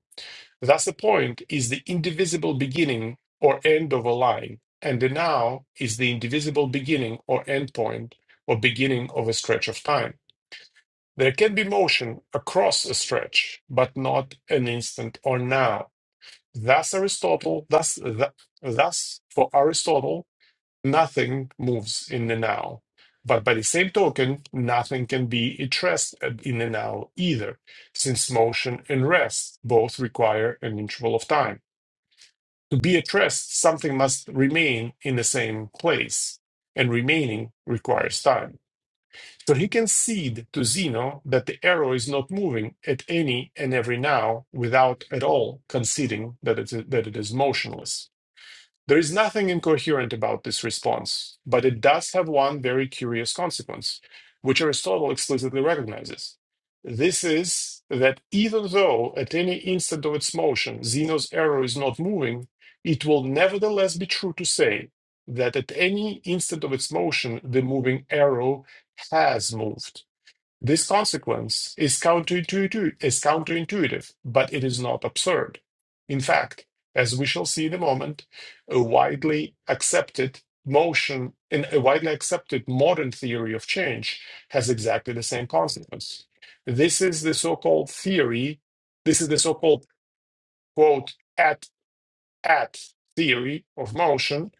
B: Thus, the point, is the indivisible beginning or end of a line, and the now is the indivisible beginning or end point or beginning of a stretch of time. There can be motion across a stretch, but not an instant or now. Thus Aristotle, thus, th- thus for Aristotle, nothing moves in the now. But by the same token, nothing can be at rest in the now either, since motion and rest both require an interval of time. To be addressed, something must remain in the same place, and remaining requires time. So he conceded to Zeno that the arrow is not moving at any and every now without at all conceding that it, that it is motionless. There is nothing incoherent about this response, but it does have one very curious consequence, which Aristotle explicitly recognizes. This is that even though at any instant of its motion Zeno's arrow is not moving, it will nevertheless be true to say that at any instant of its motion the moving arrow has moved. This consequence is counterintuitive, is counterintuitive, but it is not absurd. In fact, as we shall see in a moment, a widely accepted motion in a widely accepted modern theory of change has exactly the same consequence. This is the so-called theory, this is the so-called quote at at theory of motion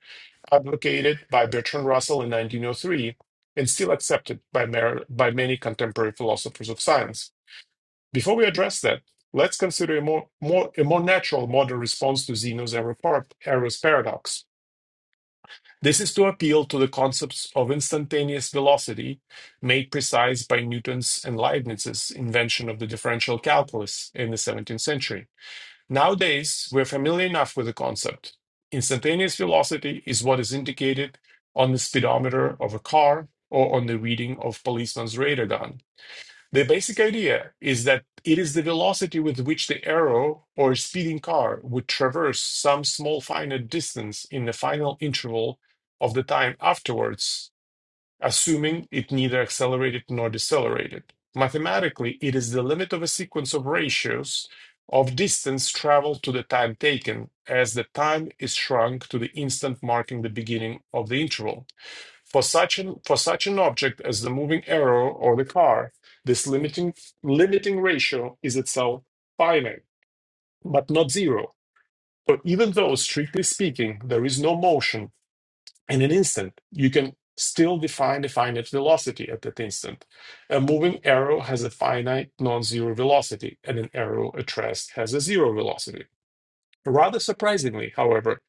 B: advocated by Bertrand Russell in 1903 and still accepted by, by many contemporary philosophers of science. Before we address that, let's consider a more, more, a more natural modern response to Zeno's error Eros paradox. This is to appeal to the concepts of instantaneous velocity, made precise by Newton's and Leibniz's invention of the differential calculus in the 17th century. Nowadays, we're familiar enough with the concept. Instantaneous velocity is what is indicated on the speedometer of a car or on the reading of policeman's radar gun. The basic idea is that it is the velocity with which the arrow or speeding car would traverse some small finite distance in the final interval of the time afterwards, assuming it neither accelerated nor decelerated. Mathematically, it is the limit of a sequence of ratios of distance traveled to the time taken, as the time is shrunk to the instant marking the beginning of the interval. For such, an, for such an object as the moving arrow or the car, this limiting, limiting ratio is itself finite, but not zero. So even though, strictly speaking, there is no motion in an instant, you can still define a finite velocity at that instant. A moving arrow has a finite non-zero velocity, and an arrow at rest has a zero velocity. Rather surprisingly, however,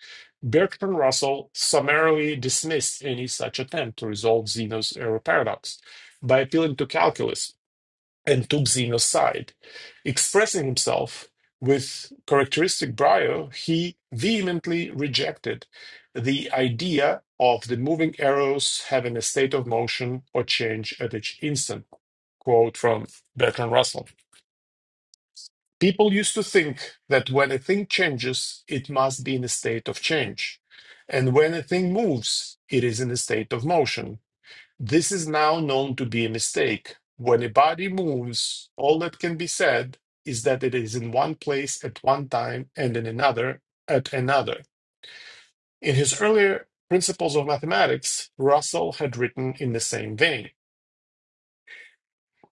B: Bertrand Russell summarily dismissed any such attempt to resolve Zeno's error paradox by appealing to calculus and took Zeno's side. Expressing himself with characteristic brio, he vehemently rejected the idea of the moving arrows having a state of motion or change at each instant. Quote from Bertrand Russell. People used to think that when a thing changes, it must be in a state of change. And when a thing moves, it is in a state of motion. This is now known to be a mistake. When a body moves, all that can be said is that it is in one place at one time and in another at another. In his earlier Principles of Mathematics, Russell had written in the same vein.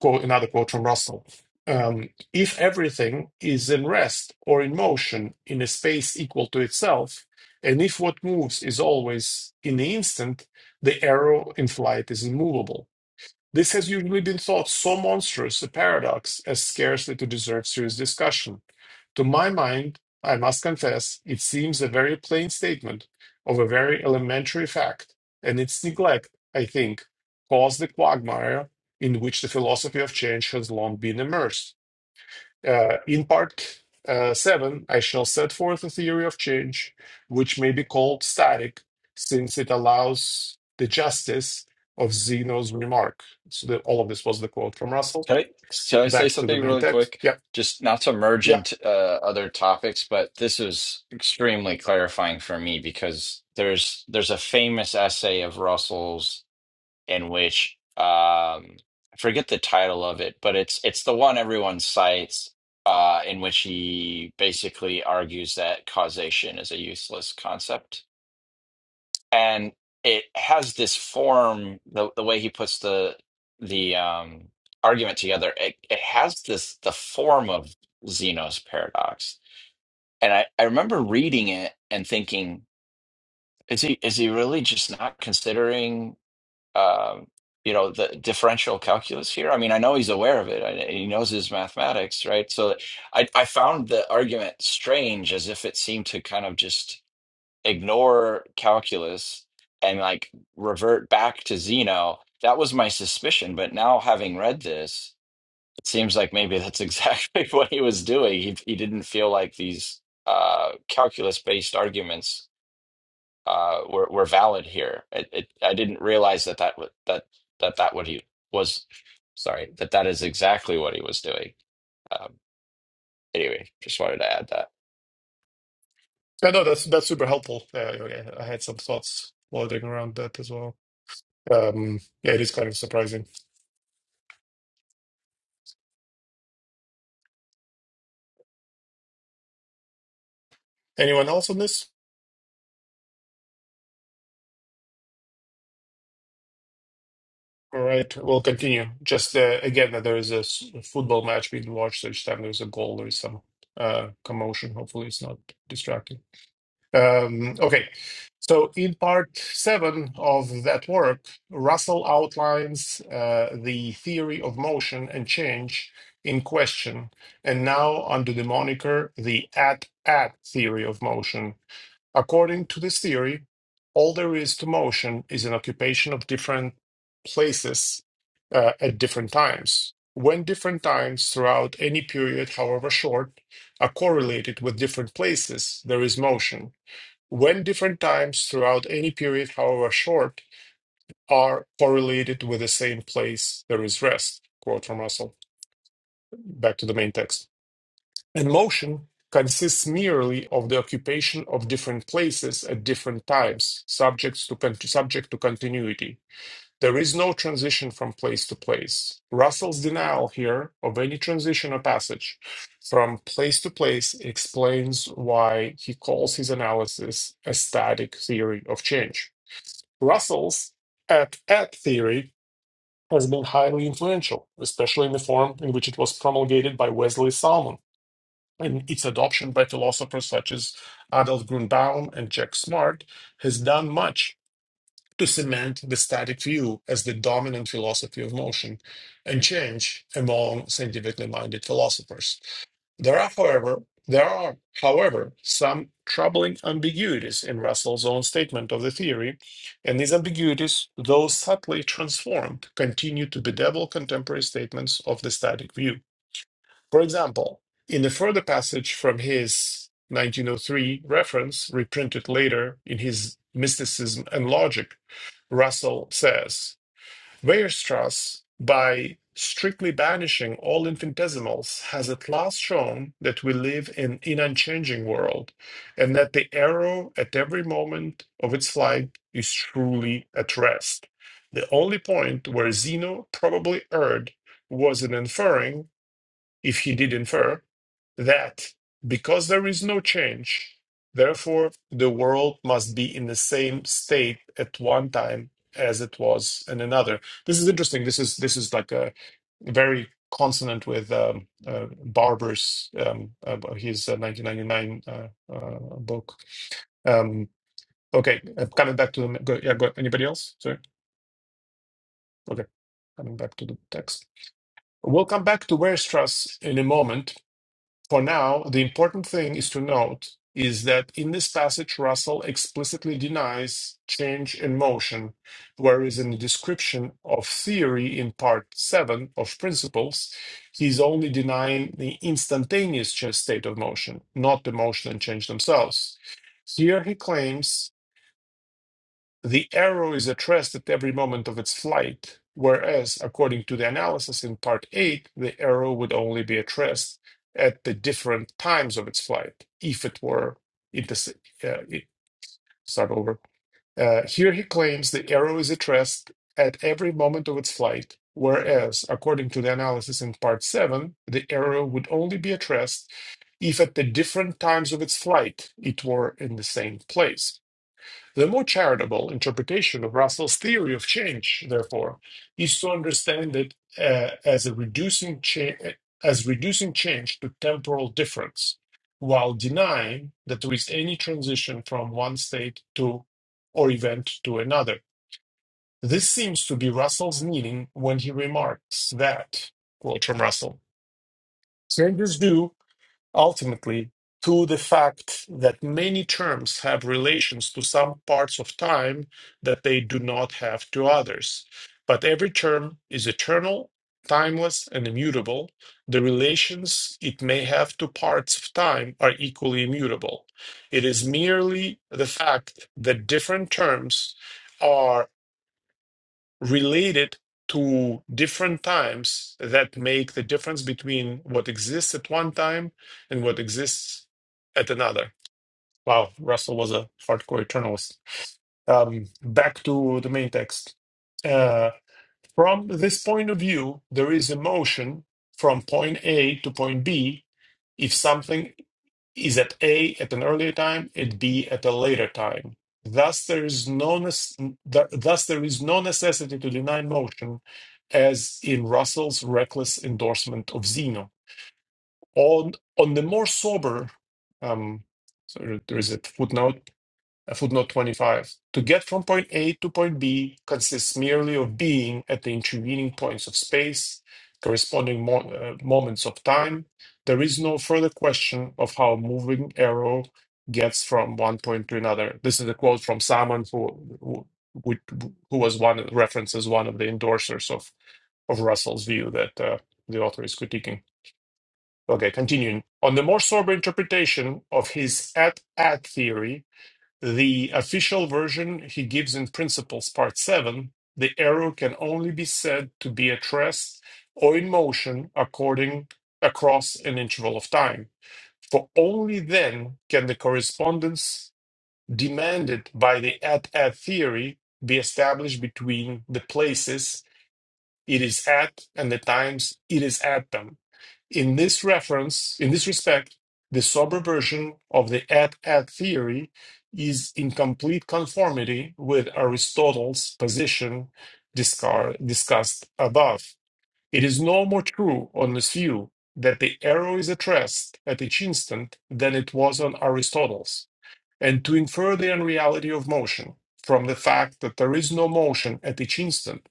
B: quote another quote from Russell. Um, if everything is in rest or in motion in a space equal to itself, and if what moves is always in the instant, the arrow in flight is immovable. This has usually been thought so monstrous a paradox as scarcely to deserve serious discussion to my mind, I must confess, it seems a very plain statement of a very elementary fact, and its neglect, I think, caused the quagmire in which the philosophy of change has long been immersed. Uh, in part uh, 7, I shall set forth a theory of change which may be called static, since it allows the justice of Zeno's remark. So, that all of this was the quote from Russell.
C: Can I can I say
B: Back to the
C: something
B: main
C: really
B: text.
C: quick?
B: Yeah.
C: Just not to merge
B: yeah.
C: into uh, other topics, but this is extremely clarifying for me because there's there's a famous essay of Russell's in which um, I forget the title of it, but it's it's the one everyone cites uh, in which he basically argues that causation is a useless concept and it has this form the the way he puts the the um argument together it, it has this the form of Zeno's paradox and I, I remember reading it and thinking is he is he really just not considering um you know the differential calculus here I mean I know he's aware of it and he knows his mathematics right so I I found the argument strange as if it seemed to kind of just ignore calculus and like revert back to Zeno. That was my suspicion, but now having read this, it seems like maybe that's exactly what he was doing. He he didn't feel like these uh, calculus-based arguments uh, were were valid here. It, it, I didn't realize that that wa- that that that what he was. Sorry, that that is exactly what he was doing. Um, anyway, just wanted to add that.
B: Yeah, no, that's that's super helpful. Uh, okay, I had some thoughts floating around that as well. Um, yeah, it is kind of surprising. Anyone else on this? All right, we'll continue. Just uh, again, that there is a s- football match being watched, so each time there's a goal, there's some uh, commotion. Hopefully, it's not distracting. Um, okay, so in part seven of that work, Russell outlines uh, the theory of motion and change in question, and now under the moniker the at at theory of motion. According to this theory, all there is to motion is an occupation of different places uh, at different times. When different times throughout any period, however short, are correlated with different places, there is motion when different times throughout any period, however short, are correlated with the same place there is rest. Quote from Russell. Back to the main text. And motion consists merely of the occupation of different places at different times, subjects to con- subject to continuity. There is no transition from place to place. Russell's denial here of any transition or passage from place to place explains why he calls his analysis a static theory of change. Russell's at at theory has been highly influential, especially in the form in which it was promulgated by Wesley Salmon and its adoption by philosophers such as Adolf Grünbaum and Jack Smart has done much to cement the static view as the dominant philosophy of motion and change among scientifically minded philosophers. There are, however, there are, however, some troubling ambiguities in Russell's own statement of the theory, and these ambiguities, though subtly transformed, continue to bedevil contemporary statements of the static view. For example, in a further passage from his 1903 reference, reprinted later in his Mysticism and Logic, Russell says, Weierstrass, by strictly banishing all infinitesimals, has at last shown that we live in an unchanging world, and that the arrow at every moment of its flight is truly at rest. The only point where Zeno probably erred was in inferring, if he did infer, that because there is no change, therefore the world must be in the same state at one time as it was in another. This is interesting. This is this is like a very consonant with um, uh, Barber's um, uh, his uh, 1999 uh, uh, book. Um, okay, uh, coming back to the go, yeah. Go, anybody else? Sorry. Okay, coming back to the text. We'll come back to Weierstrass in a moment. For now, the important thing is to note is that in this passage, Russell explicitly denies change and motion, whereas in the description of theory in part 7 of Principles, he's only denying the instantaneous ch- state of motion, not the motion and change themselves. Here he claims the arrow is at rest at every moment of its flight, whereas, according to the analysis in part 8, the arrow would only be at rest at the different times of its flight, if it were. Inter- uh, it- start over. Uh, here he claims the arrow is at rest at every moment of its flight, whereas, according to the analysis in part 7, the arrow would only be at rest if at the different times of its flight it were in the same place. The more charitable interpretation of Russell's theory of change, therefore, is to understand it uh, as a reducing cha- as reducing change to temporal difference, while denying that there is any transition from one state to or event to another. This seems to be Russell's meaning when he remarks that, quote from Russell, change is due ultimately to the fact that many terms have relations to some parts of time that they do not have to others. But every term is eternal, timeless, and immutable. The relations it may have to parts of time are equally immutable. It is merely the fact that different terms. are related to different times that make the difference between what exists at one time and what exists at another. Wow, Russell was a hardcore eternalist. Um, back to the main text. Uh, from this point of view, there is a motion from point A to point B if something is at A at an earlier time, at B at a later time. Thus, there is no nec- th- thus there is no necessity to deny motion, as in Russell's reckless endorsement of Zeno. On on the more sober, um, sorry, there is a footnote uh, footnote 25. To get from point A to point B consists merely of being at the intervening points of space, corresponding mo- uh, moments of time. There is no further question of how a moving arrow gets from one point to another. This is a quote from someone who who, who who was one references one of the endorsers of of Russell's view that uh, the author is critiquing. Okay, continuing. On the more sober interpretation of his at at theory, the official version he gives in Principles, Part 7, the arrow can only be said to be at rest or in motion according across an interval of time, for only then can the correspondence demanded by the at-at theory be established between the places it is at and the times it is at them in this reference, in this respect, the sober version of the et-et theory is in complete conformity with Aristotle's position discar- discussed above. It is no more true on this view that the arrow is addressed at each instant than it was on Aristotle's and to infer the unreality of motion from the fact that there is no motion at each instant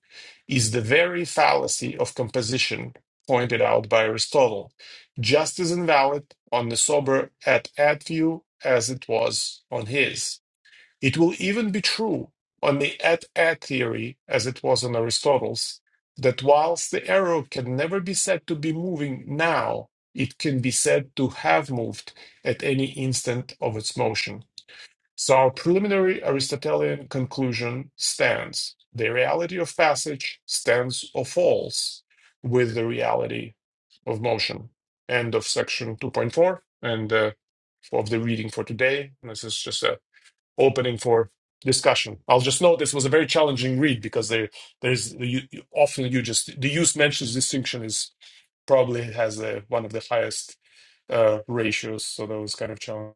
B: is the very fallacy of composition pointed out by Aristotle, just as invalid on the sober at at view as it was on his. It will even be true on the at at theory as it was on Aristotle's that whilst the arrow can never be said to be moving now, it can be said to have moved at any instant of its motion. So our preliminary Aristotelian conclusion stands. The reality of passage stands or falls with the reality of motion. End of section 2.4 and uh, of the reading for today. This is just an opening for discussion. I'll just note this was a very challenging read because there there's you, you- often you just the use mentions distinction is probably has uh one of the highest uh, ratios. So that was kind of challenging.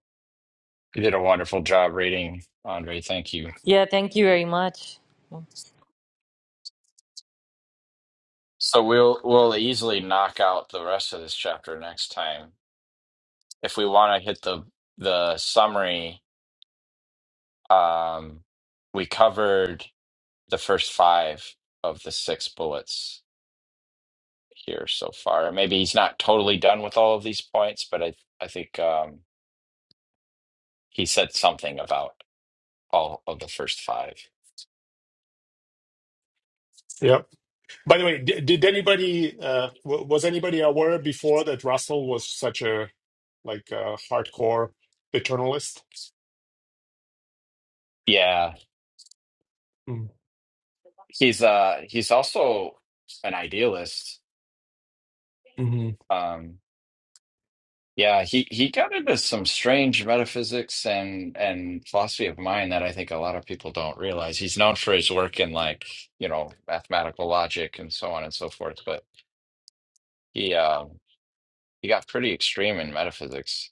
C: You did a wonderful job reading, Andre. Thank you.
A: Yeah, thank you very much.
C: So we'll we'll easily knock out the rest of this chapter next time. If we want to hit the the summary, um, we covered the first five of the six bullets here so far. Maybe he's not totally done with all of these points, but I I think um, he said something about all of the first five.
B: By the way, did, did anybody uh, w- was anybody aware before that Russell was such a like a hardcore paternalist?
C: Yeah, he's uh he's also an idealist.
B: Mm-hmm.
C: Um, Yeah, he he got into some strange metaphysics and and philosophy of mind that I think a lot of people don't realize. He's known for his work in like, you know, mathematical logic and so on and so forth, but he uh, he got pretty extreme in metaphysics.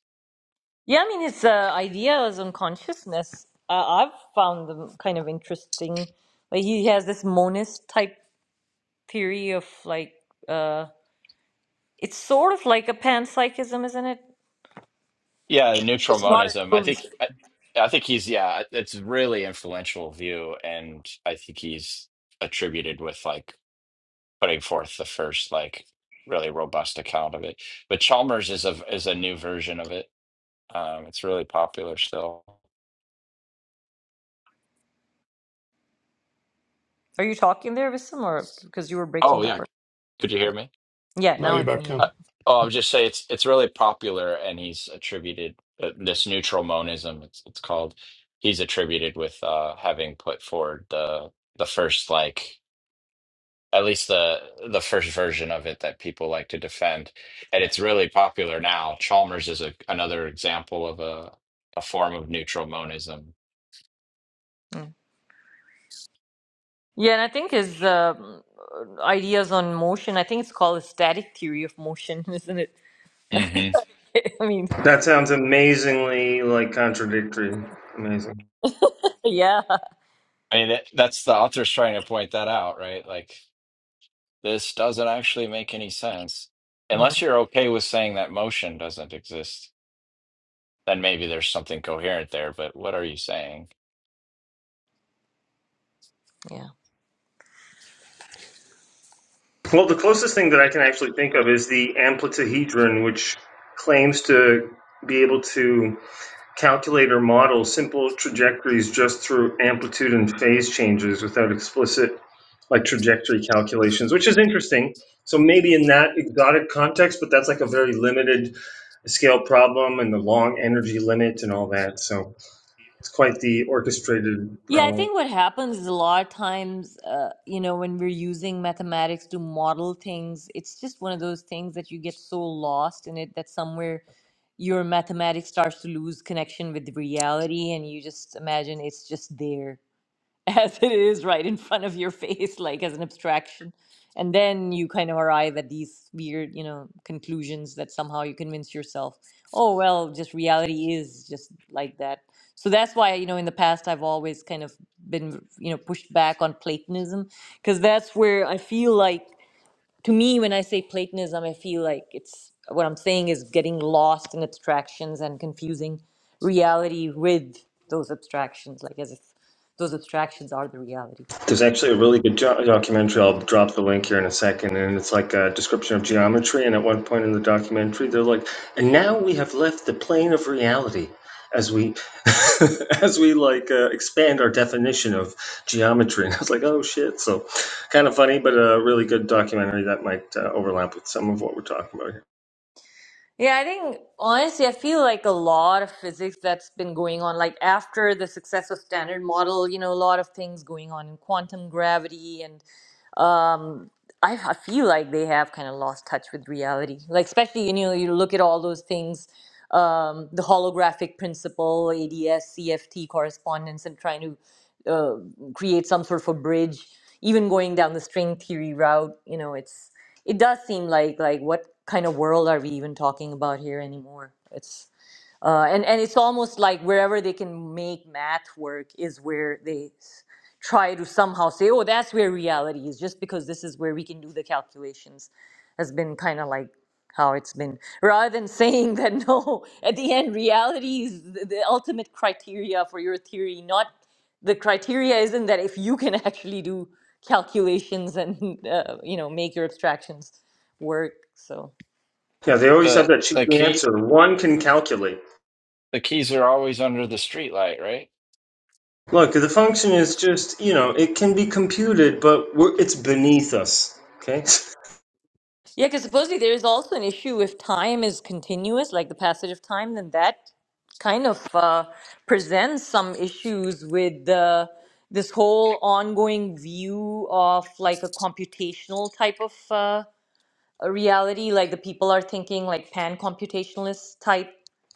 A: Yeah, I mean, it's uh, ideas on consciousness. Uh, I've found them kind of interesting. Like he has this monist type theory of like uh, it's sort of like a panpsychism, isn't it?
C: Yeah, neutral
A: It's not a
C: monism. I think
A: dualistic.
C: I, I think he's yeah, it's really influential view and I think he's attributed with like putting forth the first like really robust account of it. But Chalmers is a is a new version of it Um, it's really popular still.
A: Are you talking there, Vissam, or because you were
C: Oh
A: breaking up?
C: yeah,
A: Or
C: could you hear me?
A: yeah,
B: Now
A: now I
B: you're
A: can
B: back. Huh?
C: Uh,
A: hear
C: oh, I was just saying it's it's really popular, and he's attributed uh, this neutral monism. It's it's called. He's attributed with uh, having put forward the the first like at least the the first version of it that people like to defend, and it's really popular now. Chalmers is a, another example of a a form of neutral monism.
A: you. Yeah, and I think his um, ideas on motion, I think it's called a static theory of motion, isn't it?
C: hmm
A: I mean,
F: That sounds amazingly, like, contradictory. Amazing.
A: yeah.
C: I mean, that that's the author's trying to point that out, right? Like. This doesn't actually make any sense.
A: Mhm,
C: Unless you're okay with saying that motion doesn't exist, then maybe there's something coherent there, but what are you saying?
A: Yeah.
F: Well, the closest thing that I can actually think of is the amplitahedron, which claims to be able to calculator model simple trajectories just through amplitude and phase changes without explicit like trajectory calculations, which is interesting. So maybe in that exotic context, but that's like a very limited scale problem and the long energy limit and all that. So it's quite the orchestrated
A: Yeah, I
F: problem.
A: think what happens is a lot of times, uh, you know, when we're using mathematics to model things, it's just one of those things that you get so lost in it that somewhere your mathematics starts to lose connection with reality and you just imagine it's just there as it is right in front of your face, like as an abstraction. And then you kind of arrive at these weird, you know, conclusions that somehow you convince yourself, oh, well, just reality is just like that. So that's why, you know, in the past, I've always kind of been, you know, pushed back on Platonism, because that's where I feel like to me, when I say Platonism, I feel like it's what I'm saying is getting lost in abstractions and confusing reality with those abstractions, like as if those abstractions are the reality.
F: There's actually a really good jo- documentary. I'll drop the link here in a second, and it's like a description of geometry. And at one point in the documentary, they're like, "And now we have left the plane of reality as we as we like uh, expand our definition of geometry." And I was like, "Oh shit!" So kind of funny, but a really good documentary that might uh, overlap with some of what we're talking about here.
A: Yeah, I think honestly, I feel like a lot of physics that's been going on, like after the success of Standard Model, you know, a lot of things going on in quantum gravity and. um I, I feel like they have kind of lost touch with reality like especially you know you look at all those things um the holographic principle ads cft correspondence and trying to uh, create some sort of a bridge even going down the string theory route you know it's it does seem like like what kind of world are we even talking about here anymore it's uh, and and it's almost like wherever they can make math work is where they s- try to somehow say oh that's where reality is just because this is where we can do the calculations has been kind of like how it's been rather than saying that no at the end reality is the, the ultimate criteria for your theory not the criteria isn't that if you can actually do calculations and uh, you know make your abstractions work so
F: Yeah, they always have
C: The
F: that
C: the
F: cheeky
C: key
F: answer. One can calculate.
C: the keys are always under the streetlight, right?
F: Look, the function is just, you know, it can be computed, but we're, it's beneath us. Okay?
A: Yeah, because supposedly there is also an issue if time is continuous, like the passage of time, then that kind of uh, presents some issues with the this whole ongoing view of like a computational type of uh, a reality. Like the people are thinking like pan computationalist type,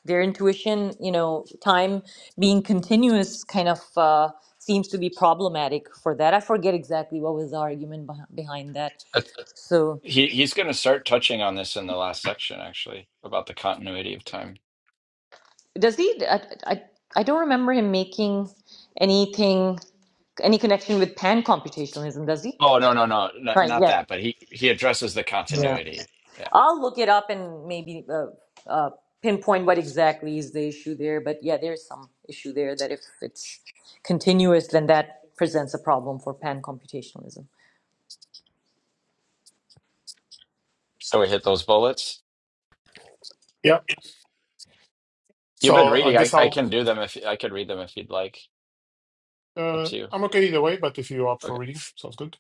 A: their intuition, you know, time being continuous kind of uh, seems to be problematic for that. I forget exactly what was the argument beh- behind that.
C: That's-
A: So.
C: He he's going to start touching on this in the last section, actually, about the continuity of time.
A: Does he? I, I, I don't remember him making anything, any connection with pan computationalism, does he?
C: Oh, no, no, no, not,
A: Right,
C: not
A: yeah.
C: that, but he he addresses the
A: Yeah.
C: continuity. Yeah.
A: I'll look it up and maybe uh, uh, pinpoint what exactly is the issue there. But yeah, there's some issue there that if it's continuous, then that presents a problem for pan computationalism.
C: So we hit those bullets.
B: Yeah.
C: You've been
B: So I
C: reading. I,
B: guess
C: I
B: I'll
C: can do them if I could read them if you'd like. Up
B: uh,
C: to you.
B: I'm okay either way. But if you're up
C: Okay.
B: for reading, sounds good.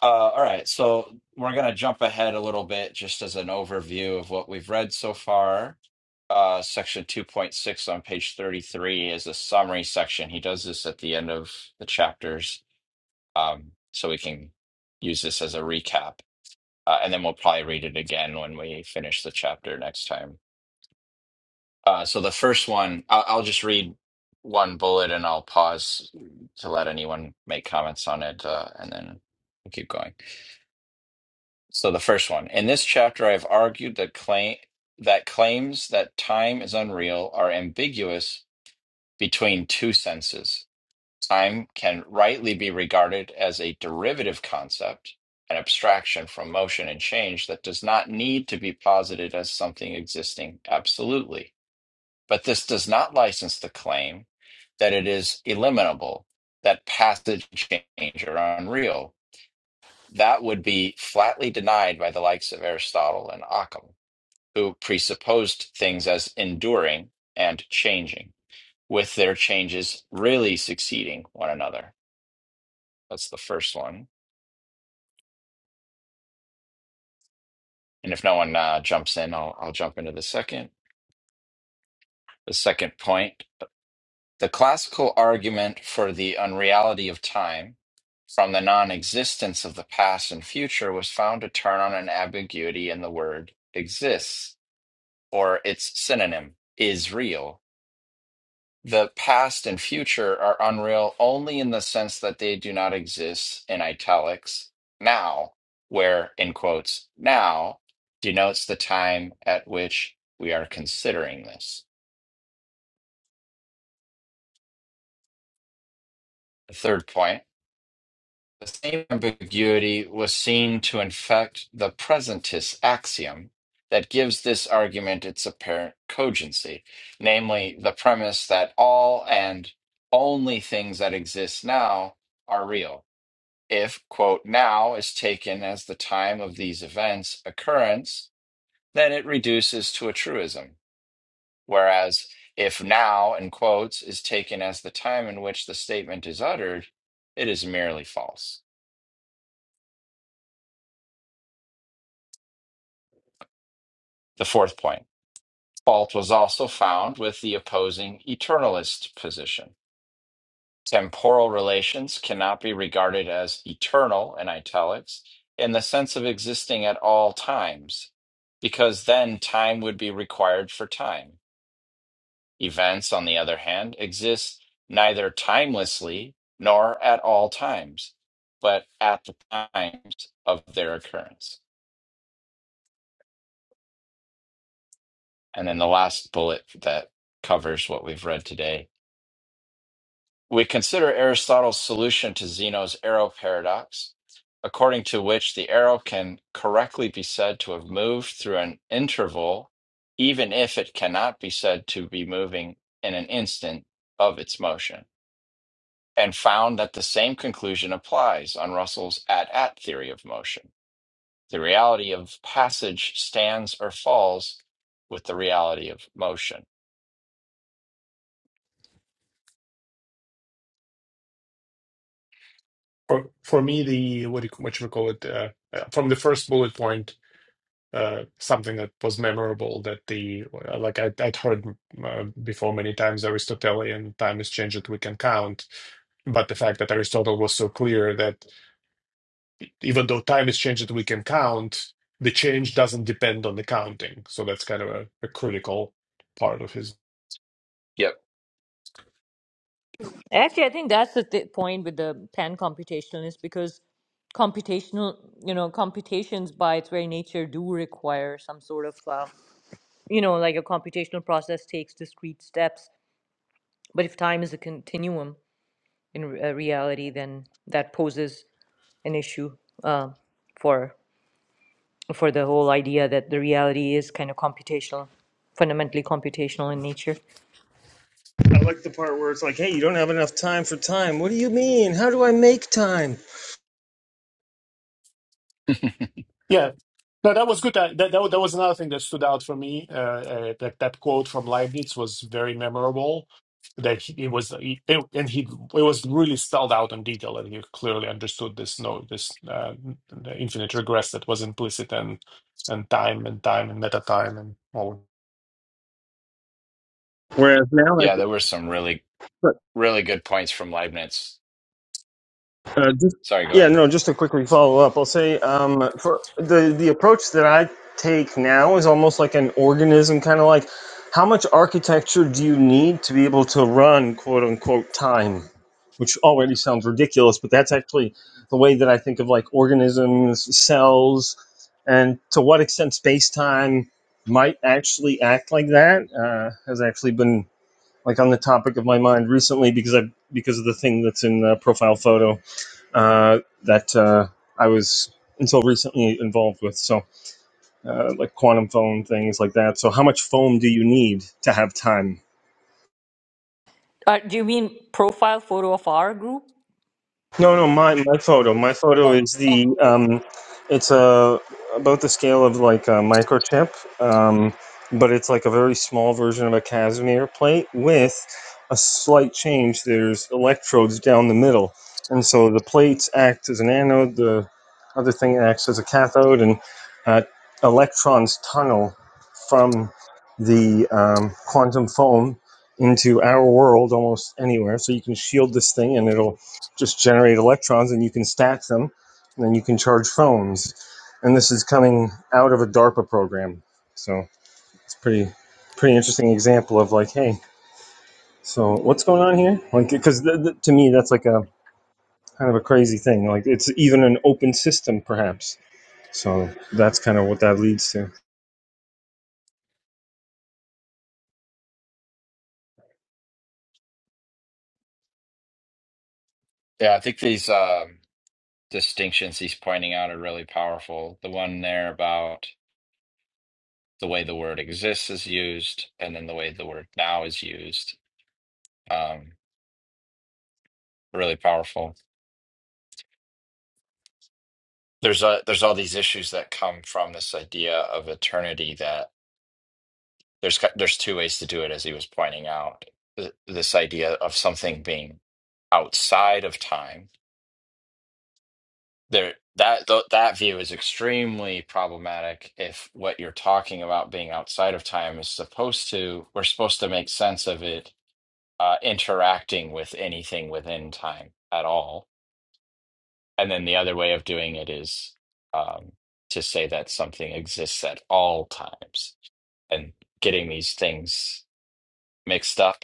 C: Uh, all right, so we're going to jump ahead a little bit just as an overview of what we've read so far. Uh, section 2.6 on page 33 is a summary section. He does this at the end of the chapters, um, so we can use this as a recap. Uh, and then we'll probably read it again when we finish the chapter next time. Uh, so the first one, I'll, I'll just read one bullet and I'll pause to let anyone make comments on it, uh, and then we'll keep going. So the first one. In this chapter, I have argued that claim that claims that time is unreal are ambiguous between two senses. Time can rightly be regarded as a derivative concept, an abstraction from motion and change that does not need to be posited as something existing absolutely. But this does not license the claim that it is eliminable, that passage change are unreal. That would be flatly denied by the likes of Aristotle and Occam, who presupposed things as enduring and changing, with their changes really succeeding one another. That's the first one. And if no one uh, jumps in, I'll, I'll jump into the second. The second point the classical argument for the unreality of time from the non existence of the past and future was found to turn on an ambiguity in the word exists or its synonym is real The past and future are unreal only in the sense that they do not exist in italics now, where, in quotes, now denotes the time at which we are considering this. The third point the same ambiguity was seen to infect the presentist axiom that gives this argument its apparent cogency, namely the premise that all and only things that exist now are real If, quote, now is taken as the time of these events' occurrence, then it reduces to a truism. Whereas, if now, in quotes, is taken as the time in which the statement is uttered, it is merely false. The fourth point fault was also found with the opposing eternalist position. Temporal relations cannot be regarded as eternal, in italics, in the sense of existing at all times, because then time would be required for time. Events, on the other hand, exist neither timelessly nor at all times, but at the times of their occurrence. And then the last bullet that covers what we've read today. We consider Aristotle's solution to Zeno's arrow paradox, according to which the arrow can correctly be said to have moved through an interval, even if it cannot be said to be moving in an instant of its motion. and found that the same conclusion applies on Russell's at at theory of motion. The reality of passage stands or falls with the reality of motion.
B: For for me, the what do you, what you call it uh, uh, from the first bullet point. Uh, something that was memorable that the uh, like I, I'd heard uh, before many times Aristotelian time is changed that we can count, but the fact that Aristotle was so clear that even though time is changed that we can count, the change doesn't depend on the counting. So that's kind of a, a critical part of his.
C: Yep.
A: Actually, I think that's the th- point with the pan computationalist because computational, you know, computations by its very nature do require some sort of uh, you know, like a computational process takes discrete steps. But if time is a continuum in re- uh, reality, then that poses an issue uh, for for the whole idea that the reality is kind of computational, fundamentally computational in nature.
F: I like the part where it's like, hey, you don't have enough time for time. What do you mean? How do I make time?
B: Yeah. No, that was good. Uh, That, that, that, was another thing that stood out for me. Uh, uh, that, that quote from Leibniz was very memorable. That he, it was, he, it, and he it was really spelled out in detail, and he clearly understood this. No, this uh, the infinite regress that was implicit, and and time and time and meta time and all.
F: Whereas now, like,
C: yeah, there were some really, really good points from Leibniz.
F: Uh, just,
C: Sorry, go
F: yeah,
C: ahead.
F: no, just to quickly follow up, I'll say um, for the the approach that I take now is almost like an organism, kind of like how much architecture do you need to be able to run quote unquote time, which already sounds ridiculous, but that's actually the way that I think of like organisms, cells, and to what extent space time might actually act like that uh, has actually been like on the topic of my mind recently because I because of the thing that's in the profile photo uh, that uh, I was until recently involved with. So, uh, like quantum foam things like that. So, how much foam do you need to have time?
A: Uh, do you mean profile photo of our group?
F: No, no, my my photo, my photo
A: Oh,
F: is
A: oh.
F: the
A: okay.
F: um, it's a about the scale of like a microchip, um, but it's like a very small version of a Casimir plate with a slight change. There's electrodes down the middle, and so the plates act as an anode. The other thing acts as a cathode, and uh, electrons tunnel from the um, quantum foam into our world almost anywhere. So you can shield this thing, and it'll just generate electrons and you can stack them and then you can charge phones and this is coming out of a darpa program so it's pretty pretty interesting example of like hey so what's going on here like because th- th- to me that's like a kind of a crazy thing like it's even an open system perhaps so that's kind of what that leads to
C: Yeah, I think these um, distinctions he's pointing out are really powerful. The one there about the way the word exists is used, and then the way the word now is used. Um, really powerful. there's a there's all these issues that come from this idea of eternity that there's ki- there's two ways to do it as he was pointing out Th- this idea of something being outside of time there that th- that view is extremely problematic if what you're talking about being outside of time is supposed to we're supposed to make sense of it uh, interacting with anything within time at all And then the other way of doing it is um, to say that something exists at all times. And getting these things mixed up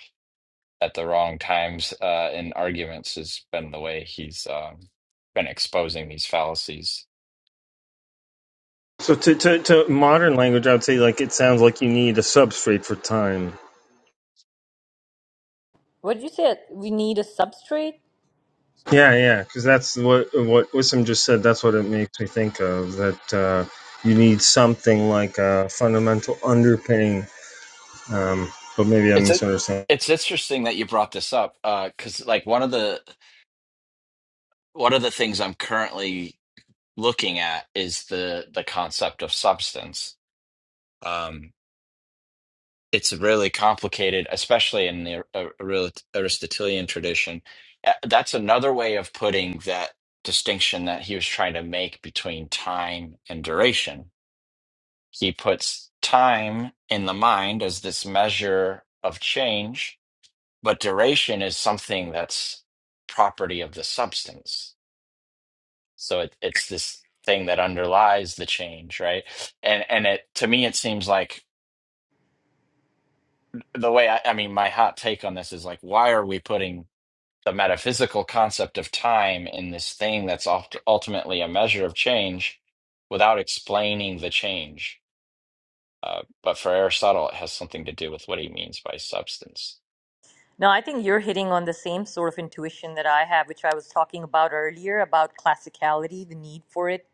C: at the wrong times uh, in arguments has been the way he's um, been exposing these fallacies.
F: so to, to, to modern language i would say like it sounds like you need a substrate for time
A: What did you say? We need a substrate?
F: Yeah, yeah, because that's what what Wissam just said. That's what it makes me think of. That uh, you need something like a fundamental underpinning. Um, but maybe I'm
C: It's a,
F: misunderstanding.
C: it's interesting that you brought this up uh, because, like, one of the one of the things I'm currently looking at is the the concept of substance. Um, it's really complicated, especially in the Ar- Ar- Aristotelian tradition. Uh, That's another way of putting that distinction that he was trying to make between time and duration. He puts time in the mind as this measure of change, but duration is something that's property of the substance. So it, it's this thing that underlies the change, right? And and it to me it seems like the way I, I mean my hot take on this is like why are we putting the metaphysical concept of time in this thing that's oft- ultimately a measure of change without explaining the change. Uh, but for Aristotle, it has something to do with what he means by substance.
A: No, I think you're hitting on the same sort of intuition that I have, which I was talking about earlier about classicality, the need for it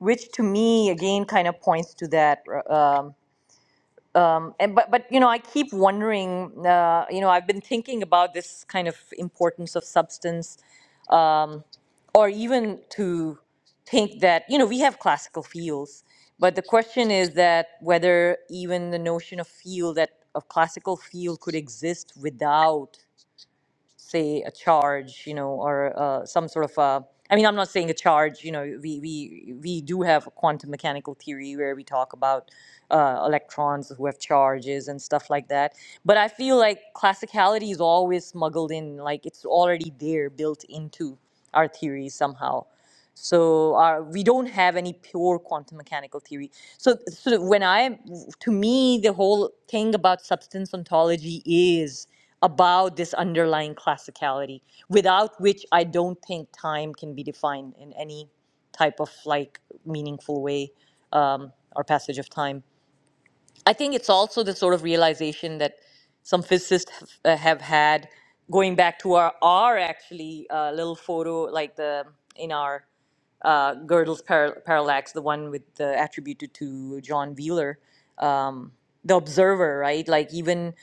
A: which to me again kind of points to that uh, um, and but but you know i keep wondering uh, you know i've been thinking about this kind of importance of substance um, or even to think that you know we have classical fields but the question is that whether even the notion of field that of classical field could exist without say a charge you know or uh, some sort of a—I mean i'm not saying a charge you know we we we do have a quantum mechanical theory where we talk about uh, electrons who have charges and stuff like that but i feel like classicality is always smuggled in like it's already there built into our theory somehow so uh, we don't have any pure quantum mechanical theory so so when i to me the whole thing about substance ontology is about this underlying classicality without which i don't think time can be defined in any type of like meaningful way um, or passage of time i think it's also the sort of realization that some physicists have, uh, have had going back to our our actually uh, little photo like the in our uh, Gödel's par- parallax, the one with the uh, attributed to John Wheeler, um, the observer, right? Like even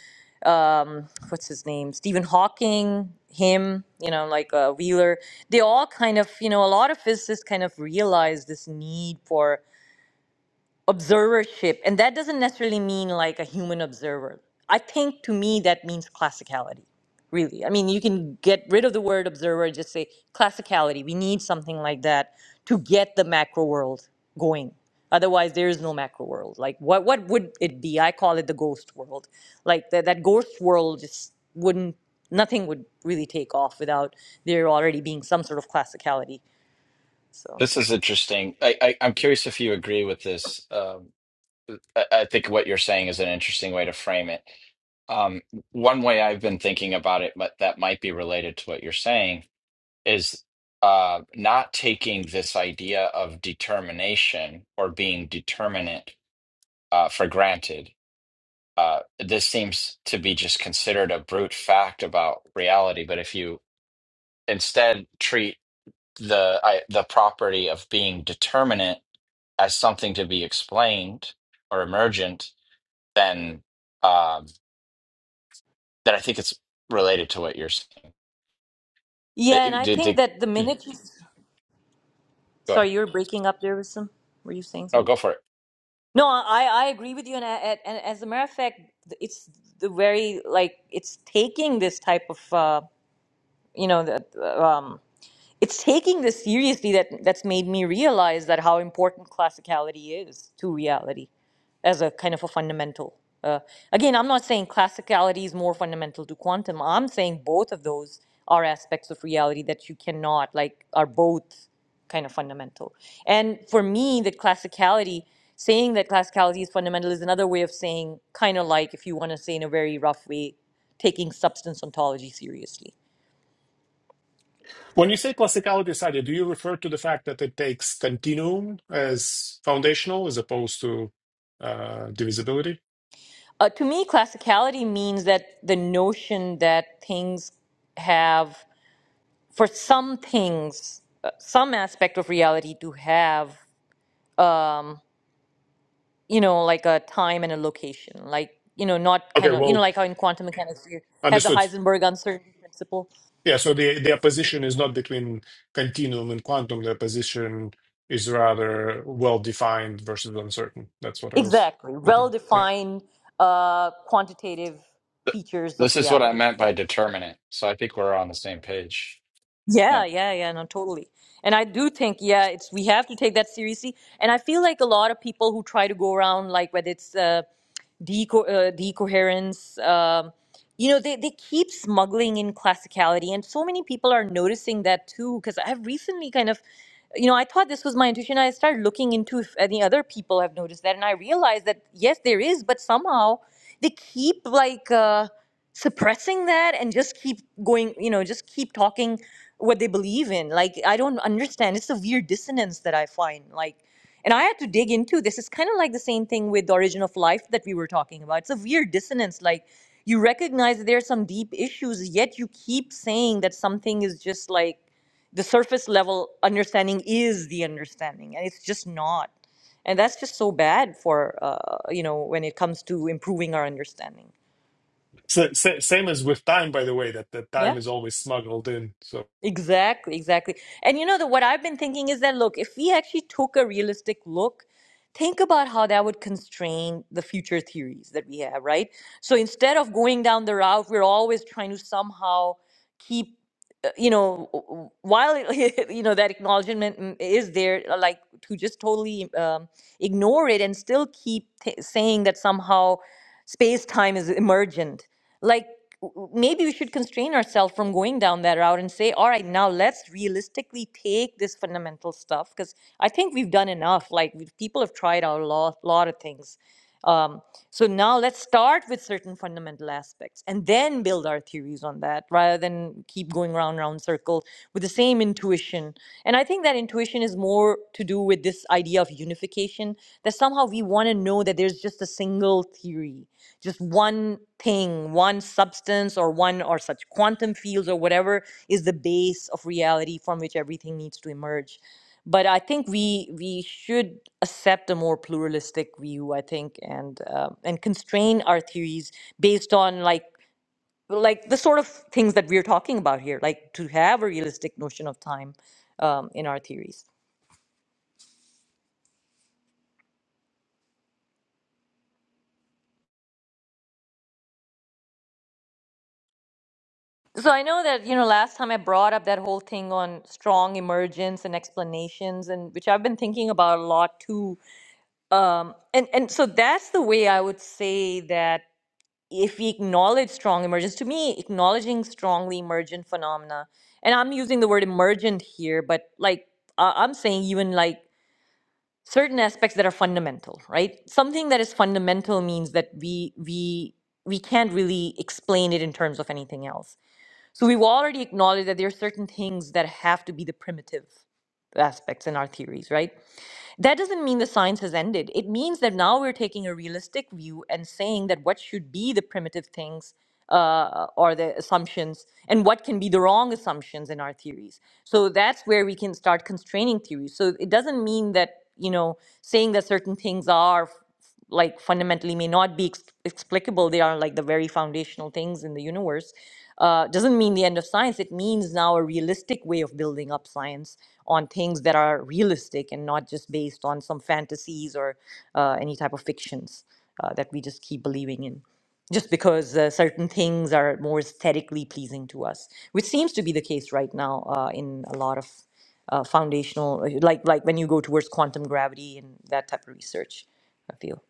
A: um, what's his name, Stephen Hawking, him, you know, like uh, Wheeler. They all kind of, you know, a lot of physicists kind of realize this need for observership and that doesn't necessarily mean like a human observer i think to me that means classicality really i mean you can get rid of the word observer just say classicality we need something like that to get the macro world going otherwise there is no macro world like what what would it be i call it the ghost world like that that ghost world just wouldn't nothing would really take off without there already being some sort of classicality so
C: This is interesting. I, I, I'm curious if you agree with this. Um, I, I think what you're saying is an interesting way to frame it. Um, one way I've been thinking about it, but that might be related to what you're saying, is uh, not taking this idea of determination or being determinate uh, for granted. Uh, this seems to be just considered a brute fact about reality, but if you instead treat the I, the property of being determinate as something to be explained or emergent, then um, then I think it's related to what you're saying. It-
A: yeah and
C: it-
A: i
C: did-
A: think
C: did-
A: that the minute you
C: go ahead.
A: Sorry, you were breaking up there with some. Were you saying
C: No,
A: something?
C: go for it.
A: No, I I agree with you, and I, and and as a matter of fact, it's the very like it's taking this type of uh, you know the um it's taking this seriously that that's made me realize that how important classicality is to reality as a kind of a fundamental uh, again i'm not saying classicality is more fundamental to quantum i'm saying both of those are aspects of reality that you cannot like are both kind of fundamental and for me the classicality saying that classicality is fundamental is another way of saying kind of like if you want to say in a very rough way taking substance ontology seriously
B: When you say plasticality study, do you refer to the fact that it takes continuum as foundational as opposed to uh, divisibility?
A: Uh, to me, classicality means that the notion that things have, for some things, uh, some aspect of reality to have, you know, like a time and a location, like, you know, not
B: Okay,
A: kind of, you
B: well,
A: know, like how in quantum mechanics you have the
B: understood.
A: Heisenberg uncertainty principle.
B: Yeah, so the, the opposition is not between continuum and quantum. The opposition is rather well defined versus uncertain. That's what I was
A: Exactly. Well
B: looking. Thank
A: defined uh, quantitative
C: Th-
A: features of
C: This is what I
A: reality.
C: meant
A: Yeah.
C: by determinate. So I think we're on the same page.
A: Yeah,
C: Yeah.
A: yeah, yeah, no, totally. And I do think, yeah, it's we have to take that seriously. And I feel like a lot of people who try to go around, like whether it's uh, deco- uh, decoherence. Um, you know, they, they keep smuggling in classicality, and so many people are noticing that too. Because I've recently kind of, you know, I thought this was my intuition. I started looking into if any other people have noticed that, and I realized that yes, there is, but somehow they keep like uh, suppressing that and just keep going. You know, just keep talking what they believe in. Like I don't understand. It's a weird dissonance that I find. Like and I had to dig into this. It's kind of like the same thing with the origin of life that we were talking about. It's a weird dissonance. Like you recognize that there are some deep issues, yet you keep saying that something is just like the surface level understanding is the understanding, and it's just not. And that's just so bad for uh, you know when it comes to improving our understanding.
B: so, sa- same as with time, by the way, that, that
A: Yeah.
B: time is always smuggled in. So
A: Exactly, exactly. And you know that what I've been thinking is that look, if we actually took a realistic look, think about how that would constrain the future theories that we have, right? So instead of going down the route, we're always trying to somehow keep uh, you know w- while it- you know that acknowledgement mm, is there uh, like to just totally um, ignore it and still keep t- saying that somehow space time is emergent like w- w- maybe we should constrain ourselves from going down that route and say all right now let's realistically take this fundamental stuff because i think we've done enough like we- people have tried out a lot, lot of things um, so now let's start with certain fundamental aspects and then build our theories on that rather than keep going round, round circle with the same intuition. And I think that intuition is more to do with this idea of unification that somehow we want to know that there's just a single theory, just one thing, one substance or one or such quantum fields or whatever is the base of reality from which everything needs to emerge but I think we we should accept a more pluralistic view. I think and uh, and constrain our theories based on like like the sort of things that we're talking about here, like to have a realistic notion of time um, in our theories. So I know that you know last time I brought up that whole thing on strong emergence and explanations, and which I've been thinking about a lot too. Um, and and so that's the way I would say that if we acknowledge strong emergence, to me, acknowledging strongly emergent phenomena, and I'm using the word emergent here, but like I I'm saying, even like certain aspects that are fundamental, right? Something that is fundamental means that we we we can't really explain it in terms of anything else. So we've already acknowledged that there are certain things that have to be the primitive aspects in our theories, right? that doesn't mean the science has ended. It means that now we're taking a realistic view and saying that what should be the primitive things uh, or the assumptions and what can be the wrong assumptions in our theories. So that's where we can start constraining theories. So it doesn't mean that, you know, saying that certain things are like fundamentally may not be ex- explicable they are like the very foundational things in the universe uh, doesn't mean the end of science it means now a realistic way of building up science on things that are realistic and not just based on some fantasies or uh, any type of fictions uh, that we just keep believing in just because uh, certain things are more aesthetically pleasing to us, which seems to be the case right now uh, in a lot of uh, foundational, like like when you go towards quantum gravity and that type of research. I feel.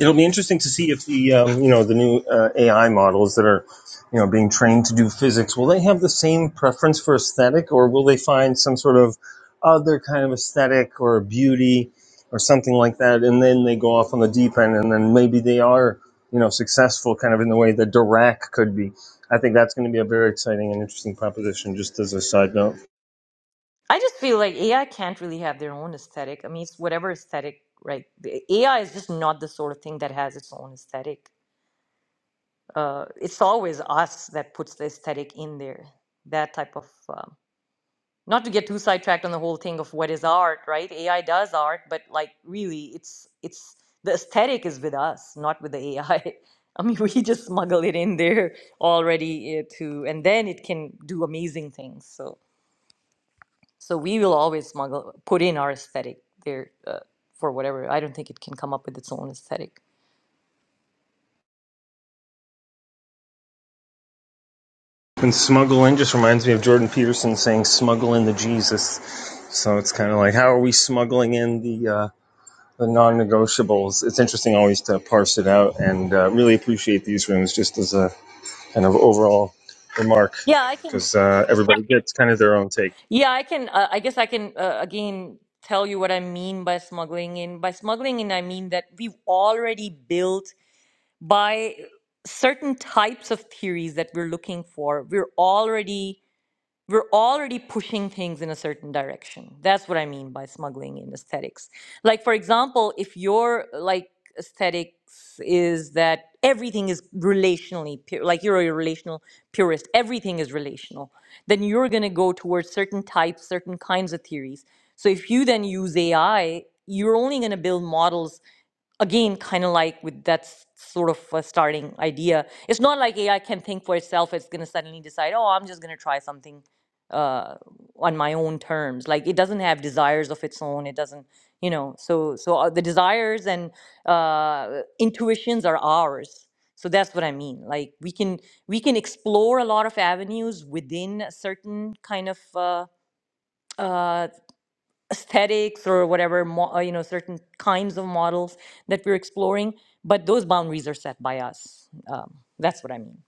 F: It'll be interesting to see if the um, you know the new uh, AI models that are you know being trained to do physics will they have the same preference for aesthetic or will they find some sort of other kind of aesthetic or beauty or something like that and then they go off on the deep end and then maybe they are you know successful kind of in the way that Dirac could be. I think that's going to be a very exciting and interesting proposition. Just as a side note.
A: I just feel like AI can't really have their own aesthetic. I mean, it's whatever aesthetic, right? The AI is just not the sort of thing that has its own aesthetic. Uh, it's always us that puts the aesthetic in there. That type of. um, not to get too sidetracked on the whole thing of what is art, right? AI does art, but like really, it's it's the aesthetic is with us, not with the AI. I I mean, we just smuggle it in there already uh, to, and then it can do amazing things. So so we will always smuggle put in our aesthetic there uh, for whatever. I don't think it can come up with its own aesthetic.
F: And smuggle in just reminds me of Jordan Peterson saying smuggle in the Jesus. So it's kind of like, how are we smuggling in the, uh, the non negotiables? It's interesting always to parse it out and uh, really appreciate these rooms just as a kind of overall remark
A: Yeah, I can.
F: because uh, everybody gets kind of their own take.
A: Yeah, I can. Uh, I guess I can uh, again tell you what I mean by smuggling in. By smuggling in, I mean that we've already built by certain types of theories that we're looking for we're already we're already pushing things in a certain direction that's what i mean by smuggling in aesthetics like for example if your like aesthetics is that everything is relationally pure like you're a relational purist everything is relational then you're going to go towards certain types certain kinds of theories so if you then use ai you're only going to build models again, kind of like with that s- sort of a starting idea, it's not like AI can think for itself. It's going to suddenly decide, oh, I'm just going to try something uh, on my own terms. Like it doesn't have desires of its own. It doesn't, you know. So, so uh, the desires and uh, intuitions are ours. So that's what I mean. Like we can we can explore a lot of avenues within a certain kind of. Uh, uh, aesthetics or whatever, mo- uh, you know, certain kinds of models that we're exploring. But those boundaries are set by us. Um, that's what I mean.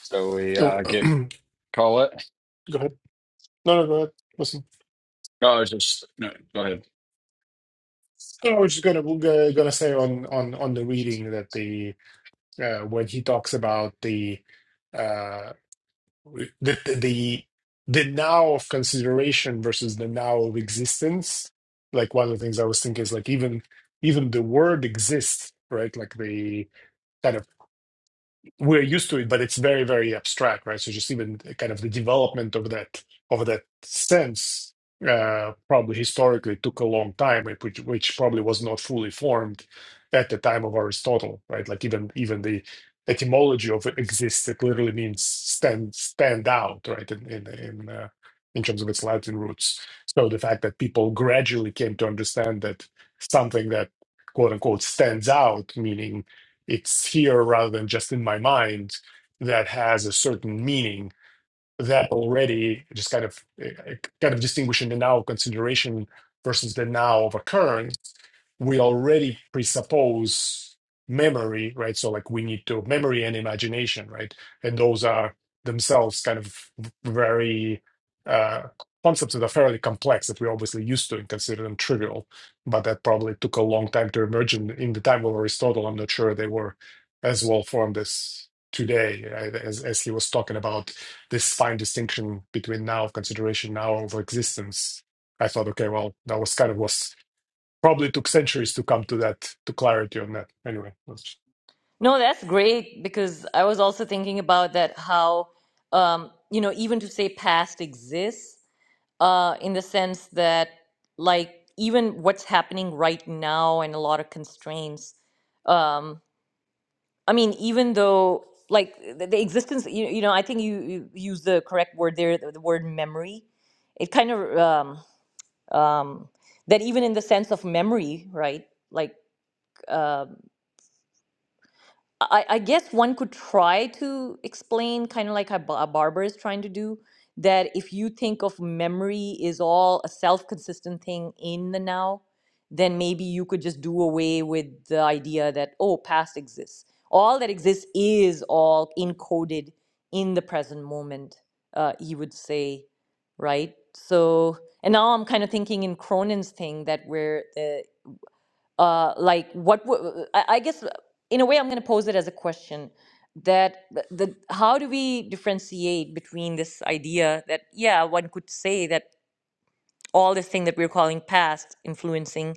C: So we
B: go
C: uh, get
B: ahead.
C: call it.
B: No, no, go ahead. Listen.
C: Oh, I was just no. Go ahead.
B: Yeah, I was just gonna uh, gonna say on on on the reading that the uh, when he talks about the uh the the the now of consideration versus the now of existence, like one of the things I was thinking is like even even the word exists, right? Like the kind of we're used to it, but it's very, very abstract, right? So just even kind of the development of that of that sense uh, probably historically took a long time, right? which, which probably was not fully formed at the time of Aristotle, right? Like even even the etymology of exists it literally means stand stand out, right? In in in, uh, in terms of its Latin roots. So the fact that people gradually came to understand that something that quote unquote stands out, meaning it's here rather than just in my mind that has a certain meaning that already, just kind of uh, kind of distinguishing the now consideration versus the now of occurrence, we already presuppose memory, right? So like we need to memory and imagination, right? And those are themselves kind of very uh, concepts that are fairly complex that we're obviously used to and consider them trivial, but that probably took a long time to emerge in, in the time of Aristotle. I'm not sure they were as well formed as today uh, as, as he was talking about this fine distinction between now of consideration, now of existence, I thought, okay, well, that was kind of was probably took centuries to come to that to clarity on that. Anyway, that's
A: No, that's great because I was also thinking about that how, um, you know, even to say past exists uh, in the sense that, like, even what's happening right now and a lot of constraints. Um, I mean, even though like the, the existence, you, you know, I think you, you use the correct word there, the, the word memory. It kind of um, um, that even in the sense of memory, right? Like uh, I, I guess one could try to explain, kind of like a, ba- a barber is trying to do, that if you think of memory is all a self consistent thing in the now, then maybe you could just do away with the idea that, oh, past exists. All that exists is all encoded in the present moment, uh, he would say, right? So, and now I'm kind of thinking in Cronin's thing that where the uh, like what wo- I I guess uh, in a way I'm going to pose it as a question that th- the how do we differentiate between this idea that yeah one could say that all this thing that we're calling past influencing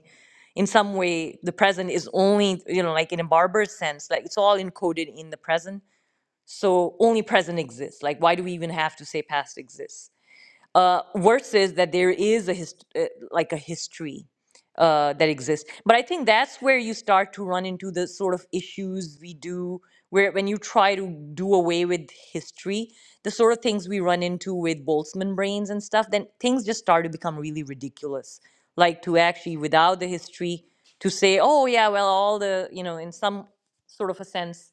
A: in some way the present is only you know like in a barber sense like it's all encoded in the present so only present exists like why do we even have to say past exists uh, versus that there is a hist- uh, like a history uh, that exists. But I think that's where you start to run into the sort of issues we do where when you try to do away with history, the sort of things we run into with Boltzmann brains and stuff, then things just start to become really ridiculous. Like to actually without the history to say, oh yeah, well all the you know in some sort of a sense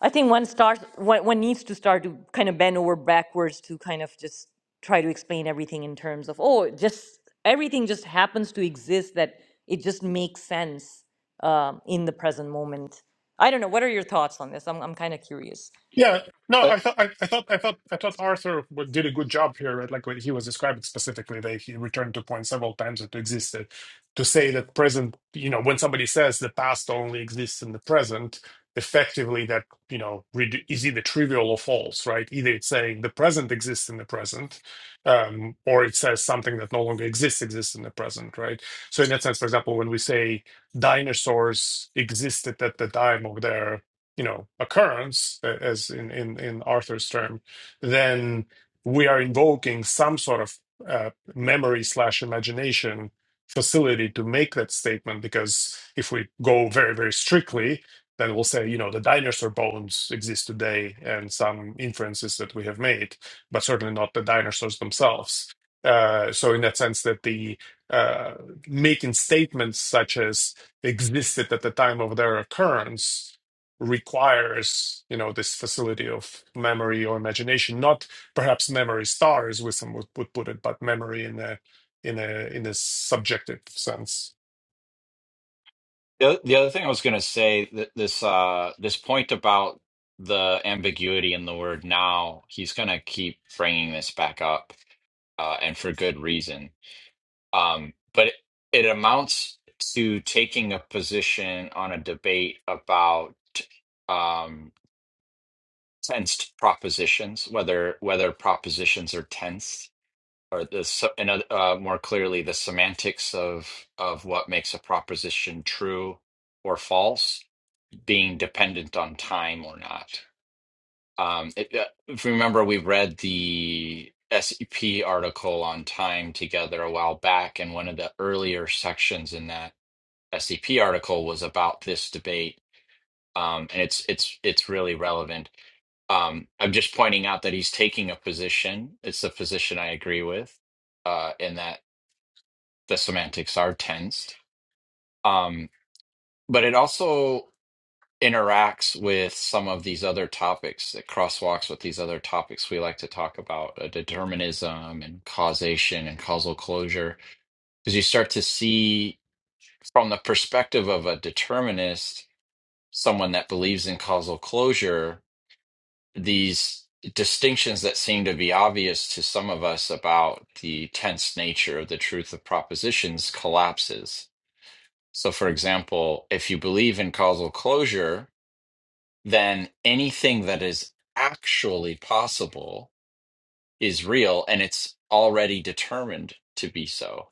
A: I think one starts one, one needs to start to kind of bend over backwards to kind of just try to explain everything in terms of oh just everything just happens to exist that it just makes sense um, in the present moment. I don't know. What are your thoughts on this? I'm I'm kind of curious.
B: Yeah, no, I thought, I, I thought, I thought, I thought Arthur w- did a good job here, right? Like when he was describing specifically, they he returned to point several times that existed to say that present, you know, when somebody says the past only exists in the present, effectively that you know redu- is either trivial or false, right? Either it's saying the present exists in the present, um, or it says something that no longer exists exists in the present, right? So in that sense, for example, when we say dinosaurs existed at the time of their you know occurrence a- as in in, in arthur's term then we are invoking some sort of uh, memory slash imagination facility to make that statement because if we go very very strictly then we'll say you know the dinosaur bones exist today and some inferences that we have made but certainly not the dinosaurs themselves uh, so in that sense that the uh, making statements such as existed at the time of their occurrence requires you know this facility of memory or imagination not perhaps memory stars with some would, would put it but memory in a in a in a subjective sense
C: The oth- the other thing I was going to say th this uh this point about the ambiguity in the word now, he's going to keep bringing this back up uh, and for good reason. Um, but it, it amounts to taking a position on a debate about um, tensed propositions, whether whether propositions are tensed or the se- and uh, uh, more clearly the semantics of of what makes a proposition true or false being dependent on time or not. Um, it, uh, if you remember, we read the SEP article on time together a while back, and one of the earlier sections in that SEP article was about this debate, um, and it's it's it's really relevant. Um, I'm just pointing out that he's taking a position. It's a position I agree with, uh, in that the semantics are tensed. Um, but it also interacts with some of these other topics that crosswalks with these other topics we like to talk about uh, determinism and causation and causal closure because you start to see from the perspective of a determinist someone that believes in causal closure these distinctions that seem to be obvious to some of us about the tense nature of the truth of propositions collapses so for example if you believe in causal closure then anything that is actually possible is real and it's already determined to be so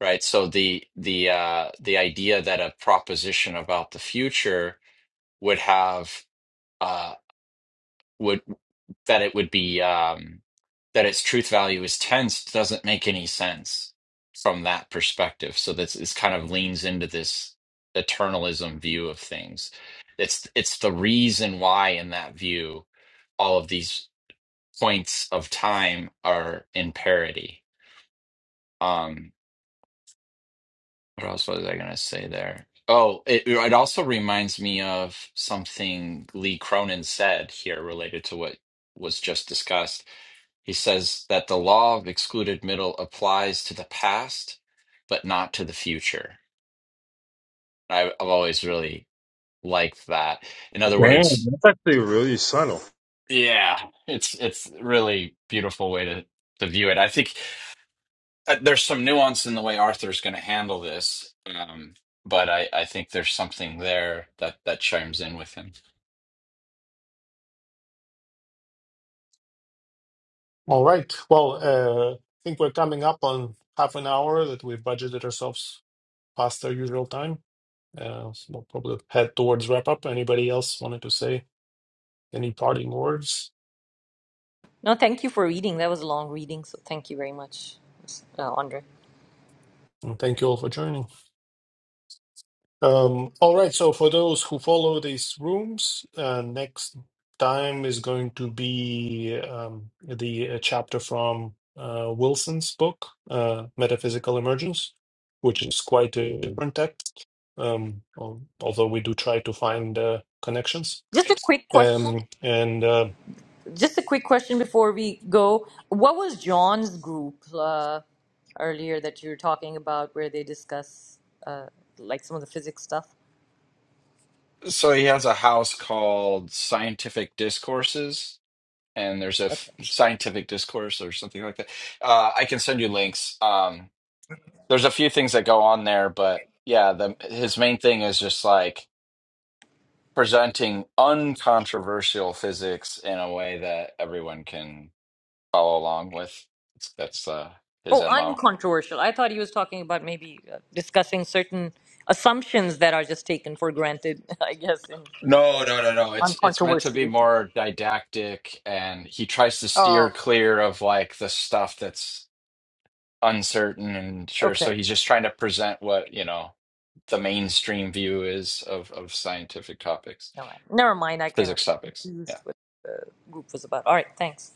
C: right so the the uh the idea that a proposition about the future would have uh would that it would be um, that its truth value is 10 doesn't make any sense from that perspective. So this this kind of leans into this eternalism view of things. It's it's the reason why in that view all of these points of time are in parity. Um, what else was I gonna say there? Oh, it, it also reminds me of something Lee Cronin said here related to what was just discussed He says that the law of excluded middle applies to the past, but not to the future. I, I've always really liked that. In other
F: Damn,
C: words,
F: that's actually really subtle.
C: yeah, it's it's really beautiful way to to view it. I think uh, there's some nuance in the way Arthur's going to handle this, um, but I I think there's something there that that chimes in with him.
B: All right. Well, uh, I think we're coming up on half an hour that we've budgeted ourselves past our usual time. Uh, so we'll probably head towards wrap up. Anybody else wanted to say any parting words?
A: No, thank you for reading. That was a long reading, so thank you very much, uh, Andre.
B: And thank you all for joining. Um, all right, so for those who follow these rooms, uh, next time is going to be um, the uh, chapter from uh, Wilson's book, uh, Metaphysical Emergence, which is quite a different text, um, al- although we do try to find uh, connections.
A: Just a quick question.
B: Um, and uh,
A: Just a quick question before we go. What was John's group uh, earlier that you were talking about where they discuss uh, like some of the physics stuff?
C: So he has a house called Scientific Discourses and there's a f-
A: Okay.
C: scientific discourse or something like that. Uh, I can send you links. Um, there's a few things that go on there, but yeah, the, his main thing is just like presenting uncontroversial physics in a way that everyone can follow along with. It's, that's uh, his
A: Oh,
C: mo.
A: uncontroversial. I thought he was talking about maybe uh, discussing certain assumptions that are just taken for granted, I guess, in
C: No, no, no, no. It's it's meant to be
A: uncontroversially.
C: more didactic, and he tries to
A: Oh,
C: steer clear of like the stuff that's uncertain and sure.
A: okay.
C: So he's just trying to present what you know the mainstream view is of of scientific topics,
A: All right. Never mind. I kind of
C: physics topics. Yeah.
A: confused what group was about. All right. Thanks.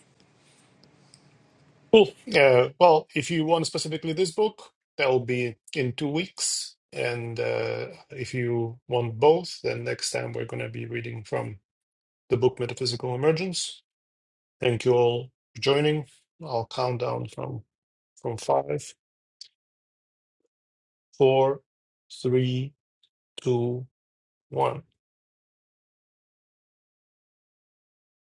B: cool. Uh, well, if you want specifically this book, that will be in two weeks. And uh, if you want both, then next time we're going to be reading from the book Metaphysical Emergence. Thank you all for joining. I'll count down from from five, four, three, two, one.